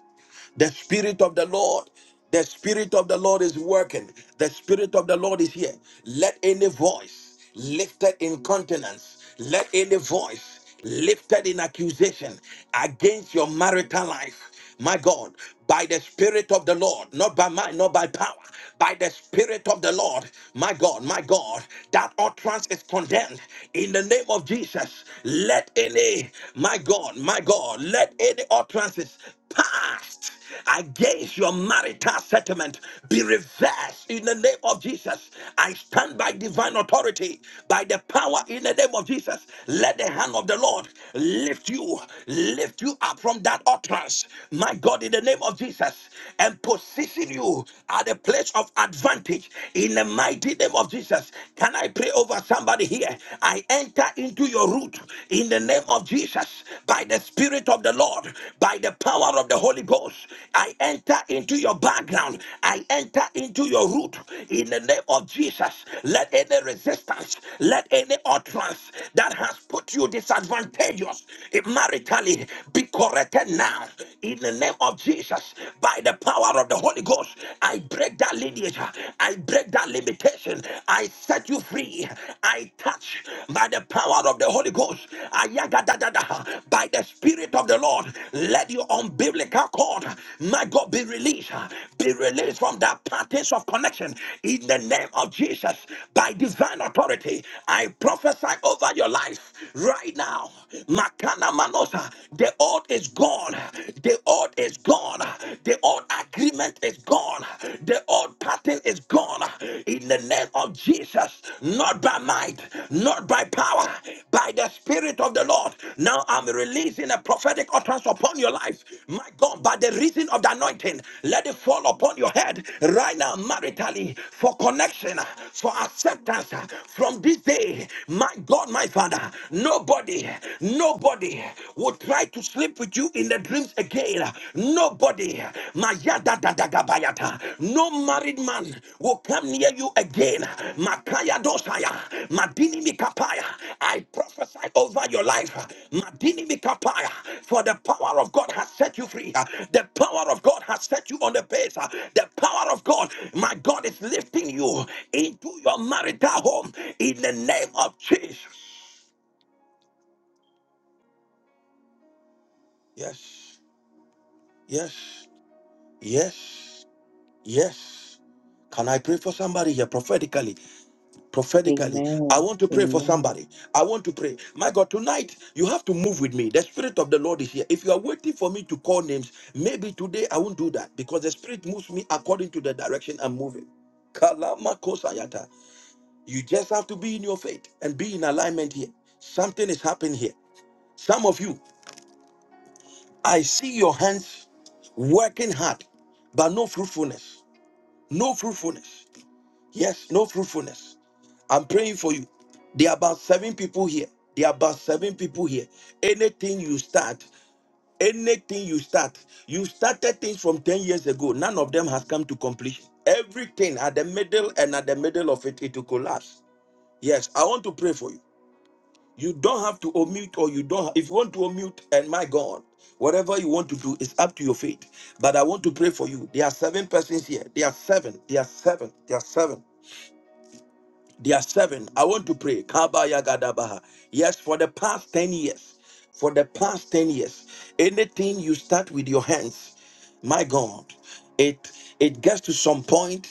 The Spirit of the Lord. The Spirit of the Lord is working. The Spirit of the Lord is here. Let any voice lifted in countenance, let any voice lifted in accusation against your marital life, my God, by the Spirit of the Lord, not by might, not by power, by the Spirit of the Lord, my God, my God, that utterance is condemned in the name of Jesus. Let any, my God, my God, let any utterances past. Against your marital settlement, be reversed in the name of Jesus. I stand by divine authority, by the power in the name of Jesus. Let the hand of the Lord lift you, lift you up from that utterance, my God, in the name of Jesus, and position you at a place of advantage in the mighty name of Jesus. Can I pray over somebody here? I enter into your root in the name of of Jesus, by the Spirit of the Lord, by the power of the Holy Ghost, I enter into your background. I enter into your root. In the name of Jesus, let any resistance, let any utterance that has put you disadvantageous maritally be corrected now. In the name of Jesus, by the power of the Holy Ghost, I break that lineage. I break that limitation. I set you you free. I touch by the power of the Holy Ghost. Ayagadadada. By the Spirit of the Lord, let your umbilical cord, my God, be released. Be released from that patterns of connection in the name of Jesus. By divine authority, I prophesy over your life right now. Makana manosa. The old is gone. The old is gone. The old agreement is gone gone. The old pattern is gone. In the name of Jesus, not by might, not by power, by the Spirit of the Lord. Now I'm releasing a prophetic utterance upon your life. My God, by the reason of the anointing, let it fall upon your head right now, maritally, for connection, for acceptance from this day. My God, my Father, nobody, nobody would try to sleep with you in the dreams again. Nobody, Mayada Dadagabayata, no married man will come near you again. Makaya Dosaya, Madini Mikapaya, I prophesy over your life. Madini Mikapaya, for the power of God has set you free. The power of God has set you on the pace. The power of God, my God, is lifting you into your marital home in the name of Jesus. Yes, yes, yes. Yes. Can I pray for somebody here prophetically? Prophetically, I
Amen.
want to pray for
Amen.
somebody. I want to pray. My God, tonight you have to move with me. The Spirit of the Lord is here. If you are waiting for me to call names, maybe today I won't do that because the Spirit moves me according to the direction I'm moving. Kalamakosayata. You just have to be in your faith and be in alignment here. Something is happening here. Some of you, I see your hands working hard, but no fruitfulness. No fruitfulness. Yes, no fruitfulness. I'm praying for you. There are about seven people here. There are about seven people here. Anything you start, anything you start, you started things from 10 years ago. None of them has come to completion. Everything at the middle and at the middle of it, it will collapse. Yes, I want to pray for you. You don't have to omit, or you don't. If you want to omit, and my God, whatever you want to do is up to your faith. But I want to pray for you. There are seven persons here. There are seven. There are seven. There are seven. There are seven. I want to pray. Kaba Yagadabaha. Yes, for the past 10 years, for the past 10 years, anything you start with your hands, my God, it it gets to some point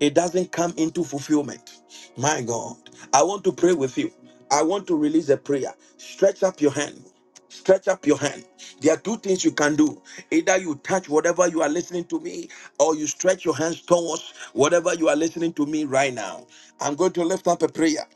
it doesn't come into fulfillment. My God, I want to pray with you. I want to release a prayer. Stretch up your hand. Stretch up your hand. There are two things you can do. Either you touch whatever you are listening to me, or you stretch your hands towards whatever you are listening to me right now. I'm going to lift up a prayer.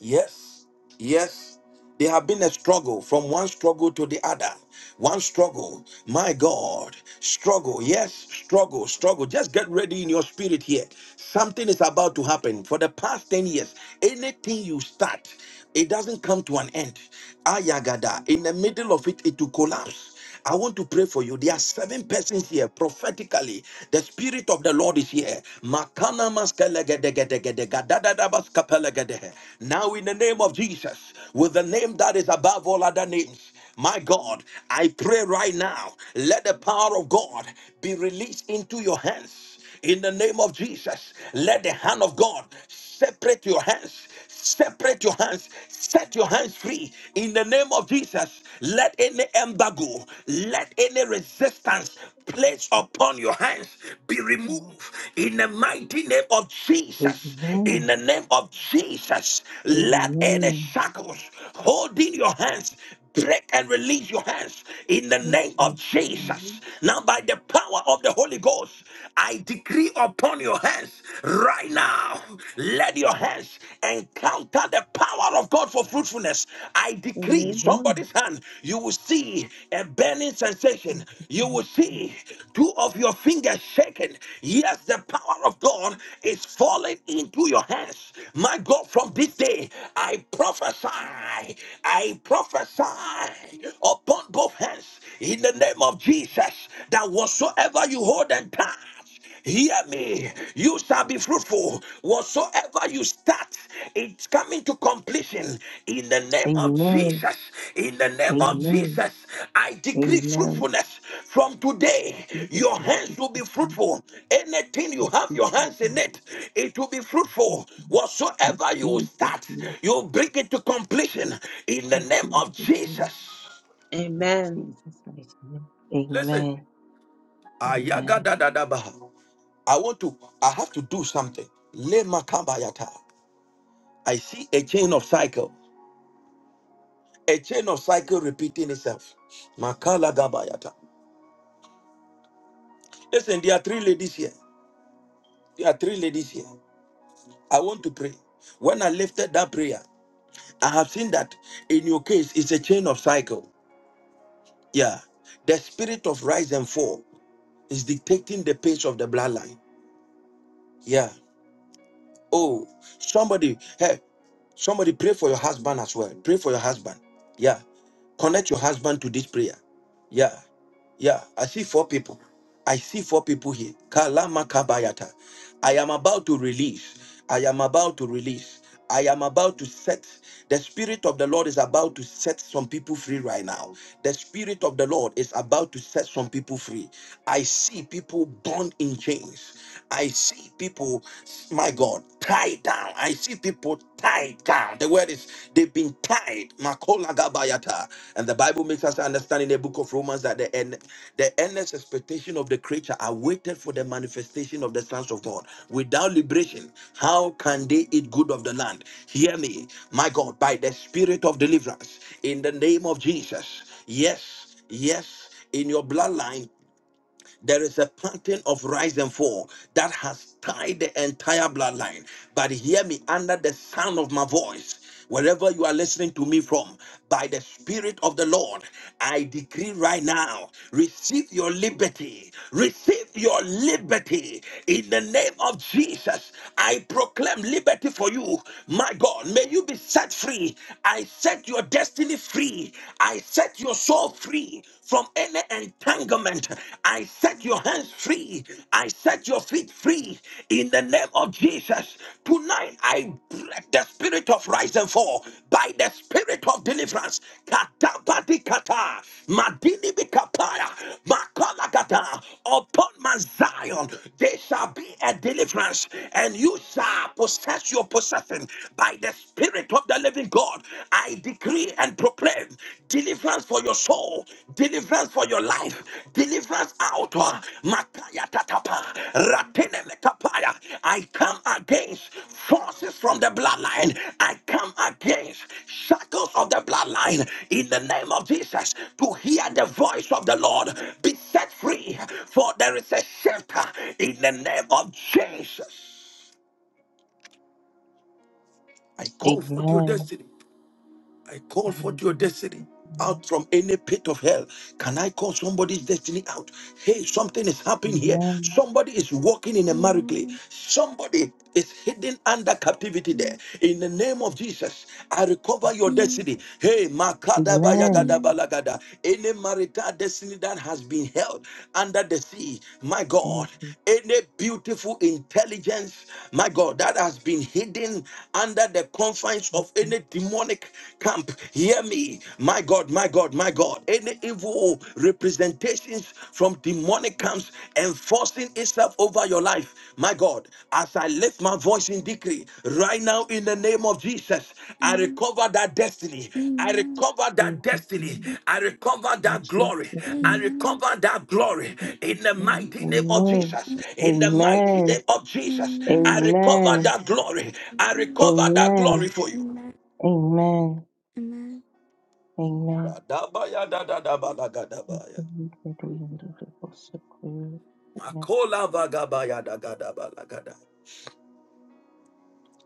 Yes, yes. There have been a struggle from one struggle to the other. One struggle. My God. Struggle. Yes, struggle, struggle. Just get ready in your spirit here. Something is about to happen. For the past 10 years, anything you start, it doesn't come to an end. Ayagada. In the middle of it, it will collapse. I want to pray for you. There are seven persons here prophetically. The Spirit of the Lord is here. Makana maskelegedegedegedega, dadadabaskapelegedehe. Now, in the name of Jesus, with the name that is above all other names, my God, I pray right now, let the power of God be released into your hands hands In the name of Jesus, let the hand of God separate your hands. Separate your hands, set your hands free in the name of Jesus. Let any embargo, let any resistance placed upon your hands be removed in the mighty name of Jesus. In the name of Jesus, let any shackles holding your hands break and release your hands in the name of Jesus.
Amen.
Now, by the power of the Holy Ghost, I decree upon your hands right now, let your hands encounter the power of God for fruitfulness. I decree
Amen.
somebody's hand, you will see a burning sensation. You will see two of your fingers shaken. Yes, the power of God is falling into your hands. My God, from this day, I prophesy, I prophesy upon both hands in the name of Jesus that whatsoever you hold and touch. Hear me. You shall be fruitful. Whatsoever you start, it's coming to completion. In the name of Jesus. In the name of
Amen.
Jesus. I decree fruitfulness. From today, your hands will be fruitful. Anything you have your hands in it, it will be fruitful. Whatsoever you start, you bring it to completion. In the name of Jesus.
Amen.
Listen. Ayagadadadabaha. I want to, I have to do something. Lema kabayata. I see a chain of cycle, a chain of cycle repeating itself. Makala gabayata. Listen, there are three ladies here. There are three ladies here. I want to pray. When I lifted that prayer, I have seen that in your case, it's a chain of cycle. Yeah. The spirit of rise and fall is dictating the pace of the bloodline. Yeah. Oh, somebody, hey, somebody pray for your husband as well. Pray for your husband. Yeah. Connect your husband to this prayer. Yeah. Yeah. I see four people. I see four people here. Kalama kabayata. I am about to release. I am about to release. I am about to set. The Spirit of the Lord is about to set some people free right now. The Spirit of the Lord is about to set some people free. I see people bound in chains. I see people, my God, tied down. I see people tied down. The word is they've been tied. Makola gabayata. And the Bible makes us understand in the book of Romans that the end, the endless expectation of the creature are waited for the manifestation of the sons of God. Without liberation, how can they eat good of the land? Hear me, my God, by the spirit of deliverance, in the name of Jesus. Yes, yes, in your bloodline there is a pattern of rise and fall that has tied the entire bloodline. But hear me under the sound of my voice. Wherever you are listening to me from, by the Spirit of the Lord, I decree right now receive your liberty. Receive your liberty in the name of Jesus. I proclaim liberty for you. My God, may you be set free. I set your destiny free. I set set your soul free from any entanglement. I set your hands free. I set your feet free in the name of Jesus. Tonight, I break the spirit of rise and fall by the spirit of deliverance. Katabati kata, madini bikapaya, makala kata. Upon Mount Zion, there shall be a deliverance, and you shall possess your possession by the spirit of the living God, I decree and proclaim deliverance for your soul, deliverance for your life, deliverance out. uh, Mataya tatapa, ratene metapaya. I come against forces from the bloodline. I come against shackles of the bloodline in the name of Jesus to hear the voice of the Lord. Be set free, for there is a shelter in the name of Jesus. I comfort your destiny. I call forth your destiny out from any pit of hell. Can I call somebody's destiny out? Hey, something is happening here. Somebody is walking in a miracle. Somebody is hidden under captivity there. In the name of Jesus, I recover your
Amen.
destiny. Hey,
Amen.
makadabayagadabalagada. any marital destiny that has been held under the sea, my God, any beautiful intelligence, my God, that has been hidden under the confines of any demonic demonic camp, hear me. My God, my God, my God. Any evil representations from demonic camps enforcing itself over your life, my God, as I lift my voice in decree right now in the name of Jesus, I
Amen.
recover that destiny. I
Amen.
recover that destiny. I recover that glory. I
Amen.
recover that glory in the mighty name of Jesus. In the mighty name of Jesus, I recover that glory. I
Amen.
recover that glory for you.
Amen. Amen. Amen.
Dabaya da da da ba la ga da ba ya. Makola ba ga ba ya da ga da ba la ga da.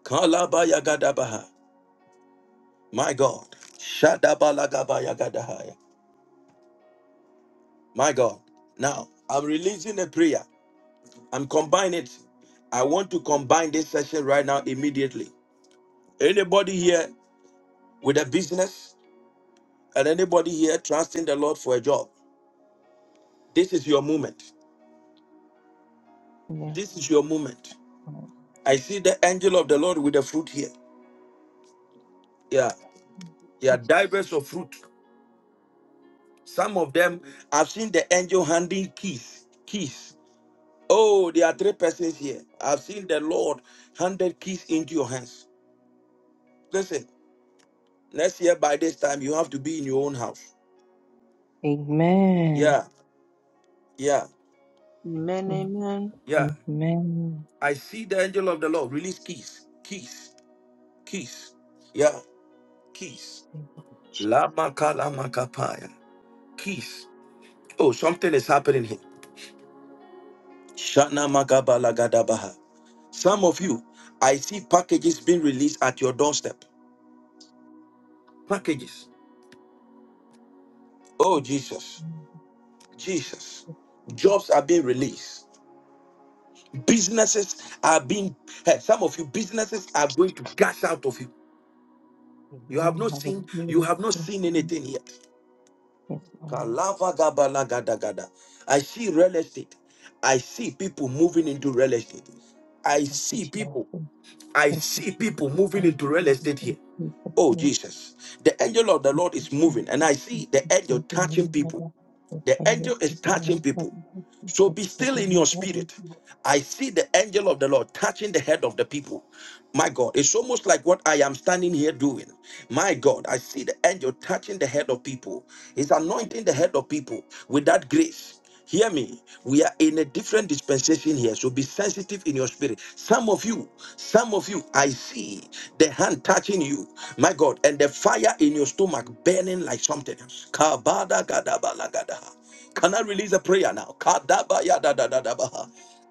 Kala ba ya ga da ba ha. My God. Shada ba la ga ba ya ga da ha ya. My God. Now, I'm releasing a prayer. I'm combining it. I want to combine this session right now immediately. Anybody here with a business and anybody here trusting the Lord for a job, this is your moment. This is your moment. I see the angel of the Lord with the fruit here. Yeah, there are divers of fruit. Some of them, I've seen the angel handing keys. Keys. Oh, there are three persons here. I've seen the Lord handed keys into your hands. Listen, next year by this time, you have to be in your own house. Yeah, yeah,
Amen. Amen.
yeah. I see the angel of the Lord release keys. Keys. Keys. Yeah, keys. Lama kalama kapaya. Keys. Oh, something is happening here. Shana magabala gadabaha. Some of you, I see packages being released at your doorstep. Packages. Oh, Jesus. Jesus. Jobs are being released. Businesses are being, hey, some of you businesses are going to cash out of you. You have not seen, you have not seen anything yet. Kalava gabala gada gada. I see real estate. I see people moving into real estate. I see people. I see people moving into real estate here. Oh, Jesus. The angel of the Lord is moving, and I see the angel touching people. The angel is touching people. So be still in your spirit. I see the angel of the Lord touching the head of the people. My God, it's almost like what I am standing here doing. My God, I see the angel touching the head of people. He's anointing the head of people with that grace. Hear me. We are in a different dispensation here, so be sensitive in your spirit. Some of you, some of you, I see the hand touching you, my God, and the fire in your stomach burning like something. Kabada gadabala gadaha. Can I release a prayer now? Kadabaya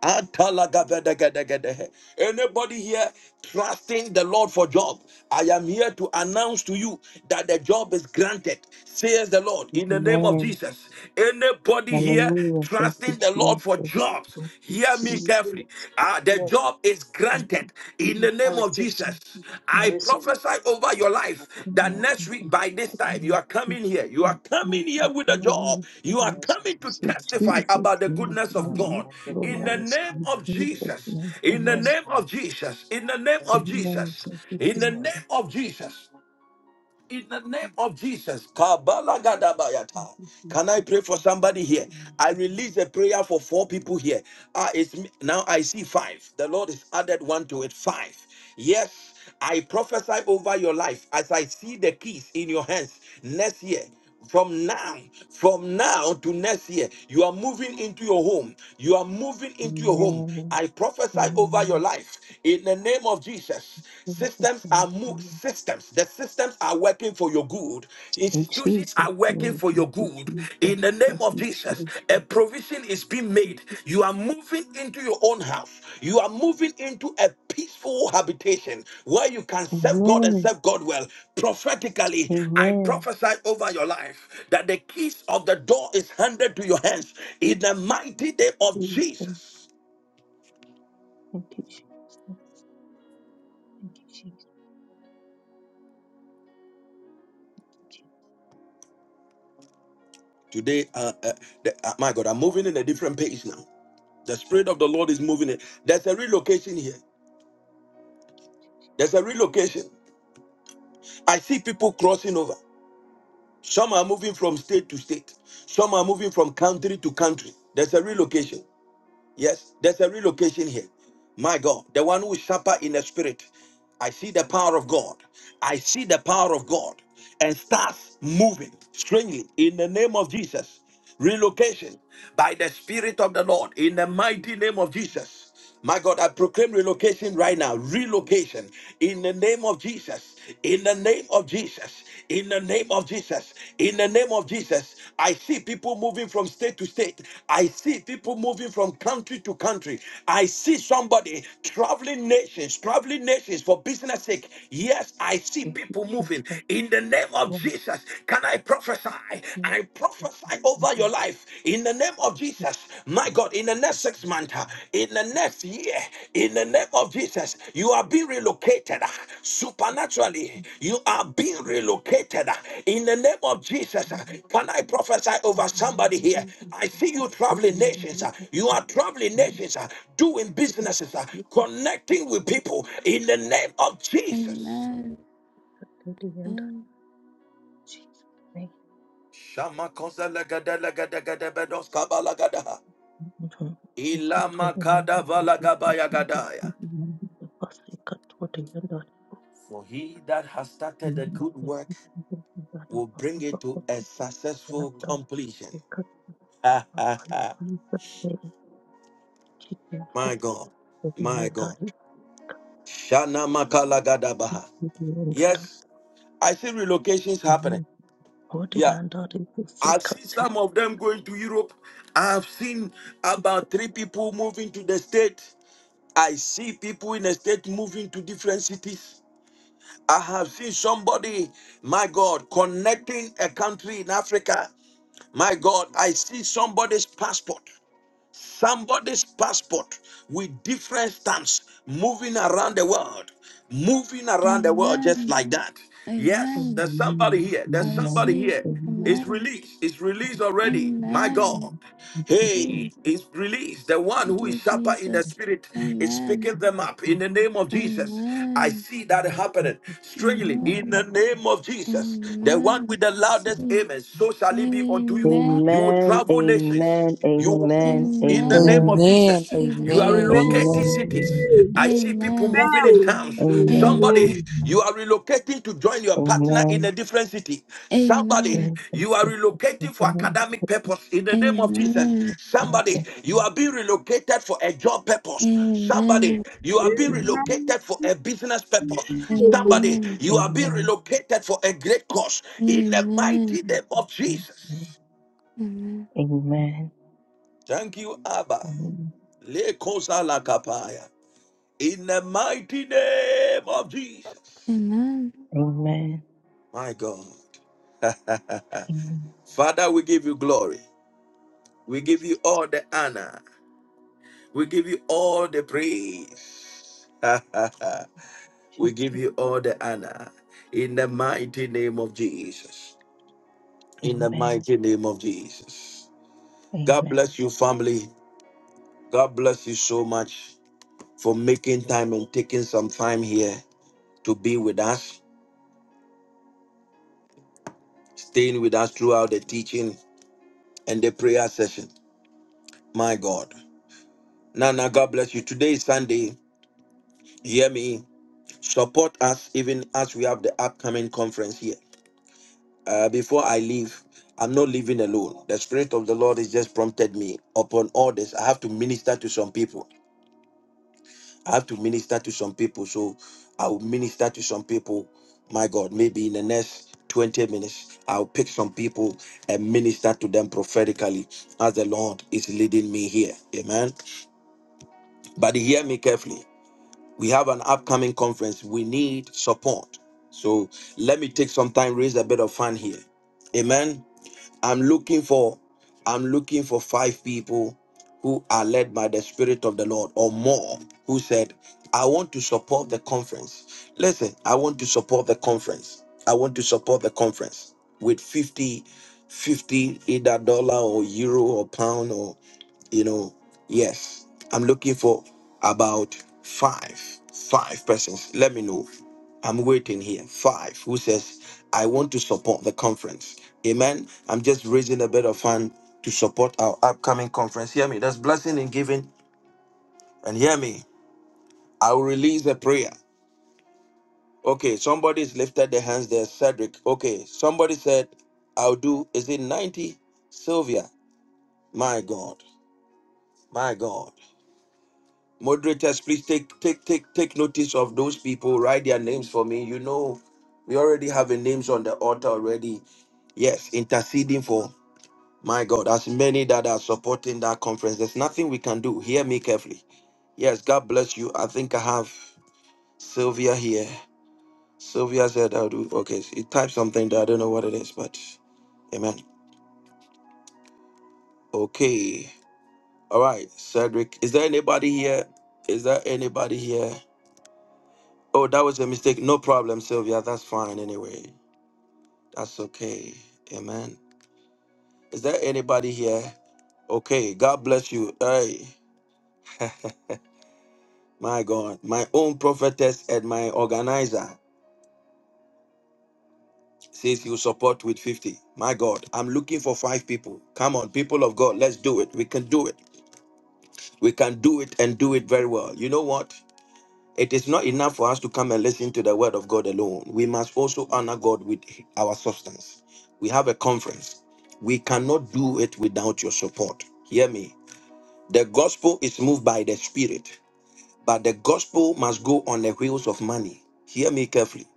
Atalagabedegedegedehe. Anybody here trusting the Lord for job? I am here to announce to you that the job is granted, says the Lord, in the name of Jesus. Anybody here trusting the Lord for jobs? Hear me
Receive
carefully.
it.
Ah, the
Yes,
job is granted in the
I
name of
receive. it.
Jesus.
I
I
receive it.
prophesy over your life that
I
next
receive
week
it.
by this time you are coming here. You are coming here with a job. You are
Yes, I
coming to
receive it. I
testify about the goodness of God
believe
in
I
the
receive
name
it.
of Jesus. In the
Yes,
name of
Lord.
Jesus. In the name
Thank you,
of
Jesus.
Jesus. In
Yes,
the
Lord.
name of Jesus in the name of Jesus.
Yes, Lord.
Kabalagadabayata. Can I pray for somebody here? I release a prayer for four people here. Ah, it's me- now I see five. The Lord has added one to it. Five. Yes, I prophesy over your life as I see the keys in your hands next year. From now, from now to next year, you are moving into your home. You are moving into your home. I prophesy over your life in the name of Jesus. Systems are move systems. The systems are working for your good. Institutions are working for your good. In the name of Jesus, a provision is being made. You are moving into your own house. You are moving into a peaceful habitation where you can serve God and serve God well. Prophetically, I prophesy over your life that the keys of the door is handed to your hands in the mighty name of Jesus. Today, uh, uh, the- uh, my God, I'm moving in a different pace now. The Spirit of the Lord is moving it. There's a relocation here. There's a relocation. I see people crossing over. Some are moving from state to state, some are moving from country to country. There's a relocation. Yes, there's a relocation here. My God, the one who is sharper in the spirit. I see the power of God. I see the power of God and starts moving strangely in the name of Jesus. Relocation by the Spirit of the Lord in the mighty name of Jesus. My God, I proclaim relocation right now. Relocation in the name of Jesus. In the name of Jesus, in the name of Jesus, in the name of Jesus, I see people moving from state to state. I see people moving from country to country. I see somebody traveling nations, traveling nations for business sake. Yes, I see people moving in the name of Jesus. Can I prophesy? I prophesy over your life in the name of Jesus. Jesus, my God, in the next six months, uh, in the next year, in the name of Jesus, you are being relocated uh, supernaturally. You are being relocated uh, in the name of Jesus. uh. Can I prophesy over somebody here? I see you traveling nations. uh, You are traveling nations, uh, doing businesses, uh, connecting with people in the name of
Amen. Amen.
Jesus.
Um,
Shama kosa For he that has started a good work will bring it to a successful completion. my God, my God. Shana makalagadabaha. Yes, I see relocations happening. Yeah, I've seen some of them going to Europe. I've seen about three people moving to the state. I see people in the state moving to different cities. I have seen somebody, my God, connecting a country in Africa. My God, I see somebody's passport. Somebody's passport with different stamps moving around the world, moving around the world just
Amen.
like that. Yes,
Amen.
there's somebody here.
I
There's somebody
receive.
here. It's
Amen.
released. It's released already. My
Amen.
God. Hey,
Receive.
it's released. The one
Thank
who is
you,
sharper in the
Jesus.
spirit is
Amen.
picking them up in the name of Jesus. I
Amen.
see that happening. Strangely, in the
Amen.
name of Jesus, the one
Amen.
with the loudest
Receive.
amen, so shall it be unto you.
Amen.
You will travel nations. You will move in the name
Amen.
of
Amen.
Jesus.
Receive the
You are
name of
Amen.
Amen.
relocating
Jesus.
cities. I see people
Amen.
moving in towns.
Amen.
Somebody, you are relocating to join your partner in a different city. Somebody,
Amen.
you are relocating for academic purpose in the
Amen.
name of Jesus. Somebody, you are being relocated for a job purpose.
Amen.
Somebody,
Amen.
you are being
Amen. Amen.
relocated for a business purpose.
Amen.
Amen.
Somebody, you are being relocated for a great cause in the mighty
Amen.
name of Jesus. Thank you, Abba. Lekosa lakapaya. In the mighty name of Jesus.
Amen.
My God. Father, we give you glory. We give you all the honor. We give you all the praise. we give you all the honor. In the mighty name of Jesus. In the mighty name of Jesus. God bless you, family. God bless you so much for making time and taking some time here to be with us, staying with us throughout the teaching. and the prayer session. My God. Nana, God bless you. Today is Sunday. Hear me. Support us even as we have the upcoming conference here. Uh, before I leave, I'm not leaving alone. The Spirit of the Lord has just prompted me upon all this. I have to minister to some people. I have to minister to some people. So I will minister to some people. My God, maybe in the next 20 minutes, I'll pick some people and minister to them prophetically as the Lord is leading me here. Amen. But hear me carefully. We have an upcoming conference. We need support. So let me take some time, raise a bit of fun here. Amen. I'm looking for I'm looking for five people who are led by the Spirit of the Lord or more who said, I want to support the conference. Listen, I want to support the conference. I want to support the conference with 50, 50 either dollar or euro or pound you know yes i'm looking for about five five persons let me know i'm waiting here five who says i want to support the conference amen i'm just raising a bit of fund to support our upcoming conference hear me that's blessing and giving and hear me i will release a prayer okay somebody's lifted their hands there cedric okay somebody said i'll do is it 90 sylvia my god my god Moderators, please take take take take notice of those people. Write their names for me. You know, we already have a names on the altar already. Yes, interceding for my God. As many that are supporting that conference, there's nothing we can do. Hear me carefully. Yes, God bless you. I think I have Sylvia here. Sylvia said I'll do okay. She typed something that I don't know what it is, but amen. Okay. All right, Cedric. Is there anybody here? Is there anybody here? Oh, that was a mistake. No problem, Sylvia. That's fine anyway. That's okay. Amen. Is there anybody here? Okay. God bless you. Hey. my God. My own prophetess and my organizer says you support with 50. My God. I'm looking for five people. Come on, people of God. Let's do it. We can do it. We can do it and do it very well. You know what? It is not enough for us to come and listen to the word of God alone. We must also honor God with our substance. We have a conference. We cannot do it without your support. Hear me. The gospel is moved by the spirit, but the gospel must go on the wheels of money. Hear me carefully.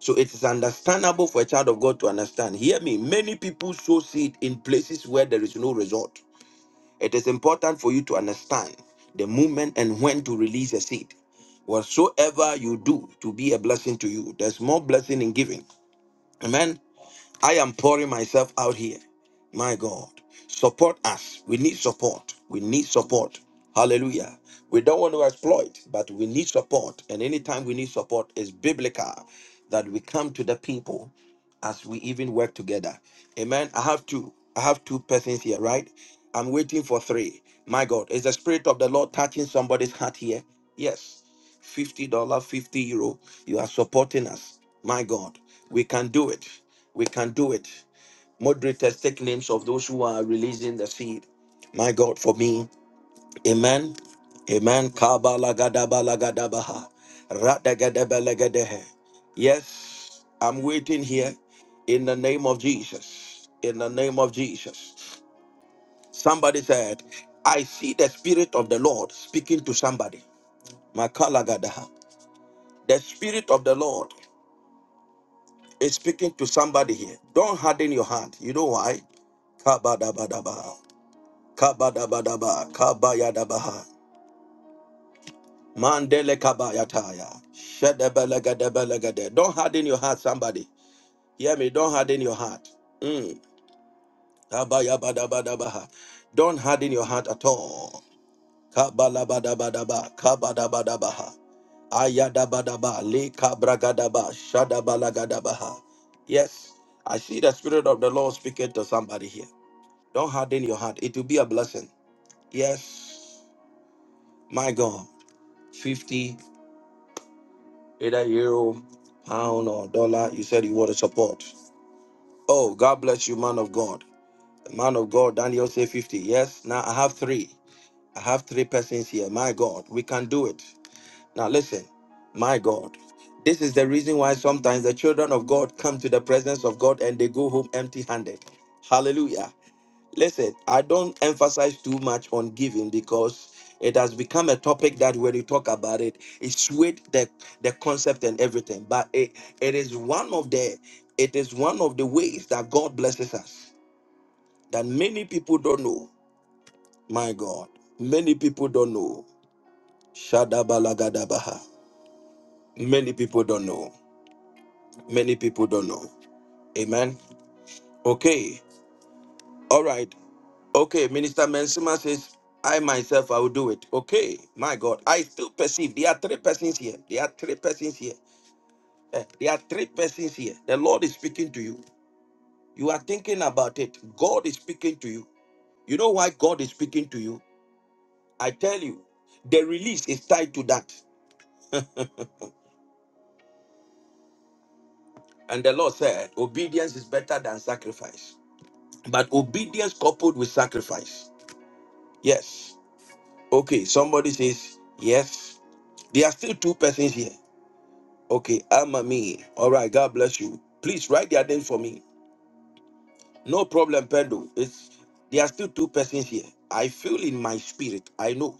So it is understandable for a child of God to understand. Hear me. Many people sow seed in places where there is no result. It is important for you to understand the movement and when to release a seed. Whatsoever you do to be a blessing to you, there's more blessing in giving. Amen. I am pouring myself out here. My God, support us. We need support. We need support. Hallelujah. We don't want to exploit, but we need support. And anytime we need support, it's biblical that we come to the people as we even work together. Amen. I have two. I have two persons here, right? I'm waiting for three. My God, is the Spirit of the Lord touching somebody's heart here? Yes. $50, dollars, 50 euro. You are supporting us. My God, we can do it. We can do it. Moderators, take names of those who are releasing the seed. My God, for me. Amen. Amen. Kabalagadabalagadabaha. Radagadabalagadeh. Yes, I'm waiting here in the name of Jesus. In the name of Jesus. Somebody said, I see the Spirit of the Lord speaking to somebody. Makalagadaha. The Spirit of the Lord. It's speaking to somebody here. Don't harden your heart. You know why? Kabadabadaba. Kabadabadaba. Kabayadabaha. Mandele kabayataya. Shedebelegedebelegede. Don't harden your heart, somebody. Hear me. Don't harden your heart. Mm. Kabayabadabadabaha. Don't harden your heart at all. Kabalabadabadaba. Kabadabadabaha. Ayadabadaba. Le kabragadaba. Shadabalagadabaha. Yes. I see the Spirit of the Lord speaking to somebody here. Don't harden your heart. It will be a blessing. Yes, my God. 50, either euro, pound, or dollar, you said you want to support. Oh, God bless you, man of God. The man of God, Daniel say 50. Yes, now I have three. I have three persons here. My God, we can do it. Now listen, my God. This is the reason why sometimes the children of God come to the presence of God and they go home empty handed. Hallelujah. Listen, I don't emphasize too much on giving because it has become a topic that when you talk about it, it's with the, the concept and everything. But it, it is one of the it is one of the ways that God blesses us that many people don't know. My God, many people don't know. Shadabalagadabaha. Many people don't know. Many people don't know. Amen. Okay. All right. Okay, Minister Mensima says, I myself, I will do it. Okay, my God. I still perceive there are three persons here. There are three persons here. Eh, there are three persons here. The Lord is speaking to you. You are thinking about it. God is speaking to you. You know why God is speaking to you? I tell you, the release is tied to that. And the Lord said, obedience is better than sacrifice. But obedience coupled with sacrifice. Yes. Okay, somebody says, yes. There are still two persons here. Okay, Ama me. All right, God bless you. Please write their names for me. No problem, Pendo. It's there are still two persons here. I feel in my spirit. I know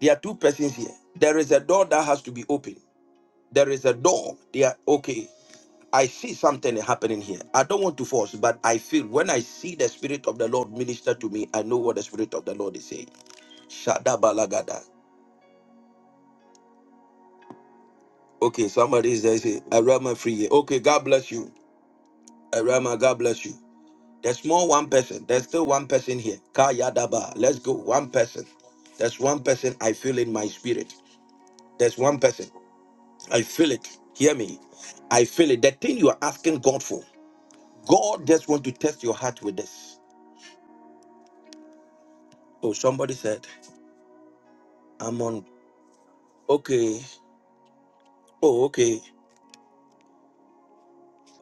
there are two persons here. There is a door that has to be opened. There is a door. They are okay. I see something happening here. I don't want to force, but I feel when I see the spirit of the Lord minister to me, I know what the spirit of the Lord is saying. Shada balagada. Okay, somebody is there. Say, Arama free. Okay, God bless you. Arama, God bless you. There's more one person. There's still one person here. Kayadaba. Let's go. One person. There's one person I feel in my spirit. There's one person. I feel it. Hear me. I feel it. The thing you are asking God for, God just want to test your heart with this. Oh, somebody said, I'm on. Okay. Oh, okay.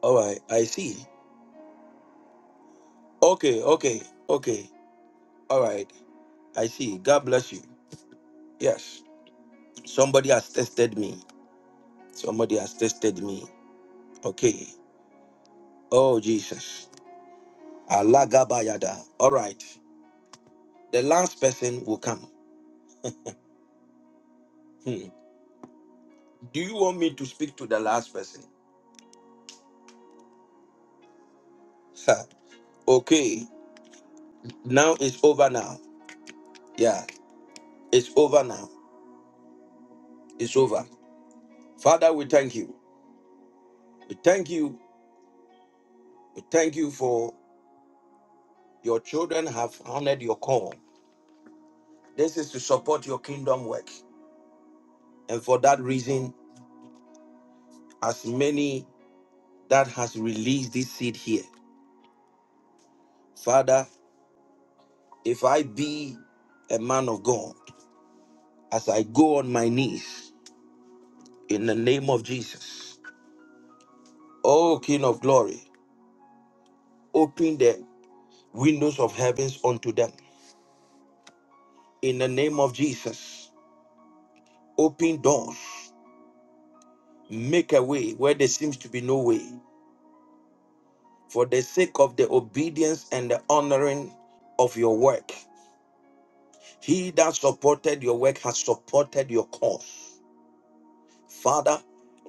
All right. I see. Okay. Okay. Okay. All right. I see. God bless you. Yes. Somebody has tested me. Somebody has tested me. Okay. Oh, Jesus. Alagabayada. All right. The last person will come. Hmm. Do you want me to speak to the last person? Ha. okay. Now it's over now. Yeah. It's over now. It's over. Father, we thank you. We thank you. We thank you for your children have honored your call. This is to support your kingdom work. And for that reason, as many that has released this seed here, Father, if I be a man of God, as I go on my knees in the name of Jesus. O King of glory, open the windows of heavens unto them in the name of Jesus. Open doors, make a way where there seems to be no way. For the sake of the obedience and the honoring of your work, he that supported your work has supported your cause. Father,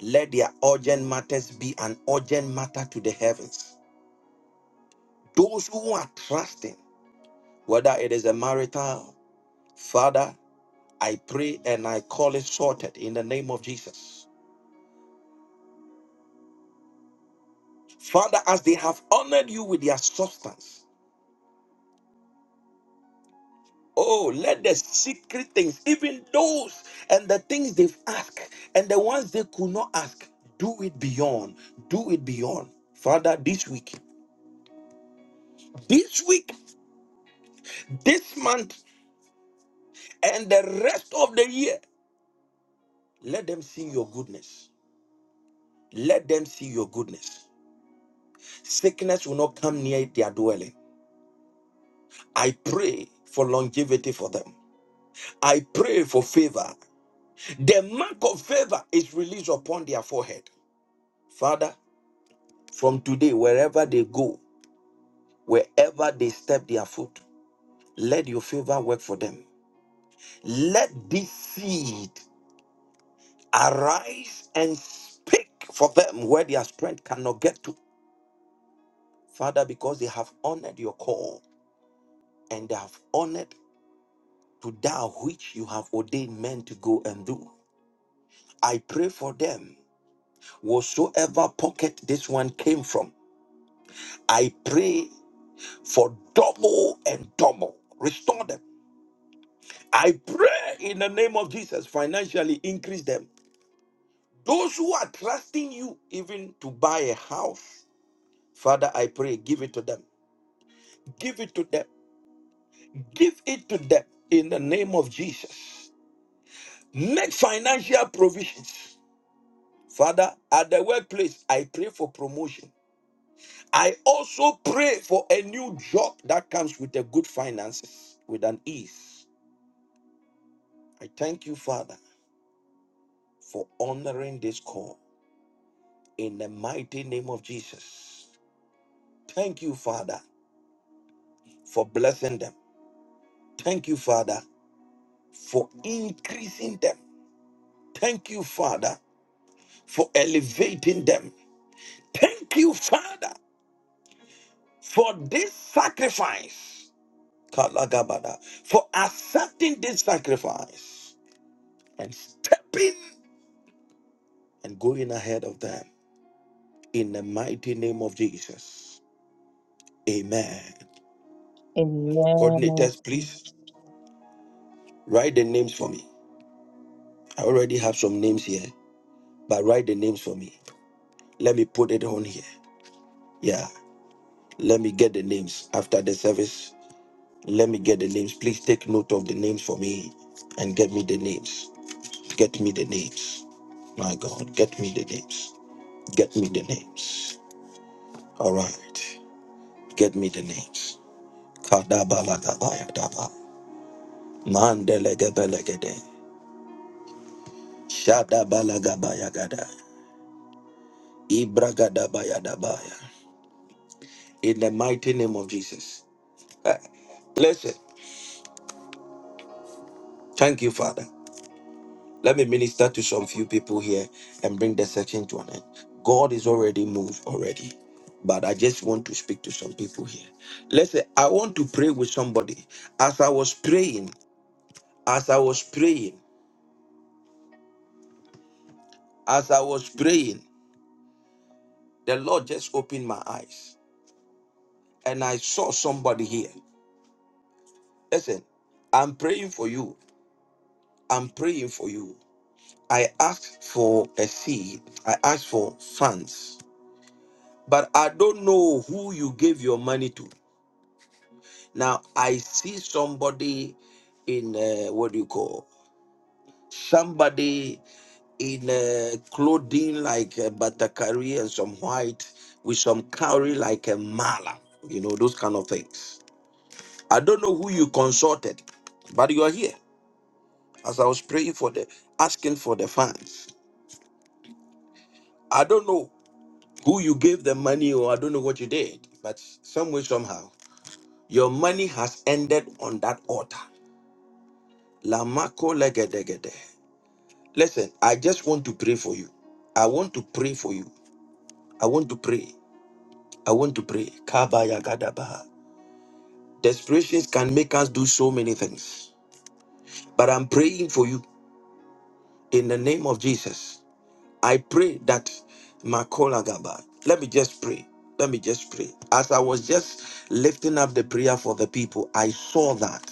let their urgent matters be an urgent matter to the heavens. Those who are trusting whether it is a marital, Father, I pray and I call it sorted in the name of Jesus. Father, as they have honored you with their substance, oh, let the secret things, even those and the things they've asked and the ones they could not ask, do it beyond, do it beyond. Father, this week, this week, this month, and the rest of the year, let them see your goodness. Let them see your goodness. Sickness will not come near their dwelling. I pray for longevity for them. I pray for favor. The mark of favor is released upon their forehead. Father, from today, wherever they go, wherever they step their foot, let your favor work for them. Let this seed arise and speak for them where their strength cannot get to. Father, because they have honored your call and they have honored to that which you have ordained men to go and do. I pray for them whatsoever pocket this one came from, I pray for double and double. Restore them. I pray in the name of Jesus, financially increase them. Those who are trusting you, even to buy a house, Father, I pray, give it to them. Give it to them. Give it to them in the name of Jesus. Make financial provisions. Father, at the workplace, I pray for promotion. I also pray for a new job that comes with a good finances, with an ease. I thank you, Father, for honoring this call in the mighty name of Jesus. Thank you, Father, for blessing them. Thank you, Father, for increasing them. Thank you, Father, for elevating them. Thank you, Father, for this sacrifice. Kalagabada, for accepting this sacrifice and stepping and going ahead of them in the mighty name of Jesus. Amen. Coordinators, please write the names for me. I already have some names here, but write the names for me. Let me put it on here. Yeah, let me get the names after the service. Let me get the names. Please take note of the names for me and get me the names. Get me the names. My God, get me the names. Get me the names. All right. Get me the names. Kadabalagadayadaba. Mandelegebelegede. Shadabalagabayagada. Ibragadabayadabaya. In the mighty name of Jesus. Eh, Listen, thank you, Father. Let me minister to some few people here and bring the section to an end. God is already moved already, but I just want to speak to some people here. Listen, I want to pray with somebody. As I was praying, as I was praying, as I was praying, the Lord just opened my eyes and I saw somebody here. Listen, I'm praying for you. I'm praying for you. I asked for a seed. I asked for funds. But I don't know who you gave your money to. Now I see somebody in uh, what do you call? Somebody in uh, clothing like a batakari and some white with some cowrie like a mala. You know those kind of things. I don't know who you consulted, but you are here. As I was praying for the asking for the funds. I don't know who you gave the money or I don't know what you did, but some way, somehow, your money has ended on that altar. Lamako legedegede. Listen, I just want to pray for you. I want to pray for you. I want to pray. I want to pray. Kabaya gadabaha. Desperations can make us do so many things, but I'm praying for you in the name of Jesus. I pray that Makola Gaba. Let me just pray. Let me just pray. As I was just lifting up the prayer for the people, I saw that.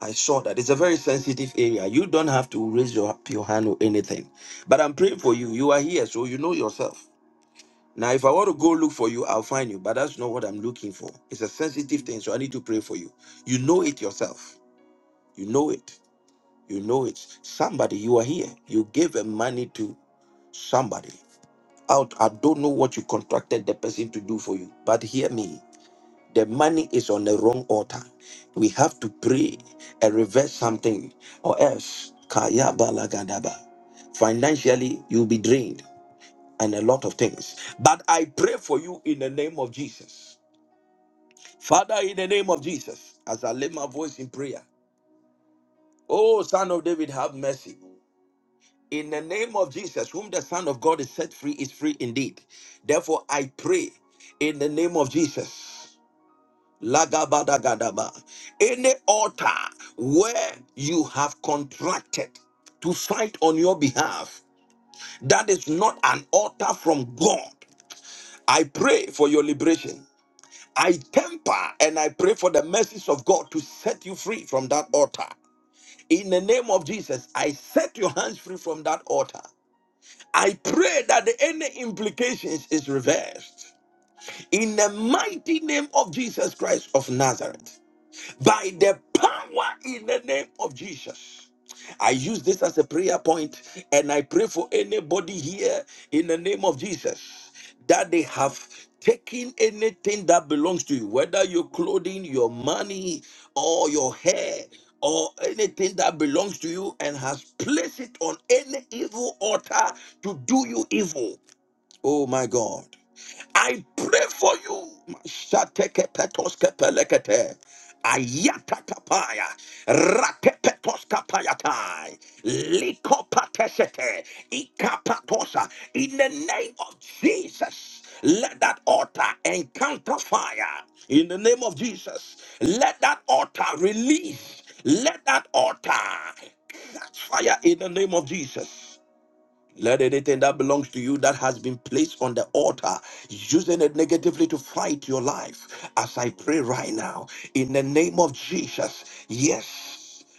I saw that. It's a very sensitive area. You don't have to raise your, your hand or anything. But I'm praying for you. You are here, so you know yourself. Now, if I want to go look for you, I'll find you. But that's not what I'm looking for. It's a sensitive thing, so I need to pray for you. You know it yourself. You know it. You know it. Somebody, you are here. You gave a money to somebody. out. I don't know what you contracted the person to do for you, but hear me. The money is on the wrong altar. We have to pray and reverse something, or else, kaya balagadaba. financially, you'll be drained and a lot of things. But I pray for you in the name of Jesus. Father, in the name of Jesus, as I lift my voice in prayer, oh, Son of David, have mercy. In the name of Jesus, whom the Son of God is set free is free indeed. Therefore, I pray in the name of Jesus. Lagabadagadaba. Any altar where you have contracted to fight on your behalf, that is not an altar from God. I pray for your liberation. I temper and I pray for the mercies of God to set you free from that altar. In the name of Jesus, I set your hands free from that altar. I pray that the any implications is reversed in the mighty name of Jesus Christ of Nazareth by the power in the name of Jesus. I use this as a prayer point and I pray for anybody here in the name of Jesus that they have taken anything that belongs to you, whether your clothing, your money, or your hair, or anything that belongs to you, and has placed it on any evil altar to do you evil. Oh my God. I pray for you. Shatekepetoskepelekete. Ayatatapaya. Rakepetoskapayatai. Likopatesete. Ikapatosa. In the name of Jesus, let that altar encounter fire. In the name of Jesus, let that altar release. Let that altar catch fire in the name of Jesus. Let anything that belongs to you that has been placed on the altar, using it negatively to fight your life, as I pray right now, in the name of Jesus, yes.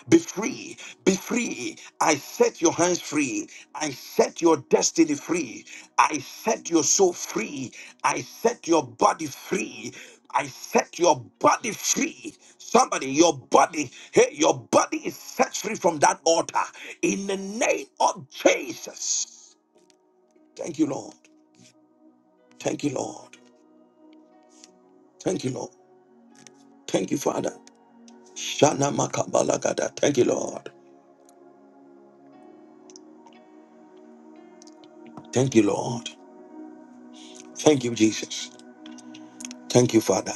Be free, be free. I set your hands free. I set your destiny free. I set your soul free. I set your body free. I set your body free. Somebody, your body, hey, your body is set free from that altar in the name of Jesus. Thank you, Lord. Thank you, Lord. Thank you, Lord. Thank you, Father. Shana makabalagada. Thank you, Lord. Thank you, Lord. Thank you, Jesus. Thank you, Father.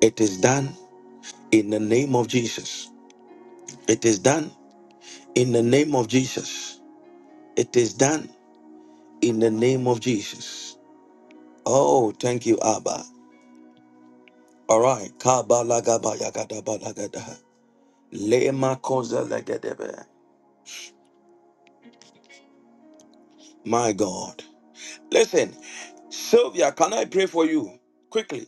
It is done in the name of Jesus. It is done in the name of Jesus. It is done in the name of Jesus. Oh, thank you, Abba. All right. Kabalagabayagadabalagada. Lemakozelegadebe. My God. Listen, Sylvia, can I pray for you quickly?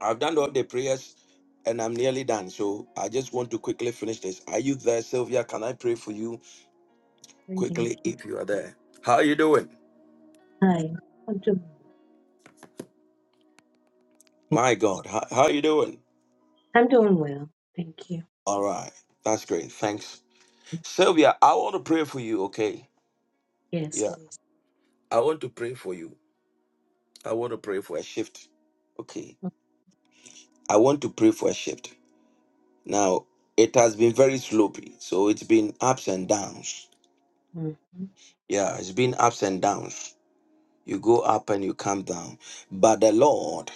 I've done all the prayers and I'm nearly done. So I just want to quickly finish this. Are you there, Sylvia? Can I pray for you
Greetings.
quickly if you are there? How are you doing?
Hi. I'm doing well.
My God. How, how are you doing?
I'm doing well. Thank you.
All right. That's great. Thanks. Sylvia, I want to pray for you, okay?
Yes,
Yeah.
please.
I want to pray for you. I want to pray for a shift. Okay. I want to pray for a shift. Now, it has been very slopey, so it's been ups and downs.
Mhm.
Yeah, it's been ups and downs. You go up and you come down. But the Lord,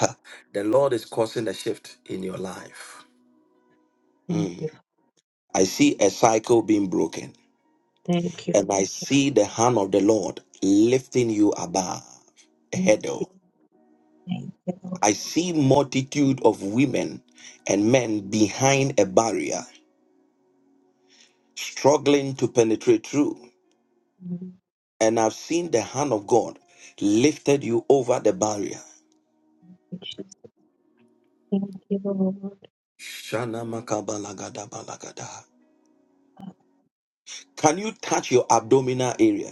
the Lord is causing a shift in your life.
Thank
Mm.
you.
I see a cycle being broken,
Thank you.
and I see the hand of the Lord lifting you above a
Thank you.
hurdle.
Thank you,
I
Lord.
see multitude of women and men behind a barrier struggling to penetrate through.
Mhm.
and I've seen the hand of God lifted you over the barrier.
Jesus, Thank you, Lord.
Shana makabalagada balagada. Can you touch your abdominal area?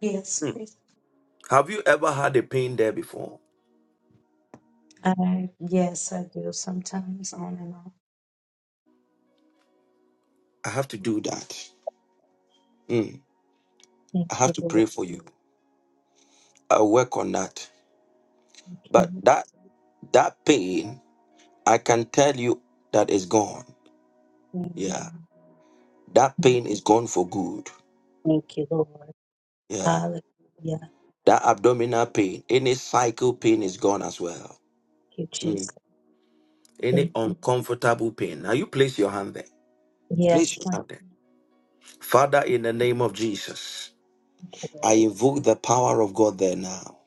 Yes,
Hmm.
please.
Have you ever had a pain there before?
I, yes, I do sometimes on and off.
I have to do that. Hmm.
Thank
I have
you,
to
Lord.
pray for you. I'll work on that.
Thank
But
you.
that that pain, I can tell you that is gone. Yeah.
Amen.
That pain is gone for good.
Thank you, Lord.
Yeah.
Hallelujah. Thank
That abdominal pain, any cycle pain is gone as well.
you,
Hmm.
Jesus.
Any
Thank
uncomfortable pain. Now you place your hand there.
you. Yes,
Place your hand.
thank
there. Father, in the name of Jesus,
you, Lord.
I invoke the power of God there now.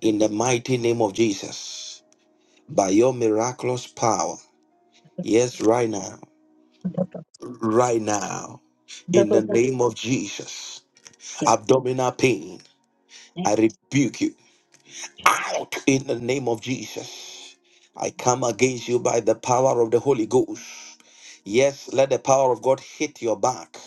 In the mighty name of Jesus. By your miraculous power. Yes, right now. Right now. In the name of Jesus. Abdominal pain. I rebuke you. Out in the name of Jesus. I come against you by the power of the Holy Ghost. Yes, let the power of God hit your back.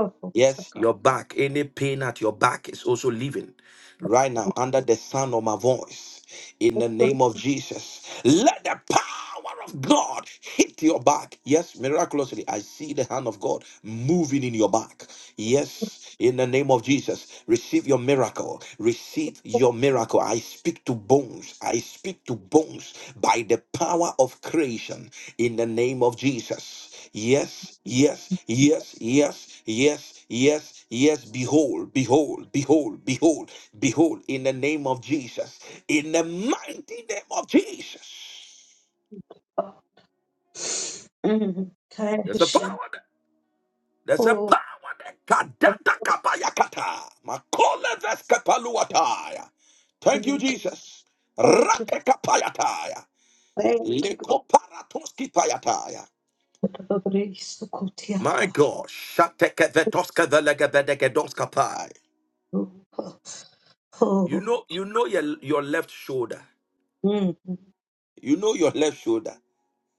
Thank
Yes, your back, any pain at your back is also leaving right now under the sound of my voice. In the name of Jesus, let the power of God hit your back. Yes, miraculously, I see the hand of God moving in your back. Yes. In the name of Jesus, receive your miracle. Receive
you.
your miracle. I speak to bones. I speak to bones by the power of creation in the name of Jesus. Yes, yes, yes, yes, yes, yes, yes. Behold, behold, behold, behold, behold, in the name of Jesus, in the mighty name of Jesus.
Mm,
There's a
Kayasha.
power there. There's a
Oh,
power there. Kadata kapayakata. Makola veskapaluataya.
thank
Thank you,
you,
Jesus.
thank you,
Ratekapayataya.
thank you.
Lekoparatoskipayataya.
Sukutia.
My God. Shatekevetoskavelegvedegedoskapai. You
Oh,
know, you know your your left shoulder.
mm,
You know your left shoulder.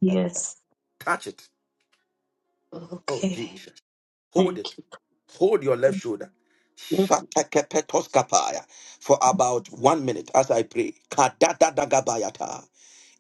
yes.
Touch it. Oh
Okay,
Jesus. Hold
thank
it.
you.
Hold your left shoulder.
Mm.
Shatekepetoskapaya. For about one minute as I pray. Kadadadagabayata.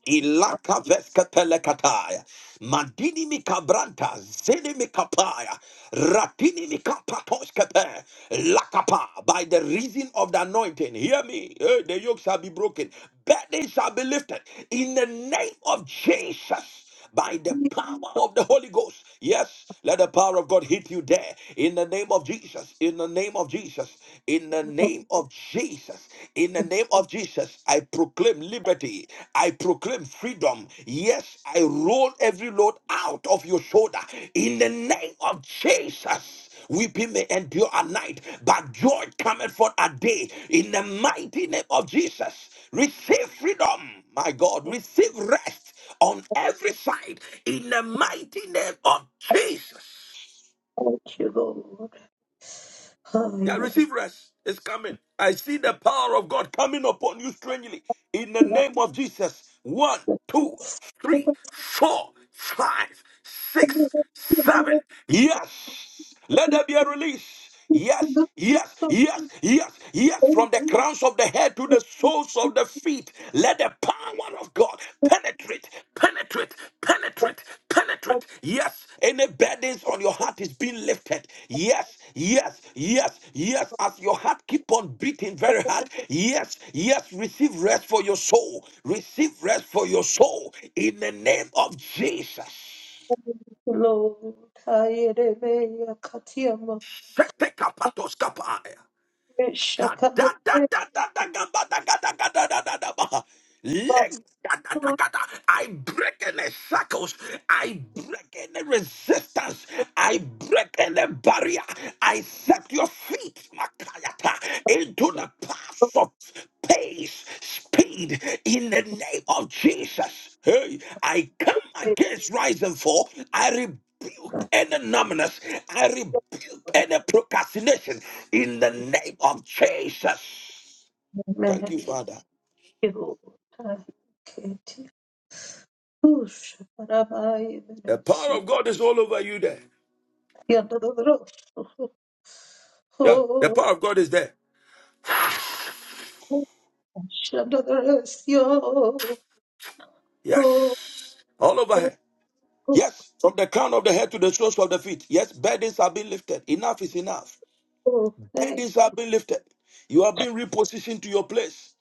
Ilaka veska telekataya. Madini mikabranta, zini mikapaya, ratini mikapatoskepe, lakapa, by the reason of the anointing. Hear me, Eh, the yoke shall be broken, burdens shall be lifted. In the name of Jesus, by the power of the Holy Ghost. Yes, let the power of God hit you there in the name of Jesus. In the name of Jesus. In the name of Jesus. In the name of Jesus, I proclaim liberty. I proclaim freedom. Yes, I roll every load out of your shoulder in the name of Jesus. Weeping may endure a night, but joy cometh for a day. In the mighty name of Jesus, receive freedom, my God. Receive rest on every side in the mighty name of Jesus.
Thank you, Lord.
Yeah, receive rest. It's coming. I see the power of God coming upon you strangely in the name of Jesus. One, two, three,
Oh,
four, five, six, seven. Yes. Let there be a release. Yes,
yeah.
yes, yes, yes, yes. From the crowns of the head to the soles of the feet. Let the power of God penetrate, penetrate, penetrate, penetrate. Yes, any burdens on your heart is being lifted. Yes, yes, yes, yes. As your heart keep on beating very hard. Yes, yes. Receive rest for your soul. Receive rest for your soul in the name of Jesus.
Lord, I Yakatiama,
Shete kapatos kapaya. I
Shakadeva,
break any shackles. I break any resistance. I break any barrier. I set your feet, Makayata, into the path of pace, speed, in the name of Jesus. Hey, I come against rise and fall. I rebuke any numbness. I rebuke the procrastination in the name of Jesus. Thank you,
Many
Father.
Keti, Push, Parabai,
The power
Venesia,
of God is all over you there.
Yadadros,
Yeah, the
Oh,
power of God is there.
Shadadresio, Oh,
Yes, all over
oh,
here.
oh,
Yes, from the crown of the head to the soles of the feet. Yes, burdens have been lifted. Enough is enough.
oh, thank,
Burdens have been lifted. You have been repositioned to your place.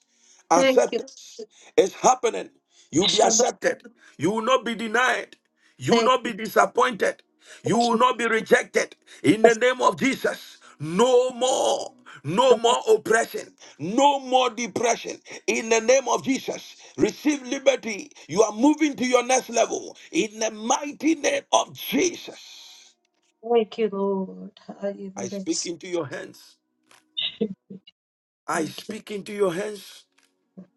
thank you,
Acceptance is happening. You'll be
Shadad,
accepted. You will not be denied. You will
thank
not
you,
be disappointed. You
thank
will not be rejected. In the name of Jesus, no more. No
you,
more oppression. No more depression. In the name of Jesus, receive liberty. You are moving to your next level. In the mighty name of Jesus,
Thank you, Lord. I
I
even
speak
ex-
into your hands. I
Thank you.
speak into your hands.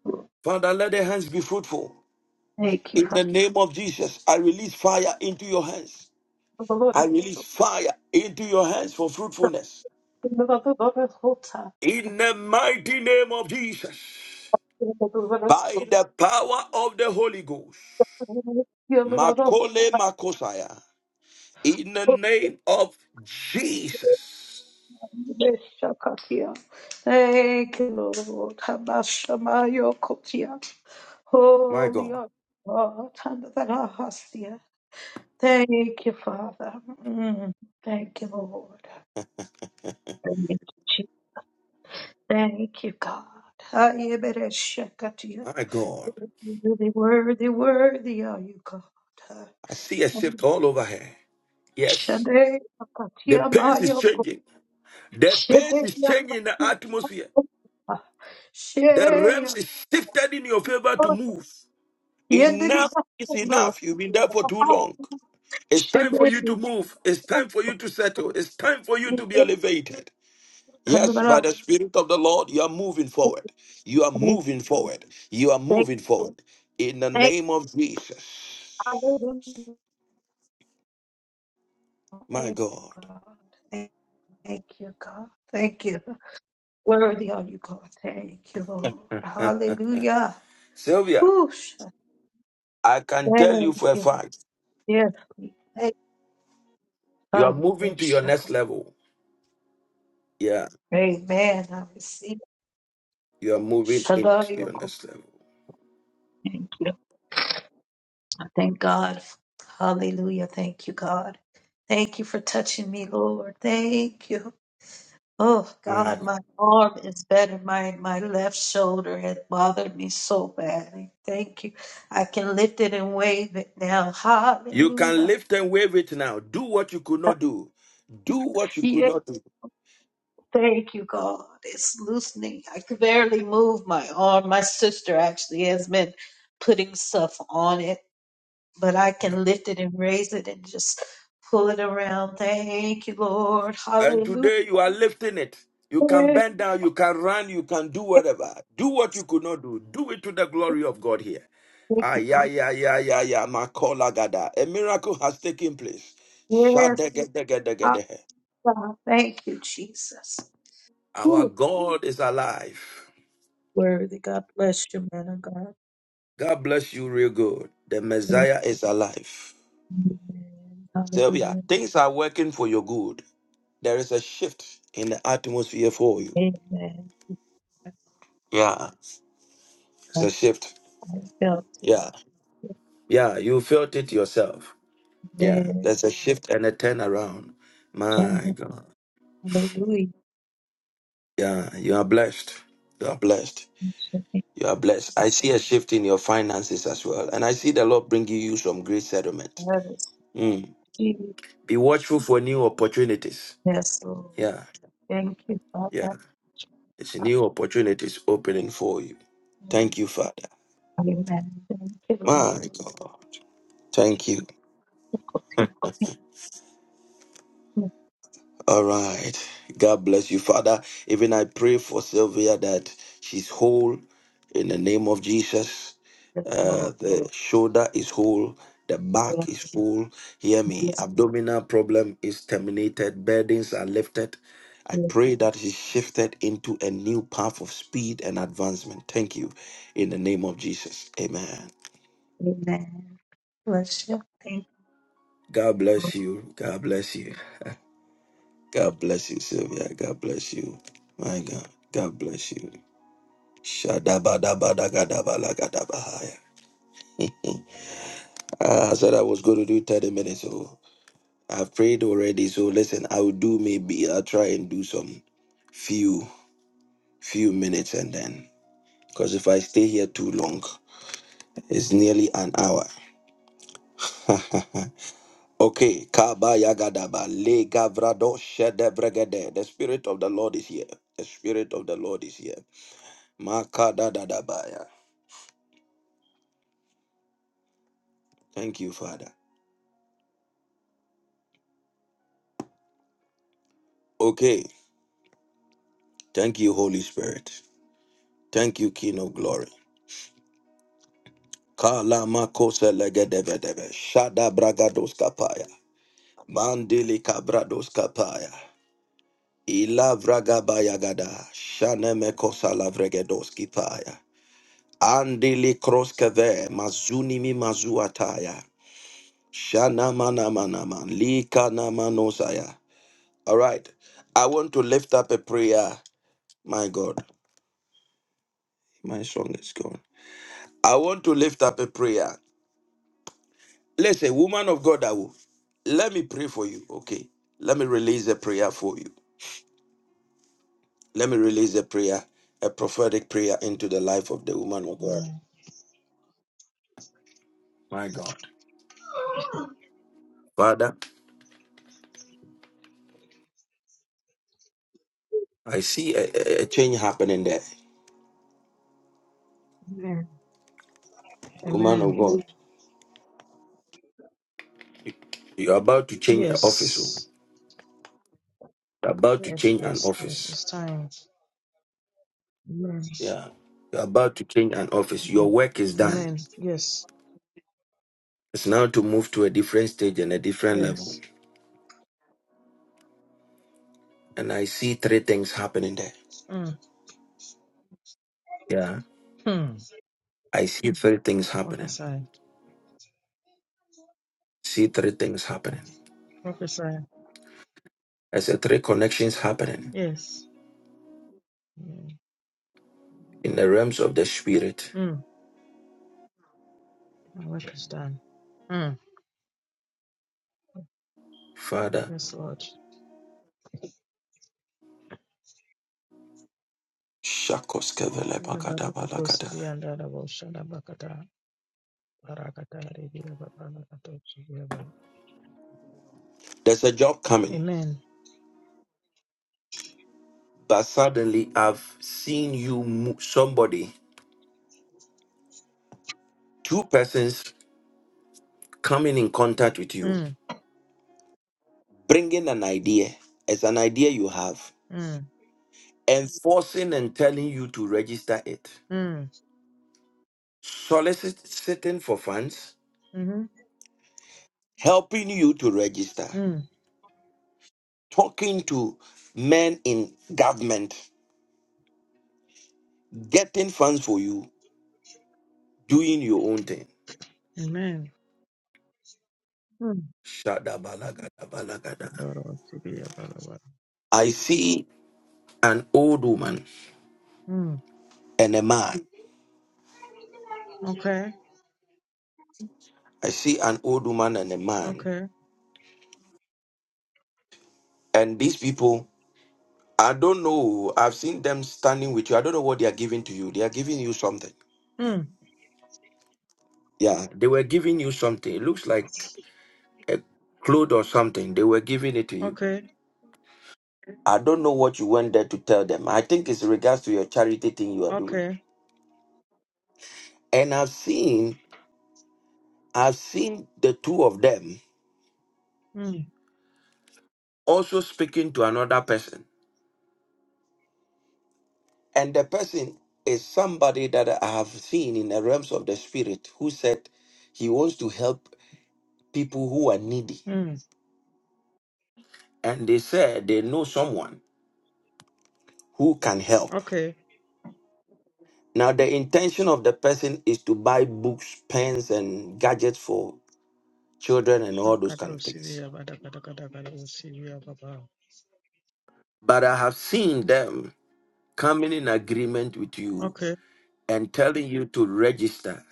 Lord.
Father, let their hands be fruitful.
Thank you,
In
Father.
the name of Jesus, I release fire into your hands.
The Lord
I
is
release fire into your hands for fruitfulness.
the Lord of the Lord is whole time.
In the mighty name of Jesus,
The Lord is
by
so
the power of the Holy Ghost,
good. You are the Lord of
Makole Makosaya, in the
hosts.
name of Jesus.
Shakatia. Thank you, Lord. Habashamayo Kotia.
My
Holy
God,
are you, God. Handadarahastia. Thank you, Father. Mm. Thank you, Lord. Thank You Thank you, God. Hayebereshakatia.
my God,
Worthy, worthy, worthy are you, God.
I see a shift all over here. Yes, the
Shadeyakatia
pace is
mayoko.
changing. The pace is changing in the
Shedeyakatia
atmosphere.
mayoko.
The realms
Sheyakoro.
is shifted in your favor to move. Enough is
Yedriyakoro.
enough. You've been there for too long. It's time for you to move. It's time for you to settle. It's time for you to be elevated. Yes, by the Spirit of the Lord, you are moving forward. You are moving forward. You are
Thank
moving forward. In the
thank-
name of Jesus.
hallelujah.
My
Thank you,
God.
God. Thank thank you, God. Thank you. Worthy are you, God. Thank you, Lord. Hallelujah.
Sylvia,
Whoosh.
I can tell you
Thank
for a
you. Lord.
fact,
Yes, we
you are
thank you.
moving to your next level. Yeah,
Amen. I receive.
you are moving
I
into your next level.
Thank you. I Thank God. Hallelujah. Thank you, God. Thank you for touching me, Lord. Thank you. Oh
My
God,
God.
my arm is better. My my left shoulder had bothered me so badly. Thank you. I can lift it and wave it now.
You can
Hallelujah.
lift and wave it now. Do what you could not do. Do what you could
Yes.
not do.
Thank you, God. It's loosening. I could barely move my arm. My sister actually has been putting stuff on it, but I can lift it and raise it and just pull it around. Thank you, Lord.
And
Hallelujah.
today you are lifting it. You can bend down, you can run, you can do
Yes,
whatever. Do what you could not do. Do it to the glory of God here.
Thank
Ah,
you,
yeah,
God.
yeah, yeah, yeah, yeah. Makola gada. A miracle has taken place.
Yes, Lord.
Shadegedegedegede.
God. Thank you, Jesus.
Our
Whew.
God is alive.
Worthy. God bless you, man of God.
God bless you real good. The
Amen.
Messiah is alive. Sylvia,
Hallelujah.
things are working for your good. There is a shift in the atmosphere for you.
Amen.
Yeah, it's a shift.
I felt
Yeah,
it.
yeah, you felt it yourself. Yeah, there's
Yes.
a shift and a turnaround. My God.
Hallelujah.
Yeah, you are blessed. You are blessed. You are blessed. I see a shift in your finances as well. And I see the Lord bringing you some great settlement.
Yes,
Mm. Be watchful for new opportunities.
Jesus, Lord.
Yeah,
Thank you,
yeah.
Father.
It's new opportunities opening for you. Thank you, Father.
Amen. Thank you, Lord.
My God. Thank you. All right. God bless you, Father. Even I pray for Sylvia that she's whole in the name of Jesus.
Yes, Lord.
Uh, the shoulder is whole. The back is whole. Hear me.
Yes,
Abdominal problem is terminated. Burdens are lifted. I
Lord.
pray that she's shifted into a new path of speed and advancement. Thank you. In the name of Jesus. Amen.
Amen. Bless you. Thank
God
you.
bless you. God bless you. God bless you, Sylvia. God bless you. My God. God bless you. Shadabadabadagadabalagadabahaya. Ah, I said I was going to do 30 minutes, so I've prayed already. So listen, I'll do maybe I'll try and do some few few minutes and then because if I stay here too long, it's nearly an hour. okay, Kabayagadaba Le Gavrado Shedebregede. The spirit of the Lord is here. The spirit of the Lord is here. Makadadadabaya. Thank you, Father. Okay. Thank you, Holy Spirit. Thank you, King of Glory. Kala makose legedevedeve. Shada bragados kapaya. Mandili kabrados kapaya. Ila vragabaya gada. Shane mekosa lavregedos kipaya. Andili kroskeve. Mazuni mi mazuataya. Shana mana mana man. Lika na manosaya. All right. I want to lift up a prayer. My God, my song is gone. I want to lift up a prayer. Listen, woman of God, I will. Let me pray for you. Okay. Let me release a prayer for you. Let me release a prayer, a prophetic prayer into the life of the woman of God. My God. Father, I see a, a a change happening there.
Amen.
Woman
Amen.
of God, you're about to change an office. oh.
Yes.
You're about to
Yes,
change an
yes, yes.
office.
It's time. Amen.
Yeah. You're about to change an office.
Amen.
Your work is done.
Amen. Yes.
It's now to move to a different stage and a different level.
Yes.
And I see three things happening there.
Mm.
Yeah.
Hmm.
I see three things happening.
Prophesy.
see three things happening.
Prophesy.
I said three connections happening
Yes. Mm.
in the realms of the spirit.
Mm. My work is done. Mm.
Father,
Yes, Lord. Ene baraka to
Shakoskevelebagadabalagadai.
sibi anda da bo shada bakata. Baraka ta ribi ya ba ba na ka sibi ya ba.
there's a job coming,
Amen.
but suddenly I've seen you, mo- somebody, two persons coming in contact with you,
Mm.
bringing an idea It's an idea you have,
Mm.
enforcing and telling you to register it,
Mm.
soliciting for funds,
Mm-hmm.
helping you to register,
Mm.
talking to men in government, getting funds for you, doing your own thing.
Amen. Mm.
Shadabalagadabalagada.
Kandoro sibi ya ba la ba.
I see an old woman
Mm.
and a man.
Okay.
I see an old woman and a man.
Okay.
And these people, I don't know. I've seen them standing with you. I don't know what they are giving to you. They are giving you something.
Mm.
Yeah, they were giving you something. It looks like a cloth or something. They were giving it to you.
Okay.
I don't know what you went there to tell them. I think it's regards to your charity thing you are doing.
Okay.
And I've seen, I've seen the two of them
Mm.
also speaking to another person. And the person is somebody that I have seen in the realms of the spirit who said he wants to help people who are needy.
Mm.
And they said they know someone who can help.
Okay.
Now, the intention of the person is to buy books, pens, and gadgets for children and all those kind
Sakado
of things.
Sivia Badakadakadakada Sivia Baba.
But I have seen them coming in agreement with you
Okay.
and telling you to register,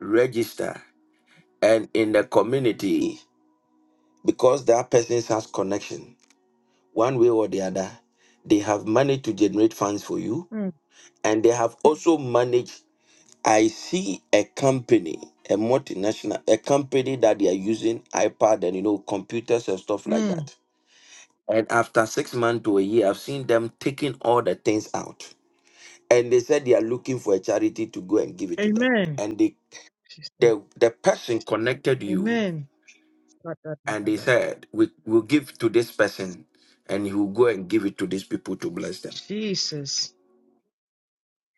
register, and in the community. because that person has connection one way or the other they have managed to generate funds for you
Mm.
and they have also managed i see a company a multinational a company that they are using ipad and you know computers and stuff like
Mm.
that and after six months to a year i've seen them taking all the things out and they said they are looking for a charity to go and give it to them
Amen.
and they
Sister.
the, the person connected you
Amen.
and they
Badadadadadada.
said we will give to this person and he will go and give it to these people to bless them
Jesus.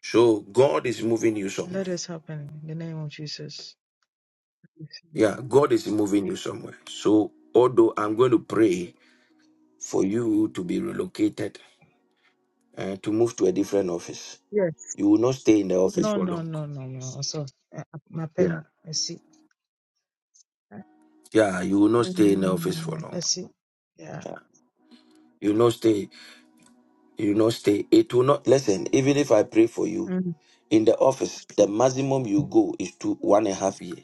so god is moving you
Let
somewhere
this happen in the name of Jesus.
yeah god is moving you somewhere so although i'm going to pray for you to be relocated and to move to a different office
Yes.
you will not stay in the office
No,
for
no,
long
no, no, no. So, uh, my
yeah
pen, I see.
yeah you will not stay in the office
Mm,
for
I
long
see. Yeah.
yeah you will not stay you will not stay it will not listen even if i pray for you
Mm.
in the office the maximum you go is to
One
one and a half year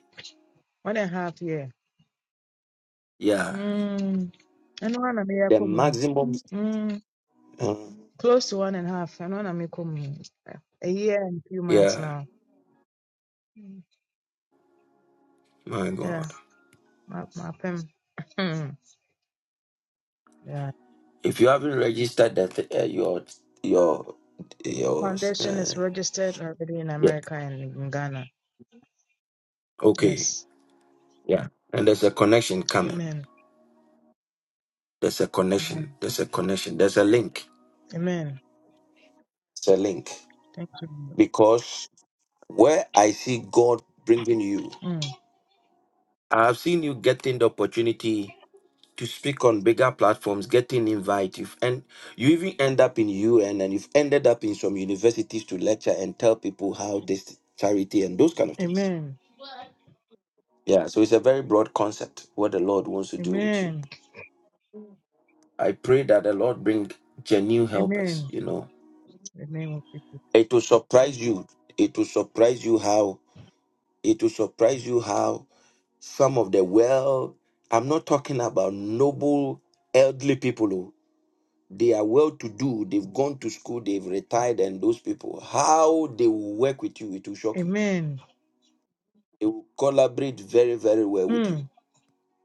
and a half year.
yeah
Mm. And one and a
The
half
maximum.
year.
Uh,
Close to one and a half. I know I'm making a year and a few months
yeah,
now. Mm.
my
Yeah,
God.
my, my pim. yeah.
If you haven't registered that uh, your your your
Foundation
uh,
is registered already in
yeah.
America and in Ghana.
okay,
Yes.
yeah, and there's a connection coming.
Amen.
There's a connection.
Amen.
There's a connection. There's a link.
Amen.
It's a link
Thank you.
because where I see God bringing you,
Lord. Mm.
I have seen you getting the opportunity to speak on bigger platforms, getting invite, you've and you even end up in UN and you've ended up in some universities to lecture and tell people how this charity and those kind of things.
Amen.
Yeah, so it's a very broad concept what the Lord wants to do with you.
Amen.
I pray that the Lord bring genuine helpers,
Amen.
you know.
In The name of Jesus.
It will surprise you. It will surprise you how it will surprise you how some of the well I'm not talking about noble elderly people. oh. They are well to do, they've gone to school, they've retired, and those people, how they will work with you, it will shock you.
Amen.
They will collaborate very, very well with you.
Hmm.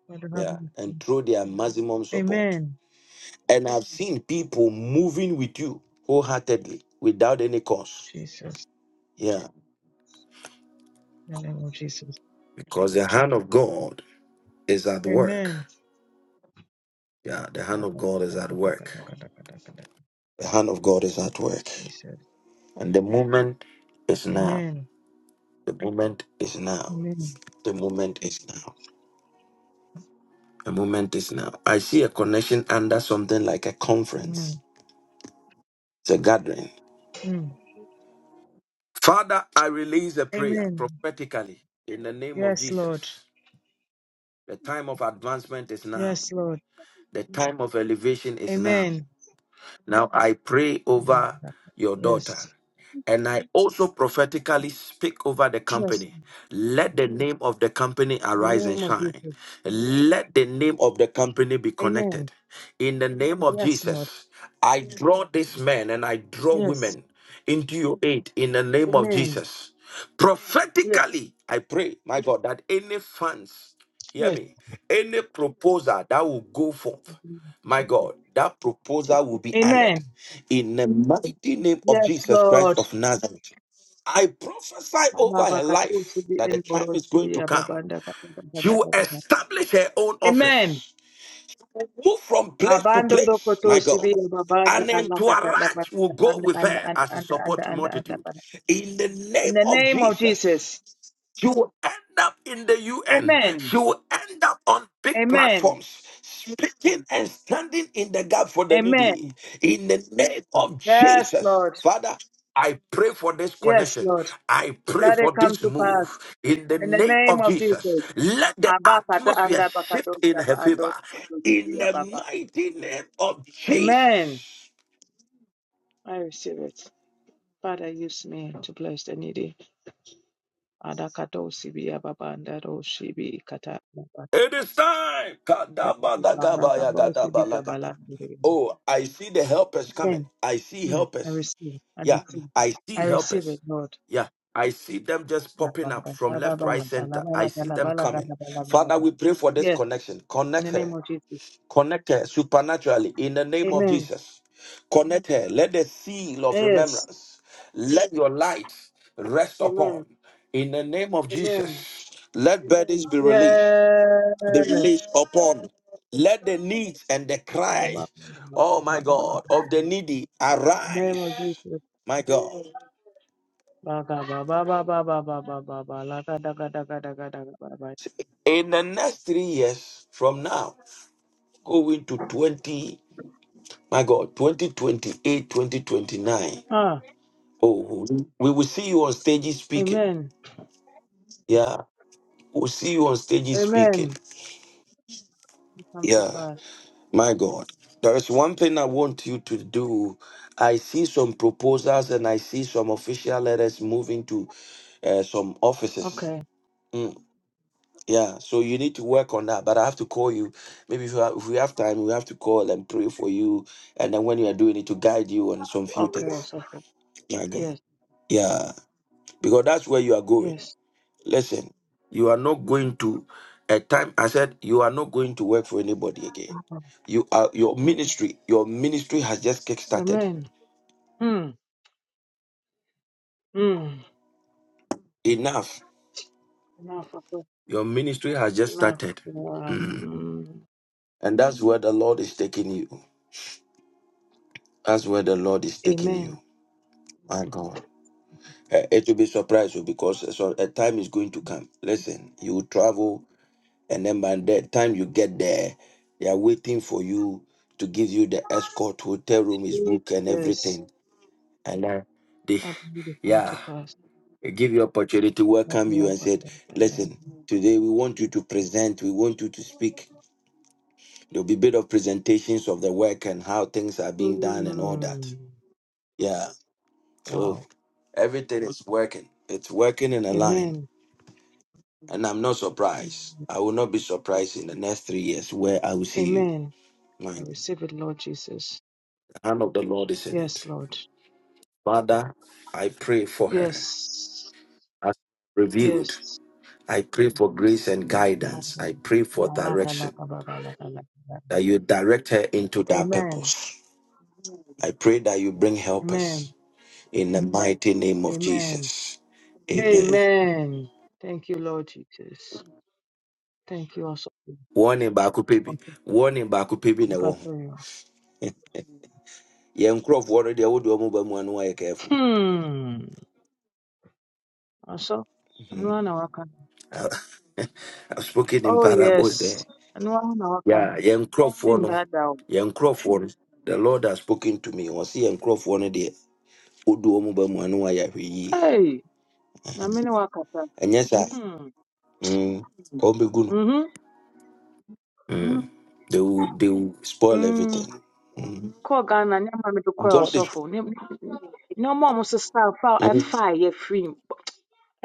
God have
Yeah. And
mercy.
throw their maximum support.
Amen.
And I've seen people moving with you wholeheartedly without any cause.
Jesus.
Yeah.
In the name of Jesus.
Because the hand of God is at work.
Amen.
Yeah. The hand of God is at work. The hand of God is at work.
Jesus.
And the moment is now.
Amen.
The moment is now.
Amen.
The moment is now. The moment is now. I see a connection under something like a conference,
Amen.
it's a gathering.
Mm.
Father, I release a prayer
Amen.
prophetically in the name of
Yes, Lord.
Jesus. The time of advancement is now.
Yes, Lord.
The time of elevation is now.
Amen.
Now I pray over
Abba-ba-ba.
your
Yes.
daughter. And I also prophetically speak over the
Yes.
company. Let the name of the company
In the
arise and
name of
shine.
Jesus.
Let the name of the company be
Amen.
connected. In the name of
Yes, Lord.
Jesus, I draw this man and I draw
Yes.
women into your aid in the name of
Amen.
Jesus.
Yes.
Prophetically, I pray, my God, that any funds, hear
Yes.
me, any proposal that will go forth
Jesus.
my God, that proposal will be honored
Amen.
in the mighty name of
Yes,
Jesus Christ
Lord.
of Nazareth. I prophesy over her life that the time is going to come. She will
Abba-ba-ka-to-si-bi-en-bo-ro-si-bi-ya-ba-ba-nda-ka-ta-ta-ta-ta-ta-ta.
establish her own
Amen.
office, move from place to
Abando
place,
rokoto
my God.
sibi babanda
And then to
alakata
entourage will
labakata
go
and
with
and
her
and
as a
and and
support
and and and
multitude.
and
In the name
In the
of
name of
Jesus.
Jesus.
She will end up in the UN. She
Amen.
will end up on big
Amen.
platforms, speaking and standing in the gap for the needy.
Amen.
In the name of
Yes,
Jesus,
Lord.
Father, I pray for this
Yes,
connection.
Lord.
I pray
Let
for
it come
this
to
move.
pass.
In the
In the
name
name
of
of
Jesus,
Jesus.
let the
Abakata
atmosphere
anda
shift
bakato
in her
shaba
favor.
ando koto
In the
ababa.
mighty name of
Amen.
Jesus.
I receive it. Father, use me to bless the needy. Adakato sibi ababa andaro shibi kata ababa.
It is time.
Bakaba andakabo sibi kabala.
Kadabadagabayagadabalaga. Oh, I see the helpers coming.
Amen.
I see
Hmm. I
helpers.
receive. I
Yeah,
receive.
I
I
see
receive
helpers.
it, Lord.
Yeah, I see them just
Yes,
popping up
in
from left, right, center. I see them coming. Father, we pray for this connection. Connect
the name
her.
of Jesus.
Connect her supernaturally in the name of
Amen.
Jesus. Connect her. Let the seal of
Yes.
remembrance, let your light rest upon.
Amen.
In the name of Jesus,
Amen.
let burdens be released be
Yes.
released upon. Let the needs and the cry, oh my God, of the needy
Name of
arise,
Jesus.
my God. In the next three years from now, going to 20, my God, 2028, 2029.
Ah,
Oh, we will see you on stages speaking.
amen.
Yeah. We'll see you on stages speaking.
Amen. It Come to
Yeah.
pass.
My God, there is one thing I want you to do. I see some proposals and I see some official letters moving to uh, some offices.
Okay.
Mm, yeah, so you need to work on that. But I have to call you. Maybe if, you have, if we have time, we have to call and pray for you. And then when you are doing it, to guide you on some few
Okay.
things.
It's okay.
My God.
Yes.
Yeah, because that's where you are going.
Yes.
Listen, you are not going to a time. I said you are not going to work for anybody again. You are your ministry. Your ministry has just kick started.
Amen. Hmm. Hmm.
Enough.
Enough. of it.
Your ministry has just
Enough.
started,
Wow.
Mm.
Hmm.
and that's where the Lord is taking you. That's where the Lord is taking
Amen.
you. My God. Eh, It will be surprising because eh, so a time is going to come. Listen, you will travel, and then by the time you get there, they are waiting for you to give you the escort, hotel room is
Jesus,
booked, and everything and uh, they
How did it come
yeah
to pass?
give you opportunity welcome you
Maria
and
Baba
said
Bada.
listen today we want you to present we want you to speak there'll be bit of presentations of the work and how things are being done and all that
Mm.
yeah so
Wow.
everything is working it's working in a line
Amen.
and i'm not surprised i will not be surprised in the next three years where i will see you
Amen.
my
I
the
receive it, Lord Jesus.
hand of the lord is in
Yes,
it
Lord.
father i pray for her
Yes.
as revealed
Yes.
I pray for grace and guidance. I pray for
Amen.
direction, that you direct her into that
Amen.
purpose. I pray that you bring helpers in the mighty name of
Amen.
Jesus. Amen.
Amen. Thank you, Lord Jesus. Thank you also.
Warning baako
for-
pɛ
for-
bi. Warning baako pɛ bi na
for-
ɛwɔ ho.
for-
Yɛn nkurɔfoɔ no deɛ wode ɔmo ba mu a na wɔayɛ careful.
Hmm. Ọsọ
Mhm.
anụmanụ awaka.
I- I've spoken in
Oh yes,
parables there.
anụmanụ awaka.
Yeah, yɛn nkurɔfoɔ
Min
no,
dada o.
yɛn nkurɔfoɔ no, the Lord has spoken to me. Ɔse yɛn nkurɔfoɔ no deɛ wode ɔmo ba mu a na wɔayɛ ahwɛ yie.
Hey, nyame ne wakasa.
Ɛnyɛ saa.
Hmm.
Mm. Omegunu.
Mhm. Mhm.
Mm. They will they will spoil
Mm.
everything. Mm.
Kɔɔ Ghana ne ama me de kɔɔ
God is
ɔsɔfo. Ne ne- nneɛma a wɔn sesa fa
mm.
ɛfa a yɛfiri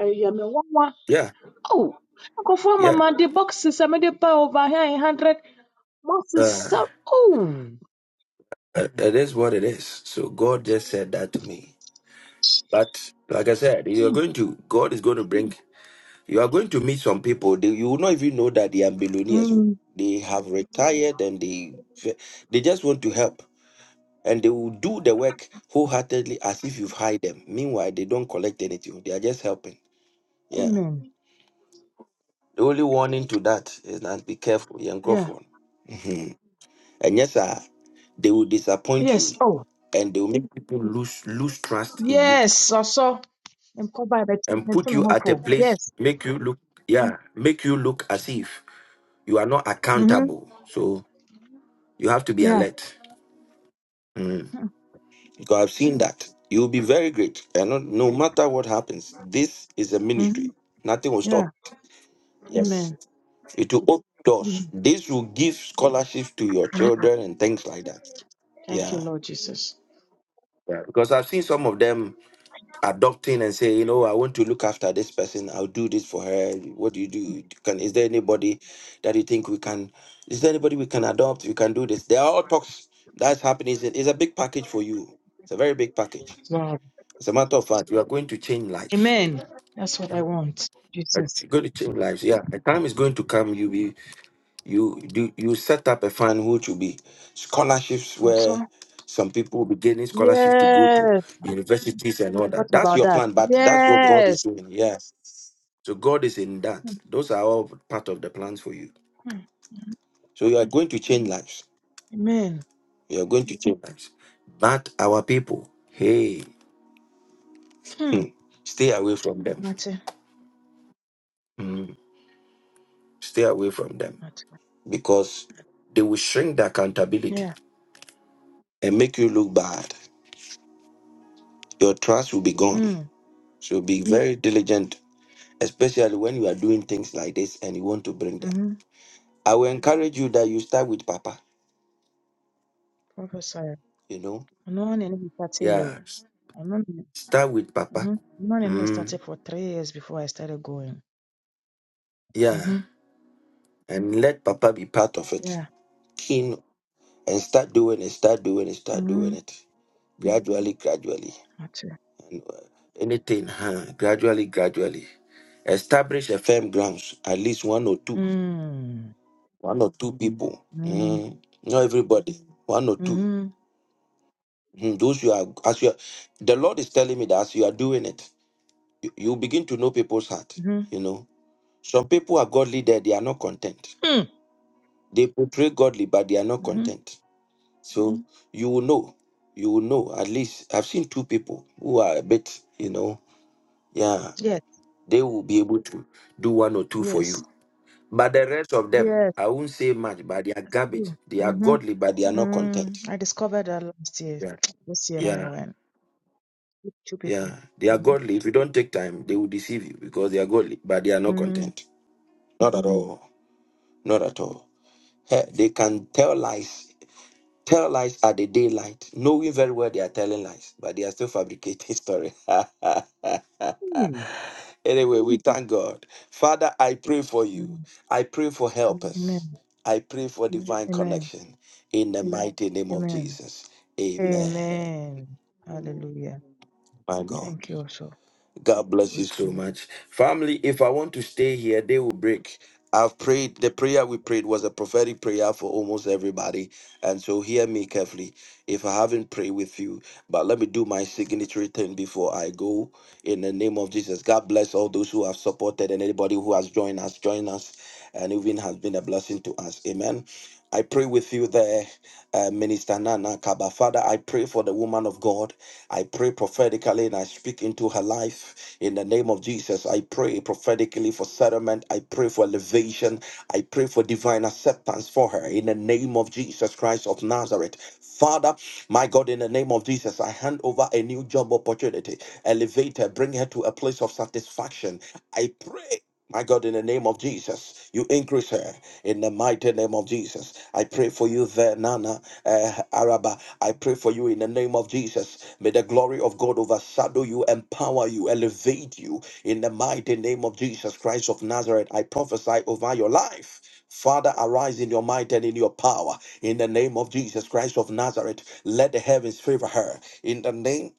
ɛyɛ me nwanwa.
yeah,
Oh, nkurɔfoɔ ama
yeah.
me de boxes a mede ba over here in hundred. Wɔn
Uh,
sesa. Oh.
uh, it is what it is. So God just said that to me. But like I said, you're
Mm.
going to God is going to bring you are going to meet some people. They, you will not even know that they are millionaires.
Mm.
They have retired and they they just want to help. And they will do the work wholeheartedly as if you've hired them. Meanwhile, they don't collect anything. They are just helping. Yeah.
Amen.
The only warning to that is that be careful, young
Yeah.
Crawford. Mhm. and yes, sir, they will disappoint
Yes.
you
Oh.
and they will make people lose lose trust in you
Yes. Ɔsɔ. empowered by the
and
the
put
team and
you at a
hopeful.
place,
Yes.
make you look yeah, make you look as if you are not
Mm-hmm.
accountable. So you have to be
Yeah.
alert. Mm. Because I've seen that. You will be very great. And no, no matter what happens, this is a
Mm-hmm.
ministry. Nothing will stop.
Yeah.
Yes.
Amen.
It will open doors.
Mhm.
This will give scholarships to your children and things like that.
Thank you,
Yeah.
Lord Jesus.
Yeah, because I've seen some of them adopting and say, you know, I want to look after this person. I'll do this for her. What do you do? Can is there anybody that you think we can? Is there anybody we can adopt? We can do this. There are all talks that's happening. It's a, it's a big package for you. It's a very big package.
Wow.
As a matter of fact, you are going to change lives.
Amen. That's what
You
I
know,
want,
Uh,
Jesus.
you're going to change lives. Yeah, a time is going to come. You will you do you set up a fund which will be scholarships
Also,
where some people will be getting scholarships to go to
yes.
universities and
We
all that.
thought
That's
about
your
that.
plan, but that's what God is
Yes.
doing. Yes. So God is in that. Those are all part of the plans for you. So you are going to change lives.
Amen.
You are going to change lives. But our people, hey,
Hmm.
hmm, stay away from them.
Mate.
Mm, Stay away from them
Mate.
because they will shrink the accountability
Yeah.
and make you look bad. Your trust will be gone.
Hmm.
So be very diligent, especially when you are doing things like this and you want to bring them.
Mm-hmm.
I will encourage you that you start with Papa,
Prophesy.
you know?
No one in it started
Yeah.
you.
s-
I know.
Start with Papa.
Mm-hmm. No one in it
Mm,
started for three years before I started going.
yeah.
Mm-hmm.
And let Papa be part of it.
Yeah.
Keen and start doing it, start doing it, start
Mm-hmm.
doing it. Gradually, gradually.
Mate.
And uh, anything, huh? Gradually, gradually. Establish a firm grounds, at least one or two,
Mm.
one or two people.
Mm.
Mm, not everybody, one or two.
Mhm.
Hmm, Those you are, as you are, the Lord is telling me that as you are doing it, you, you begin to know people's heart.
Mhm.
You know, some people are godly there, they are not content.
Hmm.
They portray godly, but they are not
Mhm.
content. So Mhm. you will know, you will know. At least I've seen two people who are a bit, you know, yeah,
Yes.
they will be able to do one or two for
Yes.
you. But the rest of them,
Yes.
I won't say much, but they are garbage.
Mm.
They are
Mhm.
godly, but they are not content.
Mm. I discovered that last year.
Yeah.
This year when I
Yeah.
went, two two
Yeah,
people.
they are
Mhm.
godly. If you don't take time, they will deceive you because they are godly, but they are not
Mm.
content. Not at all. Not at all. Heh, They can tell lies, tell lies at the daylight, knowing very well they are telling lies, but they are still fabricating story.
Mm.
anyway, we thank God. Father, I pray for you.
Mm.
I pray for helpers.
Amen.
I pray for divine
Amen.
connection in the mighty name of
Amen.
Jesus. Amen.
Amen. Hallelujah.
My God.
Thank you also.
God bless you so much. Family, if I want to stay here, they will break. I've prayed, the prayer we prayed was a prophetic prayer for almost everybody. And so hear me carefully. If I haven't prayed with you, but let me do my signatory thing before I go. In the name of Jesus, God bless all those who have supported and anybody who has joined us, join us, and even has been a blessing to us. Amen. I pray with you there, uh, Minister Nana Kaba. Father, I pray for the woman of God. I pray prophetically and I speak into her life in the name of Jesus. I pray prophetically for settlement. I pray for elevation. I pray for divine acceptance for her in the name of Jesus Christ of Nazareth. Father, my God, in the name of Jesus, I hand over a new job opportunity. Elevate her, bring her to a place of satisfaction. I pray my God, in the name of Jesus, you increase her in the mighty name of Jesus. I pray for you there, Nana uh, Araba. I pray for you in the name of Jesus. May the glory of God overshadow you, empower you, elevate you in the mighty name of Jesus Christ of Nazareth. I prophesy over your life. Father, arise in your might and in your power. In the name of Jesus Christ of Nazareth, let the heavens favor her. In the name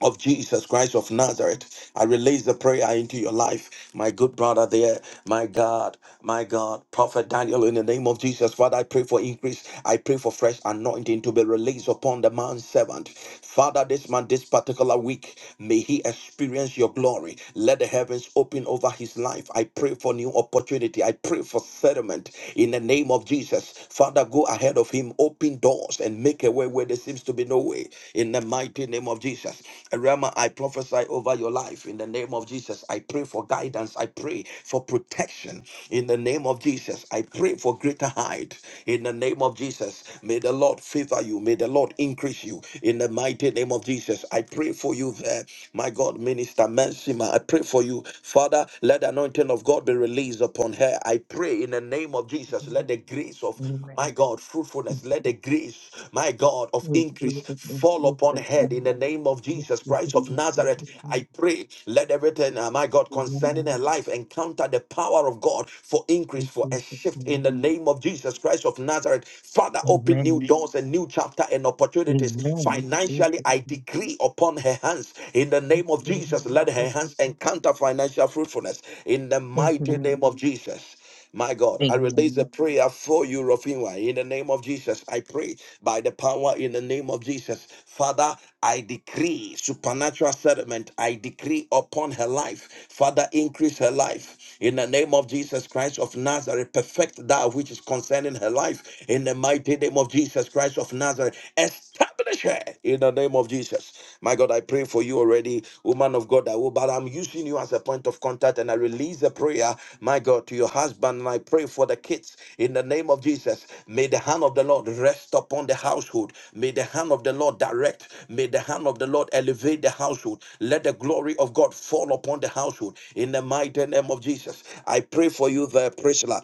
of Jesus Christ of Nazareth. I release the prayer into your life, my good brother there, my God, my God, Prophet Daniel, in the name of Jesus, Father, I pray for increase. I pray for fresh anointing to be released upon the man's servant. Father, this man, this particular week, may he experience your glory. Let the heavens open over his life. I pray for new opportunity. I pray for settlement in the name of Jesus. Father, go ahead of him, open doors and make a way where there seems to be no way. In the mighty name of Jesus. Rama, I prophesy over your life. In the name of Jesus, I pray for guidance. I pray for protection. In the name of Jesus, I pray for greater height. In the name of Jesus, may the Lord favor you. May the Lord increase you. In the mighty name of Jesus, I pray for you there. My God, Minister Mansima, I pray for you. Father, let the anointing of God be released upon her. I pray in the name of Jesus, let the grace of my God, fruitfulness, let the grace, my God, of increase fall upon head in the name of Jesus Christ of Nazareth. I pray, let everything, uh, my God, concerning her life encounter the power of God for increase, for a shift in the name of Jesus Christ of Nazareth. Father, open new doors and new chapter and opportunities. Financially, I decree upon her hands in the name of Jesus, let her hands encounter financial fruitfulness in the mighty name of Jesus. My God, I release a prayer for you, Rafinwa, in the name of Jesus. I pray by the power in the name of Jesus. Father, I decree supernatural settlement. I decree upon her life. Father, increase her life. In the name of Jesus Christ of Nazareth, perfect that which is concerning her life. In the mighty name of Jesus Christ of Nazareth, establish her. In the name of Jesus. Jesus. My God, I pray for you already, woman of God. I will, but I'm using you as a point of contact and I release the prayer, my God, to your husband. And I pray for the kids in the name of Jesus. May the hand of the Lord rest upon the household. May the hand of the Lord direct. May the hand of the Lord elevate the household. Let the glory of God fall upon the household in the mighty name of Jesus. I pray for you there, Priscilla.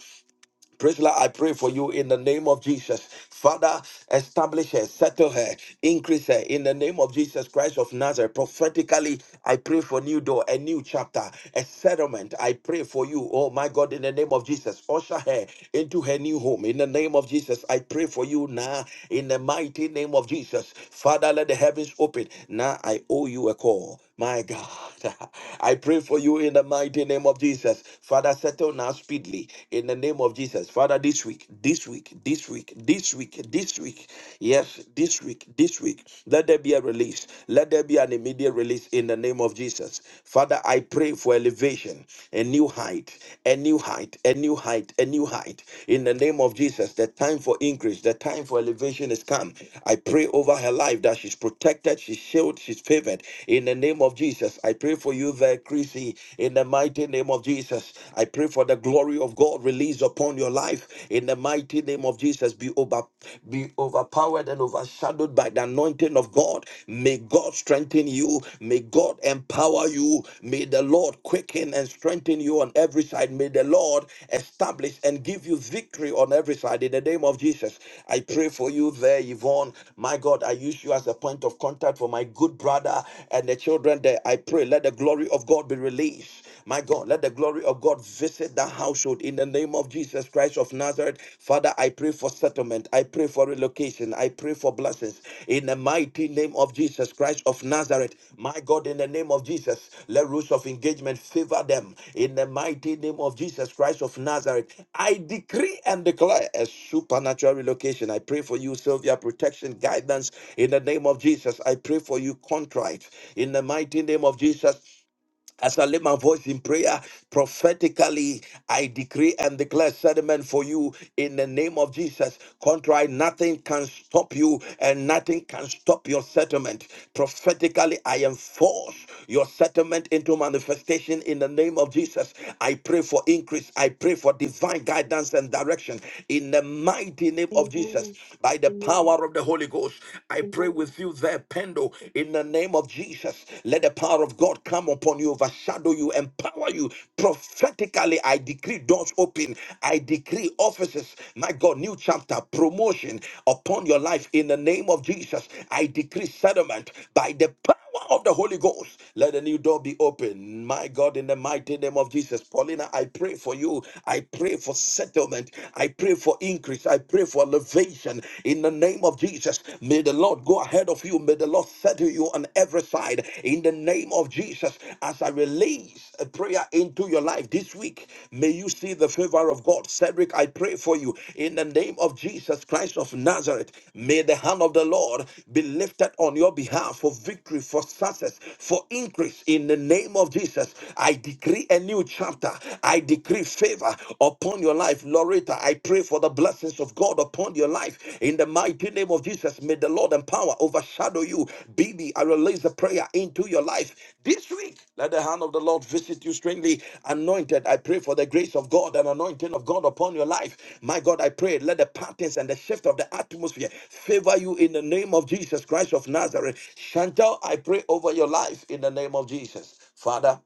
Priscilla, I pray for you in the name of Jesus. Father, establish her, settle her, increase her in the name of Jesus Christ of Nazareth. Prophetically, I pray for new door, a new chapter, a settlement. I pray for you, oh my God, in the name of Jesus. Usher her into her new home. In the name of Jesus, I pray for you now in the mighty name of Jesus. Father, let the heavens open. Now I owe you a call. My God, I pray for you in the mighty name of Jesus. Father, settle now speedily in the name of Jesus. Father, this week, this week, this week, this week, this week, yes, this week, this week, let there be a release. Let there be an immediate release in the name of Jesus. Father, I pray for elevation, a new height, a new height, a new height, a new height in the name of Jesus. Jesus, the time for increase, the time for elevation has come. I pray over her life that she's protected, she's shielded, she's favored. In the name of Jesus, I pray for you there, Chrissy. In the mighty name of Jesus, I pray for the glory of God released upon your life. In the mighty name of Jesus, be over, be overpowered and overshadowed by the anointing of God. May God strengthen you. May God empower empower you. May the Lord quicken and strengthen you on every side. May the Lord establish and give you victory on every side. In the name of Jesus, I pray for you there, Yvonne. My God, I use you as a point of contact for my good brother and the children there. I pray, let the glory of God be released. My God, let the glory of God visit that household in the name of Jesus Christ of Nazareth. Father, I pray for settlement. I pray for relocation. I pray for blessings in the mighty name of Jesus Christ of Nazareth. My God, in the name of Jesus, let rules of engagement favor them in the mighty name of Jesus Christ of Nazareth. I decree and declare a supernatural relocation. I pray for you, Sylvia, protection, guidance in the name of Jesus. I pray for you, contrite in the mighty name of Jesus. As I lift my voice in prayer, prophetically, I decree and declare settlement for you in the name of Jesus. Contrary, nothing can stop you and nothing can stop your settlement. Prophetically, I enforce your settlement into manifestation in the name of Jesus. I pray for increase. I pray for divine guidance and direction in the mighty name of
Amen.
Jesus. By the
Amen.
power of the Holy Ghost, I pray with you there, Pendo. Mando. In the name of Jesus, let the power of God come upon you, overshadow you, empower you. Prophetically, I decree doors open. I decree offices. My God, new chapter, promotion upon your life in the name of Jesus. I decree settlement by the power of the Holy Ghost. Let a new door be open. My God, in the mighty name of Jesus. Paulina, I pray for you. I pray for settlement. I pray for increase. I pray for elevation in the name of Jesus. May the Lord go ahead of you. May the Lord settle you on every side in the name of Jesus. As I release a prayer into your life this week, may you you see the favor of God. Cedric, I pray for you in the name of Jesus Christ of Nazareth. May the hand of the Lord be lifted on your behalf for victory, for success, for increase in the name of Jesus. I decree a new chapter. I decree favor upon your life. Loretta, I pray for the blessings of God upon your life in the mighty name of Jesus. Jesus, may the Lord and power overshadow you. Bibi, I release a prayer into your life this week. Let the hand of the Lord visit you strangely. Anointed, I pray for the grace of God and anointing of God upon your life. My God, I pray, let the patterns and the shift of the atmosphere favor you in the name of Jesus Christ of Nazareth. Chantal, I pray over your life in the name of Jesus. Father,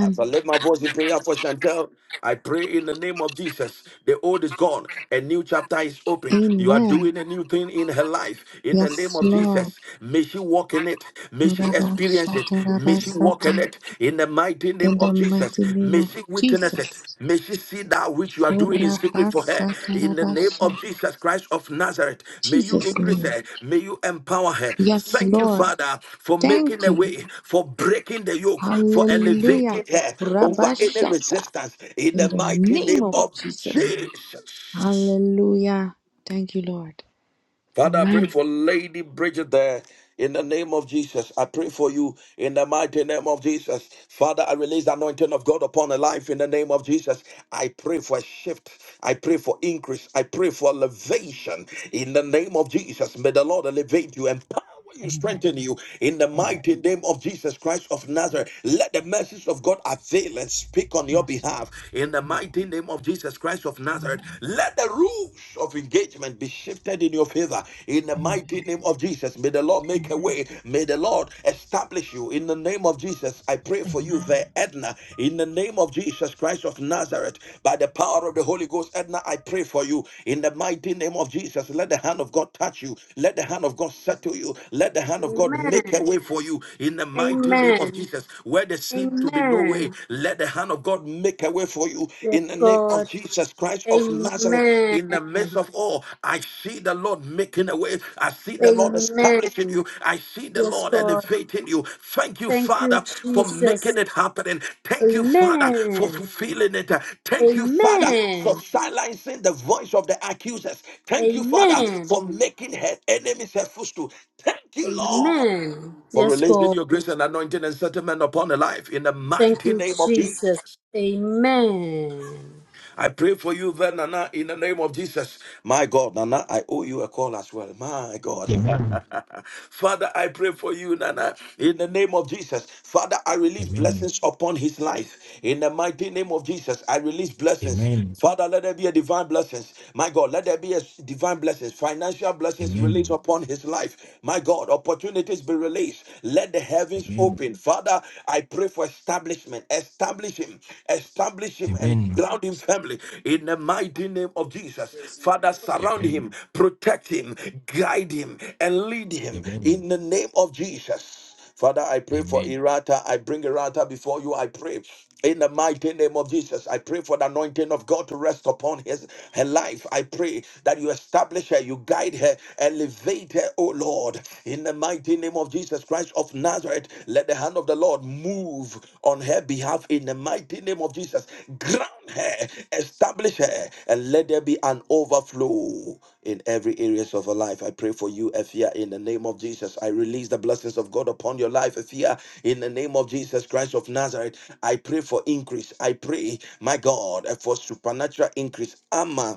as I lift my voice in prayer for Chantel, I pray in the name of Jesus. The old is gone, a new chapter is open. You are
Amen.
doing a new thing in her life. In the name
Yes,
of
Lord.
Jesus, may she walk in it. May she
Rabba
experience it. May she walk in
shakarabasata.
it. In the mighty name
In the
of Jesus,
mighty name
may
of
she witness it.
Jesus.
May she see that which you are doing in secret for her. In the name
Korabasakarabasha.
of Jesus Christ of Nazareth, may you
Jesus'
increase
name.
her. May you empower her.
Yes,
Thank you,
Lord.
Father, for making
Thank
a
you.
way, for breaking the yoke, for
Hallelujah.
elevating her over any
Rabashata.
resistance. In
In
the
the
mighty
name
name
of
of
Jesus.
Jesus.
Hallelujah. Thank you, Lord.
Father, I pray
Amen.
for Lady Bridget there in the name of Jesus. I pray for you in the mighty name of Jesus. Father, I release the anointing of God upon her life in the name of Jesus. I pray for a shift. I pray for increase. I pray for elevation in the name of Jesus. May the Lord elevate you and will you
Amen.
strengthen you in the
Amen.
mighty name of Jesus Christ of Nazareth. Let the mercies of God avail and speak on your
Yes, Lord.
behalf in the
Amen.
mighty name of Jesus Christ of Nazareth.
Amen.
Let the rules of engagement be shifted in your favor in the
Amen.
mighty name of Jesus. May the Lord make a
Amen.
way. May the Lord establish you in the name of Jesus. I pray for you
Amen.
there, Edna, in the name of Jesus Christ of Nazareth, by the power of the Holy Ghost, Edna, I pray for you in the mighty name of Jesus. Let the hand of God touch you, let the hand of God settle you, let the hand of God make a
Amen.
way for you in the mighty name of
Amen.
Jesus. Where there seemed to be no way,
Amen.
let the hand of God make a way for you
Yes,
in the name of
God.
Jesus Christ of Nazareth.
Amen.
In the midst of all, I see the Lord making a way. I see the Lord establishing
Amen.
you. I see the
Yes,
Lord
God.
elevating you. Thank you,
Thank you,
Father, for
Jesus.
making it happen. And Thank you, Father, for
Amen.
fulfilling it. Thank you, Father, for
Amen.
silencing the voice of the accusers. Thank you, Father,
Amen.
for making her enemies her footstool. Thank you, Lord,
Amen.
for
Yes,
releasing
God.
your grace and anointing and settlement upon the life in the
Thank
mighty
you,
name of Jesus.
Jesus. Amen.
I pray for you then, Nana, in the name of Jesus. My God, Nana, I owe you a call as well. My God.
Amen.
Father, I pray for you, Nana, in the name of Jesus. Father, I release
Amen.
blessings upon his life. In the mighty name of Jesus, I release blessings.
Amen.
Father, let there be a divine blessings. My God, let there be a s- divine blessings, financial
Amen.
blessings released
Amen.
upon his life. My God, opportunities be released. Let the heavens
Amen.
open. Father, I pray for establishment. Establish him. Establish him and
Amen.
ground him Elohim family in the mighty name of Jesus. Father, surround him, protect him, guide him, and lead him
Amen.
in the name of Jesus. Father, I pray for
Amen.
Irata. I bring Irata before you. I pray in the mighty name of Jesus. I pray for the anointing of God to rest upon his her life. I pray that you establish her, you guide her, elevate her, oh Lord. In the mighty name of Jesus Christ. Christ of Nazareth, let the hand of the Lord move on her behalf in the mighty name of Jesus. Ground her, establish her, and let there be an overflow in every areas of her life. I pray for you, Ephia, in the name of Jesus. I release the blessings of God upon your life, Ephia, in the name of Jesus Christ of Nazareth. I pray for increase. I pray, my God, for supernatural increase. Amma.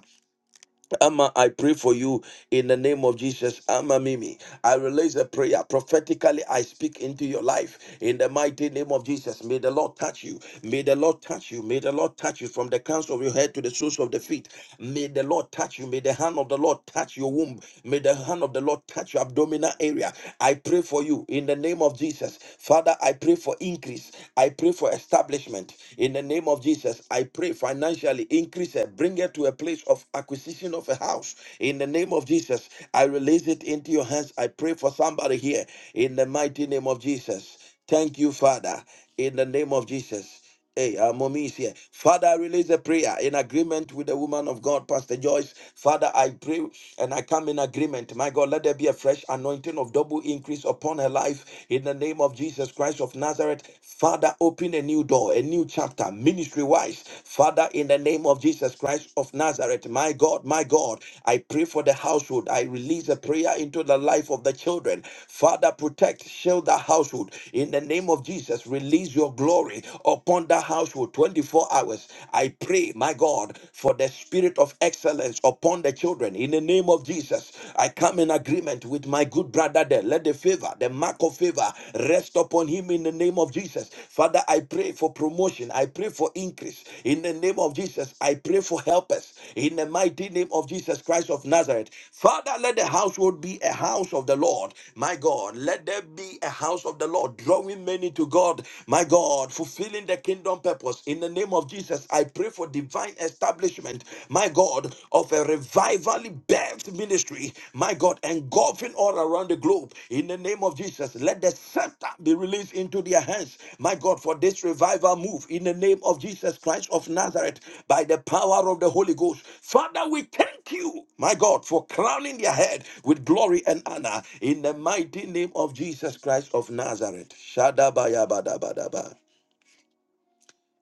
Ama, I pray for you in the name of Jesus. Ama, Mimi, I release a prayer. Prophetically, I speak into your life in the mighty name of Jesus. May the Lord touch you. May the Lord touch you. May the Lord touch you from the crowns of your head to the soles of the feet. May the Lord touch you. May the hand of the Lord touch your womb. May the hand of the Lord touch your abdominal area. I pray for you in the name of Jesus. Father, I pray for increase. I pray for establishment in the name of of Jesus, I pray financially increase her, bring her to a place of acquisition of a house. In the name of Jesus, I release it into your hands. I pray for somebody here. In the mighty name of Jesus. Thank you, Father. In the name of Jesus. Hey, our mommy is here. Father, I release a prayer in agreement with the woman of God, Pastor Joyce. Father, I pray and I come in agreement. My God, let there be a fresh anointing of double increase upon her life in the name of of Jesus Christ of Nazareth, Father, open a new door, a new chapter, ministry wise. Father, in the name of Jesus Christ of Nazareth, my God, my God, I pray for the household. I release a prayer into the life of the children. Father, protect, shield the household. In the name of Jesus, release your glory upon the household 24 hours. I pray, my God, for the spirit of excellence upon the children. In the name of Jesus, I. I come in agreement with my good brother there. Let the favor, the mark of favor, rest upon him in the name of Jesus. Father, I pray for promotion. I pray for increase in the name of Jesus. I pray for helpers in the mighty name of Jesus Christ of Nazareth. Father, let the household be a house of the Lord. My God, let there be a house of the Lord, drawing many to God. My God, fulfilling the kingdom purpose in the name of Jesus. I pray for divine establishment establishment, my God, of a revivally birthed ministry, my God, engulfing all around the globe. In the name of Jesus, let the scepter be released into their hands, my God, for this revival move. In the name of Jesus Christ of Nazareth, by the power of the Holy Ghost. Father, we thank you, my God, for crowning their head with glory and honor. In the mighty name of Jesus Christ of Nazareth. Shadabayabadabadaba.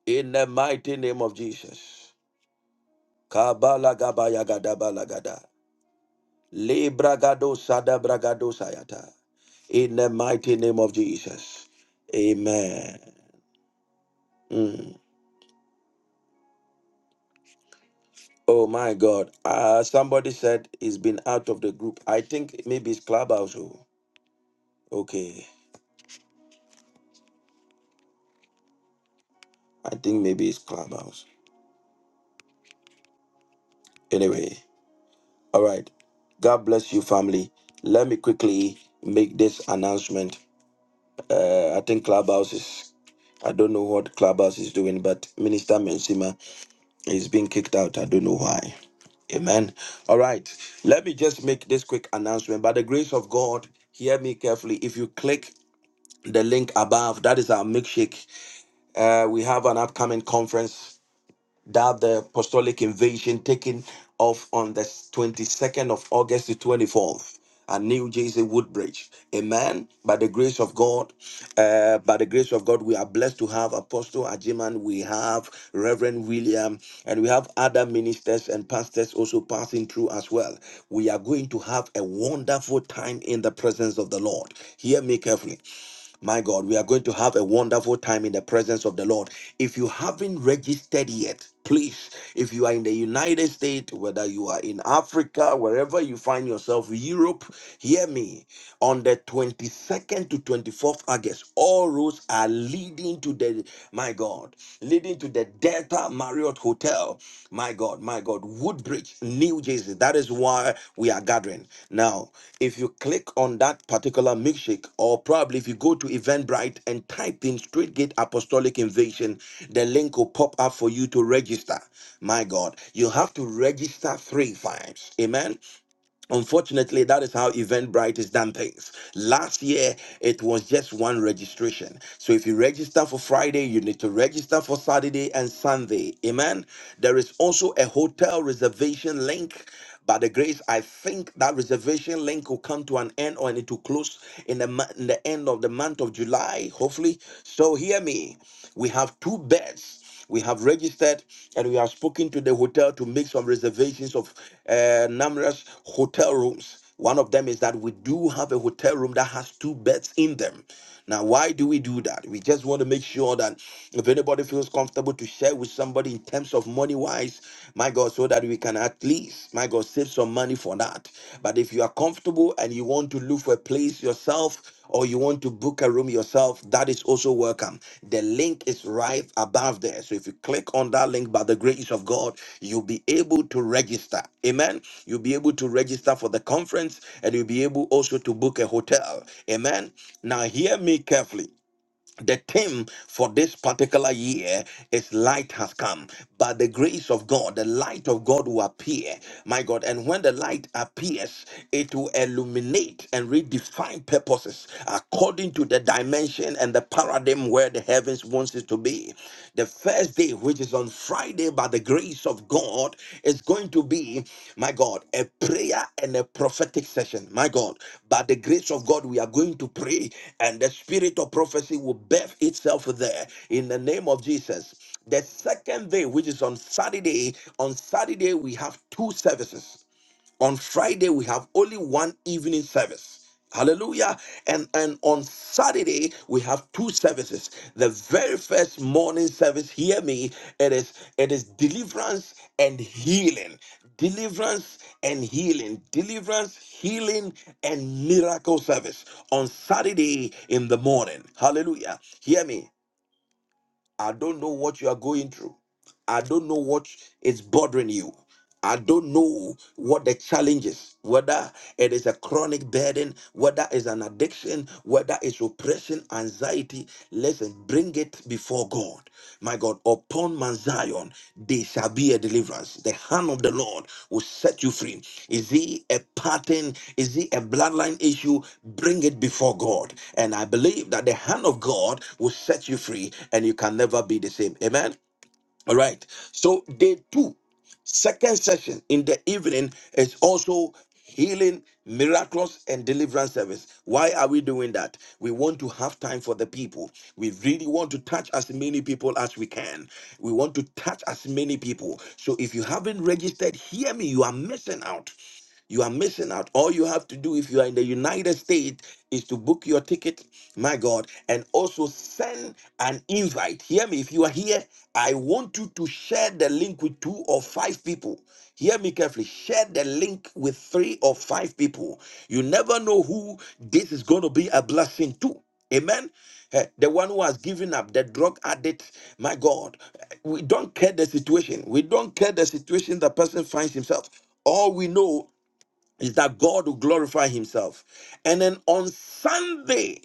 In the mighty name of Jesus. Kabala gabaya gadabala gada Libra gado sada Kabalagadabalagadaba. Libragadosadabrakadosayata. In the mighty name of Jesus. Amen. Mm. Oh my God. Uh, somebody said he's been out of the group. I think maybe it's Clubhouse. oh. Okay. I think maybe it's Clubhouse. Anyway. All right. God bless you, family. Let me quickly make this announcement. Uh, I think Clubhouse is, I don't know what Clubhouse is doing, but Minister Mensima He's being kicked out. I don't know why. Amen. All right. Let me just make this quick announcement. By the grace of God, hear me carefully. If you click the link above, that is our milkshake. Uh, we have an upcoming conference that the apostolic invasion taking off on the 22nd of August to 24th at New Jersey Woodbridge. Amen. By the grace of God, uh, by the grace of God, we are blessed to have Apostle Ajiman, we have Reverend William, and we have other ministers and pastors also passing through as well. We are going to have a wonderful time in the presence of the Lord. Hear me carefully. My God, we are going to have a wonderful time in the presence of the Lord. If you haven't registered yet, please, if you are in the United States, whether you are in Africa, wherever you find yourself, Europe, hear me. On the 22nd to 24th August, all roads are leading to the, my God, leading to the Delta Marriott Hotel. My God, my God, Woodbridge, New Jersey. That is why we are gathering. Now, if you click on that particular milkshake, or probably if you go to Eventbrite and type in Straight Gate Apostolic Invasion, the link will pop up for you to register. My God, you have to register three times. Amen. Unfortunately, that is how Eventbrite is done things. Last year, it was just one registration. So if you register for Friday, you need to register for Saturday and Sunday. Amen. There is also a hotel reservation link. By the grace, I think that reservation link will come to an end or it will close in the, mo- in the end of the month of July, hopefully. So hear me. We have two beds we have registered and we have spoken to the hotel to make some reservations of uh, numerous hotel rooms. One of them is that we do have a hotel room that has two beds in them. Now, why do we do that? We just want to make sure that if anybody feels comfortable to share with somebody in terms of money wise, my God, so that we can at least, my God, save some money for that. But if you are comfortable and you want to look for a place yourself, or you want to book a room yourself, that is also welcome. The link is right above there. So if you click on that link by the grace of God, you'll be able to register. Amen. You'll be able to register for the conference and you'll be able also to book a hotel. Amen. Now, hear me carefully the theme for this particular year is light has come by the grace of god the light of god will appear my god and when the light appears it will illuminate and redefine purposes according to the dimension and the paradigm where the heavens wants it to be the first day which is on Friday, by the grace of God, is going to be, my God, a prayer and a prophetic session. My God, by the grace of God, we are going to pray, and the spirit of prophecy will birth itself there in the name of Jesus. The second day, which is on Saturday, on Saturday, we have two services on Friday, we have only one evening service. Hallelujah. And and on Saturday, we have two services. The very first morning service, hear me, it is it is deliverance and healing. Deliverance and healing. Deliverance, healing, and miracle service on Saturday in the morning. Hallelujah. Hear me. I don't know what you are going through. I don't know what is bothering you. I don't know what the challenge is, whether it is a chronic burden, whether it's an addiction, whether it's oppression, anxiety. Listen, bring it before God. My God, upon Mount Zion, there shall be a deliverance. The hand of the Lord will set you free. Is he a pattern? Is he a bloodline issue? Bring it before God. And I believe that the hand of God will set you free and you can never be the same. Amen. All right. So day two, second session in the evening is also healing, miracles, and deliverance service. Why are we doing that? We want to have time for the people. We really want to touch as many people as we can. We want to touch as many people. So if you haven't registered, hear me, you are missing out. You are missing out. All you have to do if you are in the United States is to book your ticket, my God, and also send an invite. Hear me. If you are here, I want you to share the link with two or five people. Hear me carefully. Share the link with three or five people. You never know who this is going to be a blessing to. Amen. Eh, The one who has given up, the drug addict, my God, eh, we don't care the situation. We don't care the situation the person finds himself. All we know is that God will glorify himself. And then on Sunday,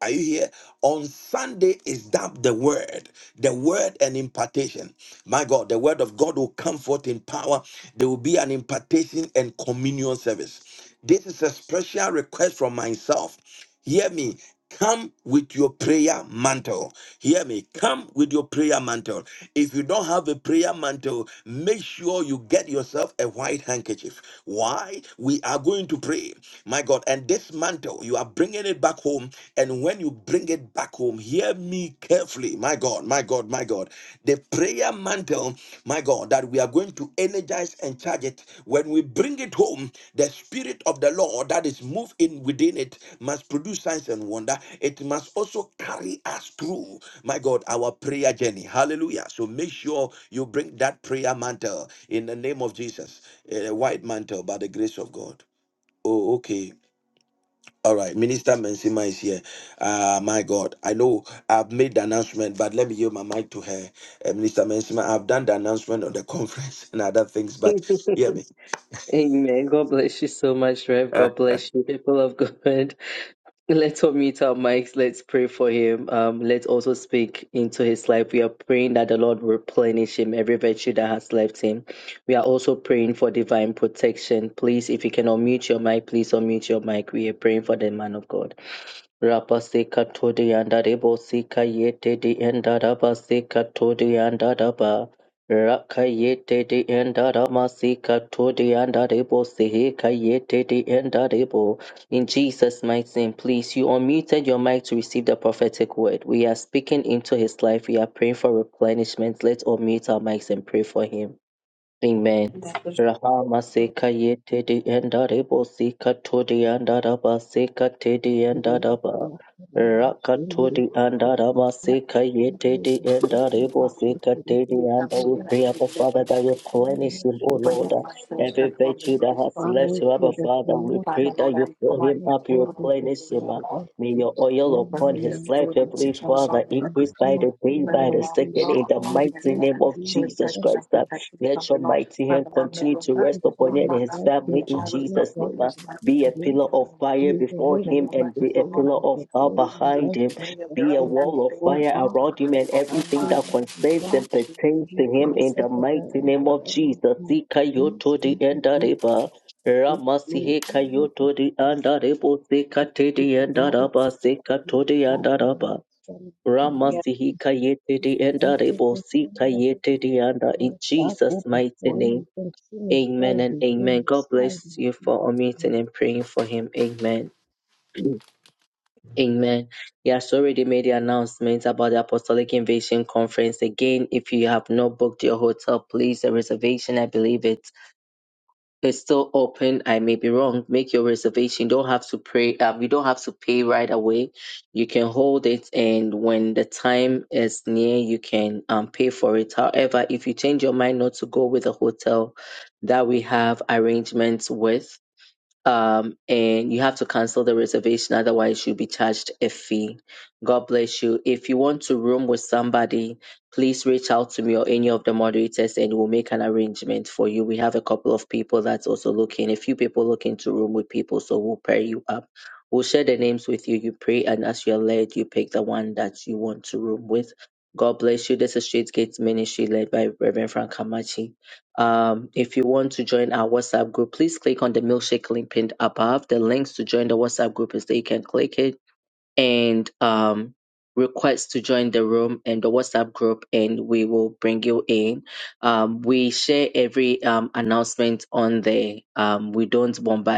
are you here? On Sunday is that the word, the word and impartation. My God, the word of God will come forth in power. There will be an impartation and communion service. This is a special request from myself Hear me. Come with your prayer mantle. Hear me. Come with your prayer mantle. If you don't have a prayer mantle, make sure you get yourself a white handkerchief. Why? We are going to pray. My God. And this mantle, you are bringing it back home. And when you bring it back home, hear me carefully. My God, my God, my God. The prayer mantle, my God, that we are going to energize and charge it. When we bring it home, the spirit of the Lord that is moved in within it must produce signs and wonder. It must also carry us through, my God, our prayer journey. Hallelujah. So make sure you bring that prayer mantle in the name of Jesus, a white mantle by the grace of God. Oh, okay. All right, Minister Mensima is here. Ah, my God, I know I've made the announcement, but let me give my mic to her. Uh, Minister Mensima, I've done the announcement on the conference and other things, but hear me.
Amen. God bless you so much, Rev. God. We are on mute your mic, mic,
Lord. Thank
tedi enda rebo sika todi anda raba sika tedi enda raba. Raka todi anda raba
Let
sika ye tedi enda rebo sika tedi
me come
anda. We
together
pray,
and
Abba
live
Father,
in
that
prayer.
replenish him, O
Play
Lord.
on myself,
Every
and I'm
virtue that has
Restore
Father,
me,
I
left him,
with
Abba
pray that
them.
Father,
you
we
watch
pray
Father, Lord,
that you
I'm
fill
pouring
and
him
out
up,
on
you
the
God
Lord,
is
we
your
replenish
release
him.
on
daughter,
all
that
May
the
you
your
people.
oil
God in the
upon
Release
his
the
name of
life,
spirit of life
Jesus.
Heavenly
on the
Father,
Lord, the Lord,
and
increase
declare
by
Lord.
and
the day,
declare
Let
in
it
by
my
the
life
allow
that has
second, in
law
the
done
upon
the
his
mighty
best
head
name
in
of
you.
to
Jesus
protect him and
Christ.
protect his
Let
family,
your
Lord.
mighty hand
Father, Lord, may
continue
your
to rest
mercy so
upon him
Lord,
and his
be
family in
Amen.
always
Jesus'
upon
name. ah.
his life in
Be a pillar
the
of
mighty name of
fire
Jesus.
before
May
him
your
and
mercy
be a
so Lord, I
pillar
may
of
it
fire
never
behind
be.
him.
May your
Be a
grace and
wall of
favor
fire
be
around
upon
him and
him in the
everything
mighty
that concerns
name of
and pertains to him in
Jesus.
the mighty
And
name of Jesus. Sika yoto di endareba. Ramasihe kayoto di andarebo. Sika te di endaraba. Sika to di andaraba.
you.
Ramasihi kayete di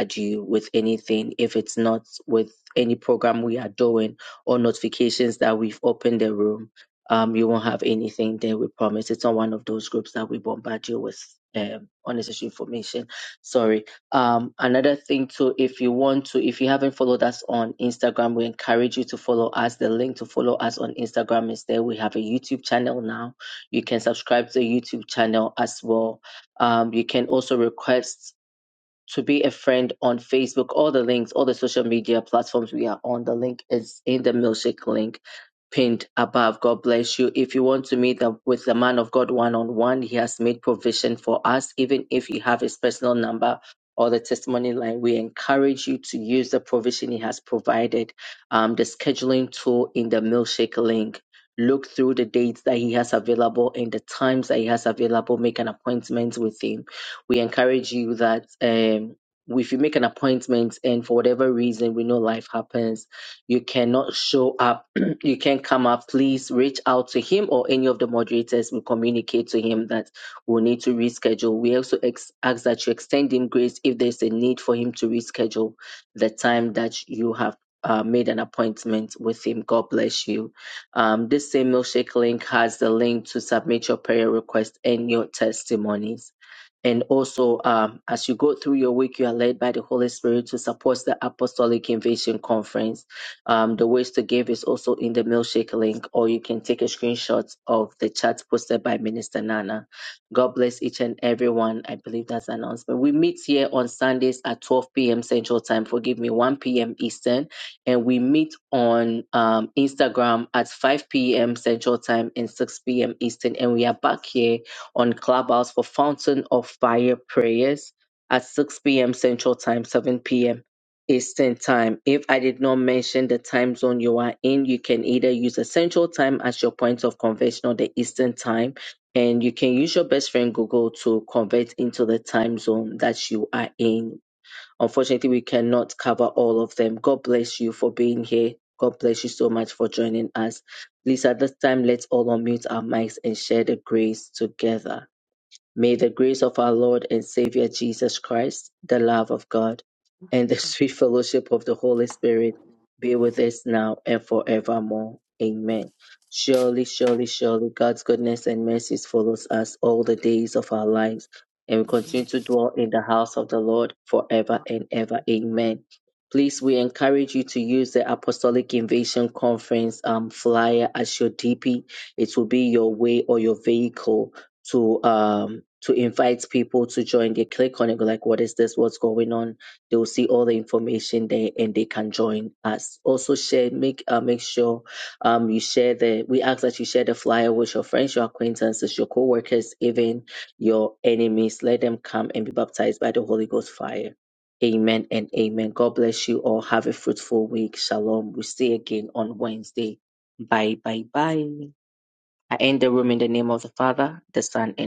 bombard you with anything if it's not with any program we are doing or notifications that we've opened the room. Um, you won't have anything there, we promise. It's not one of those groups that we bombard you with um, unnecessary information. Sorry. Um, another thing too, if you want to, if you haven't followed us on Instagram, we encourage you to follow us. The link to follow us on Instagram is there. We have a YouTube channel now. You can subscribe to the YouTube channel as well. Um, you can also request to be a friend on Facebook. All the links, all the social media platforms we are on, the link is in the milkshake link pinned above. God bless you. If you want to meet up with the man of God one on one, he has made provision for us. Even if you have his personal number or the testimony line, we encourage you to use the provision he has provided, um, the scheduling tool in the milkshake link. Look through the dates that he has available and the times that he has available. Make an appointment with him we encourage you that um, if you make an appointment and for whatever reason we know life happens, you cannot show up, you can not come up, please reach out to him or any of the moderators We communicate to him that we'll need to reschedule. We also ex- ask that you extend him grace if there's a need for him to reschedule the time that you have. Uh, made an appointment with him. God bless you. Um, this same milkshake link has the link to submit your prayer request and your testimonies. And also, um, as you go through your week, you are led by the Holy Spirit to support the Apostolic Invasion Conference. Um, the ways to give is also in the milkshake link, or you can take a screenshot of the chat posted by Minister Nana. God bless each and everyone. I believe that's the announcement. We meet here on Sundays at 12 p.m. Central Time. Forgive me, 1 p.m. Eastern, and we meet on um, Instagram at 5 p.m. Central Time and 6 p.m. Eastern. And we are back here on Clubhouse for Fountain of Fire prayers at 6 p.m. Central Time, 7 p.m. Eastern Time. If I did not mention the time zone you are in, you can either use the Central Time as your point of conversion or the Eastern Time, and you can use your best friend Google to convert into the time zone that you are in. Unfortunately, we cannot cover all of them. God bless you for being here. God bless you so much for joining us. Please, at this time, let's all unmute our mics and share the grace together. May the grace of our Lord and Savior Jesus Christ, the love of God, and the sweet fellowship of the Holy Spirit be with us now and forevermore. Amen. Surely, surely, surely, God's goodness and mercies follows us all the days of our lives, and we continue
Not
to dwell in the house of the Lord forever and ever. Amen. Please, we encourage you to use the Apostolic Invasion Conference um, flyer as your DP. It will be your way or your vehicle to um to invite people to join they click on it go like what is this what's going on they will see all the information there and they can join us also share make uh, make sure um you share the we ask that you share the flyer with your friends your acquaintances your co-workers even your enemies let them come and be baptized by the holy ghost fire amen and amen god bless you all have a fruitful week shalom we'll see you again on wednesday bye bye bye I end the room in the name of the Father, the Son, and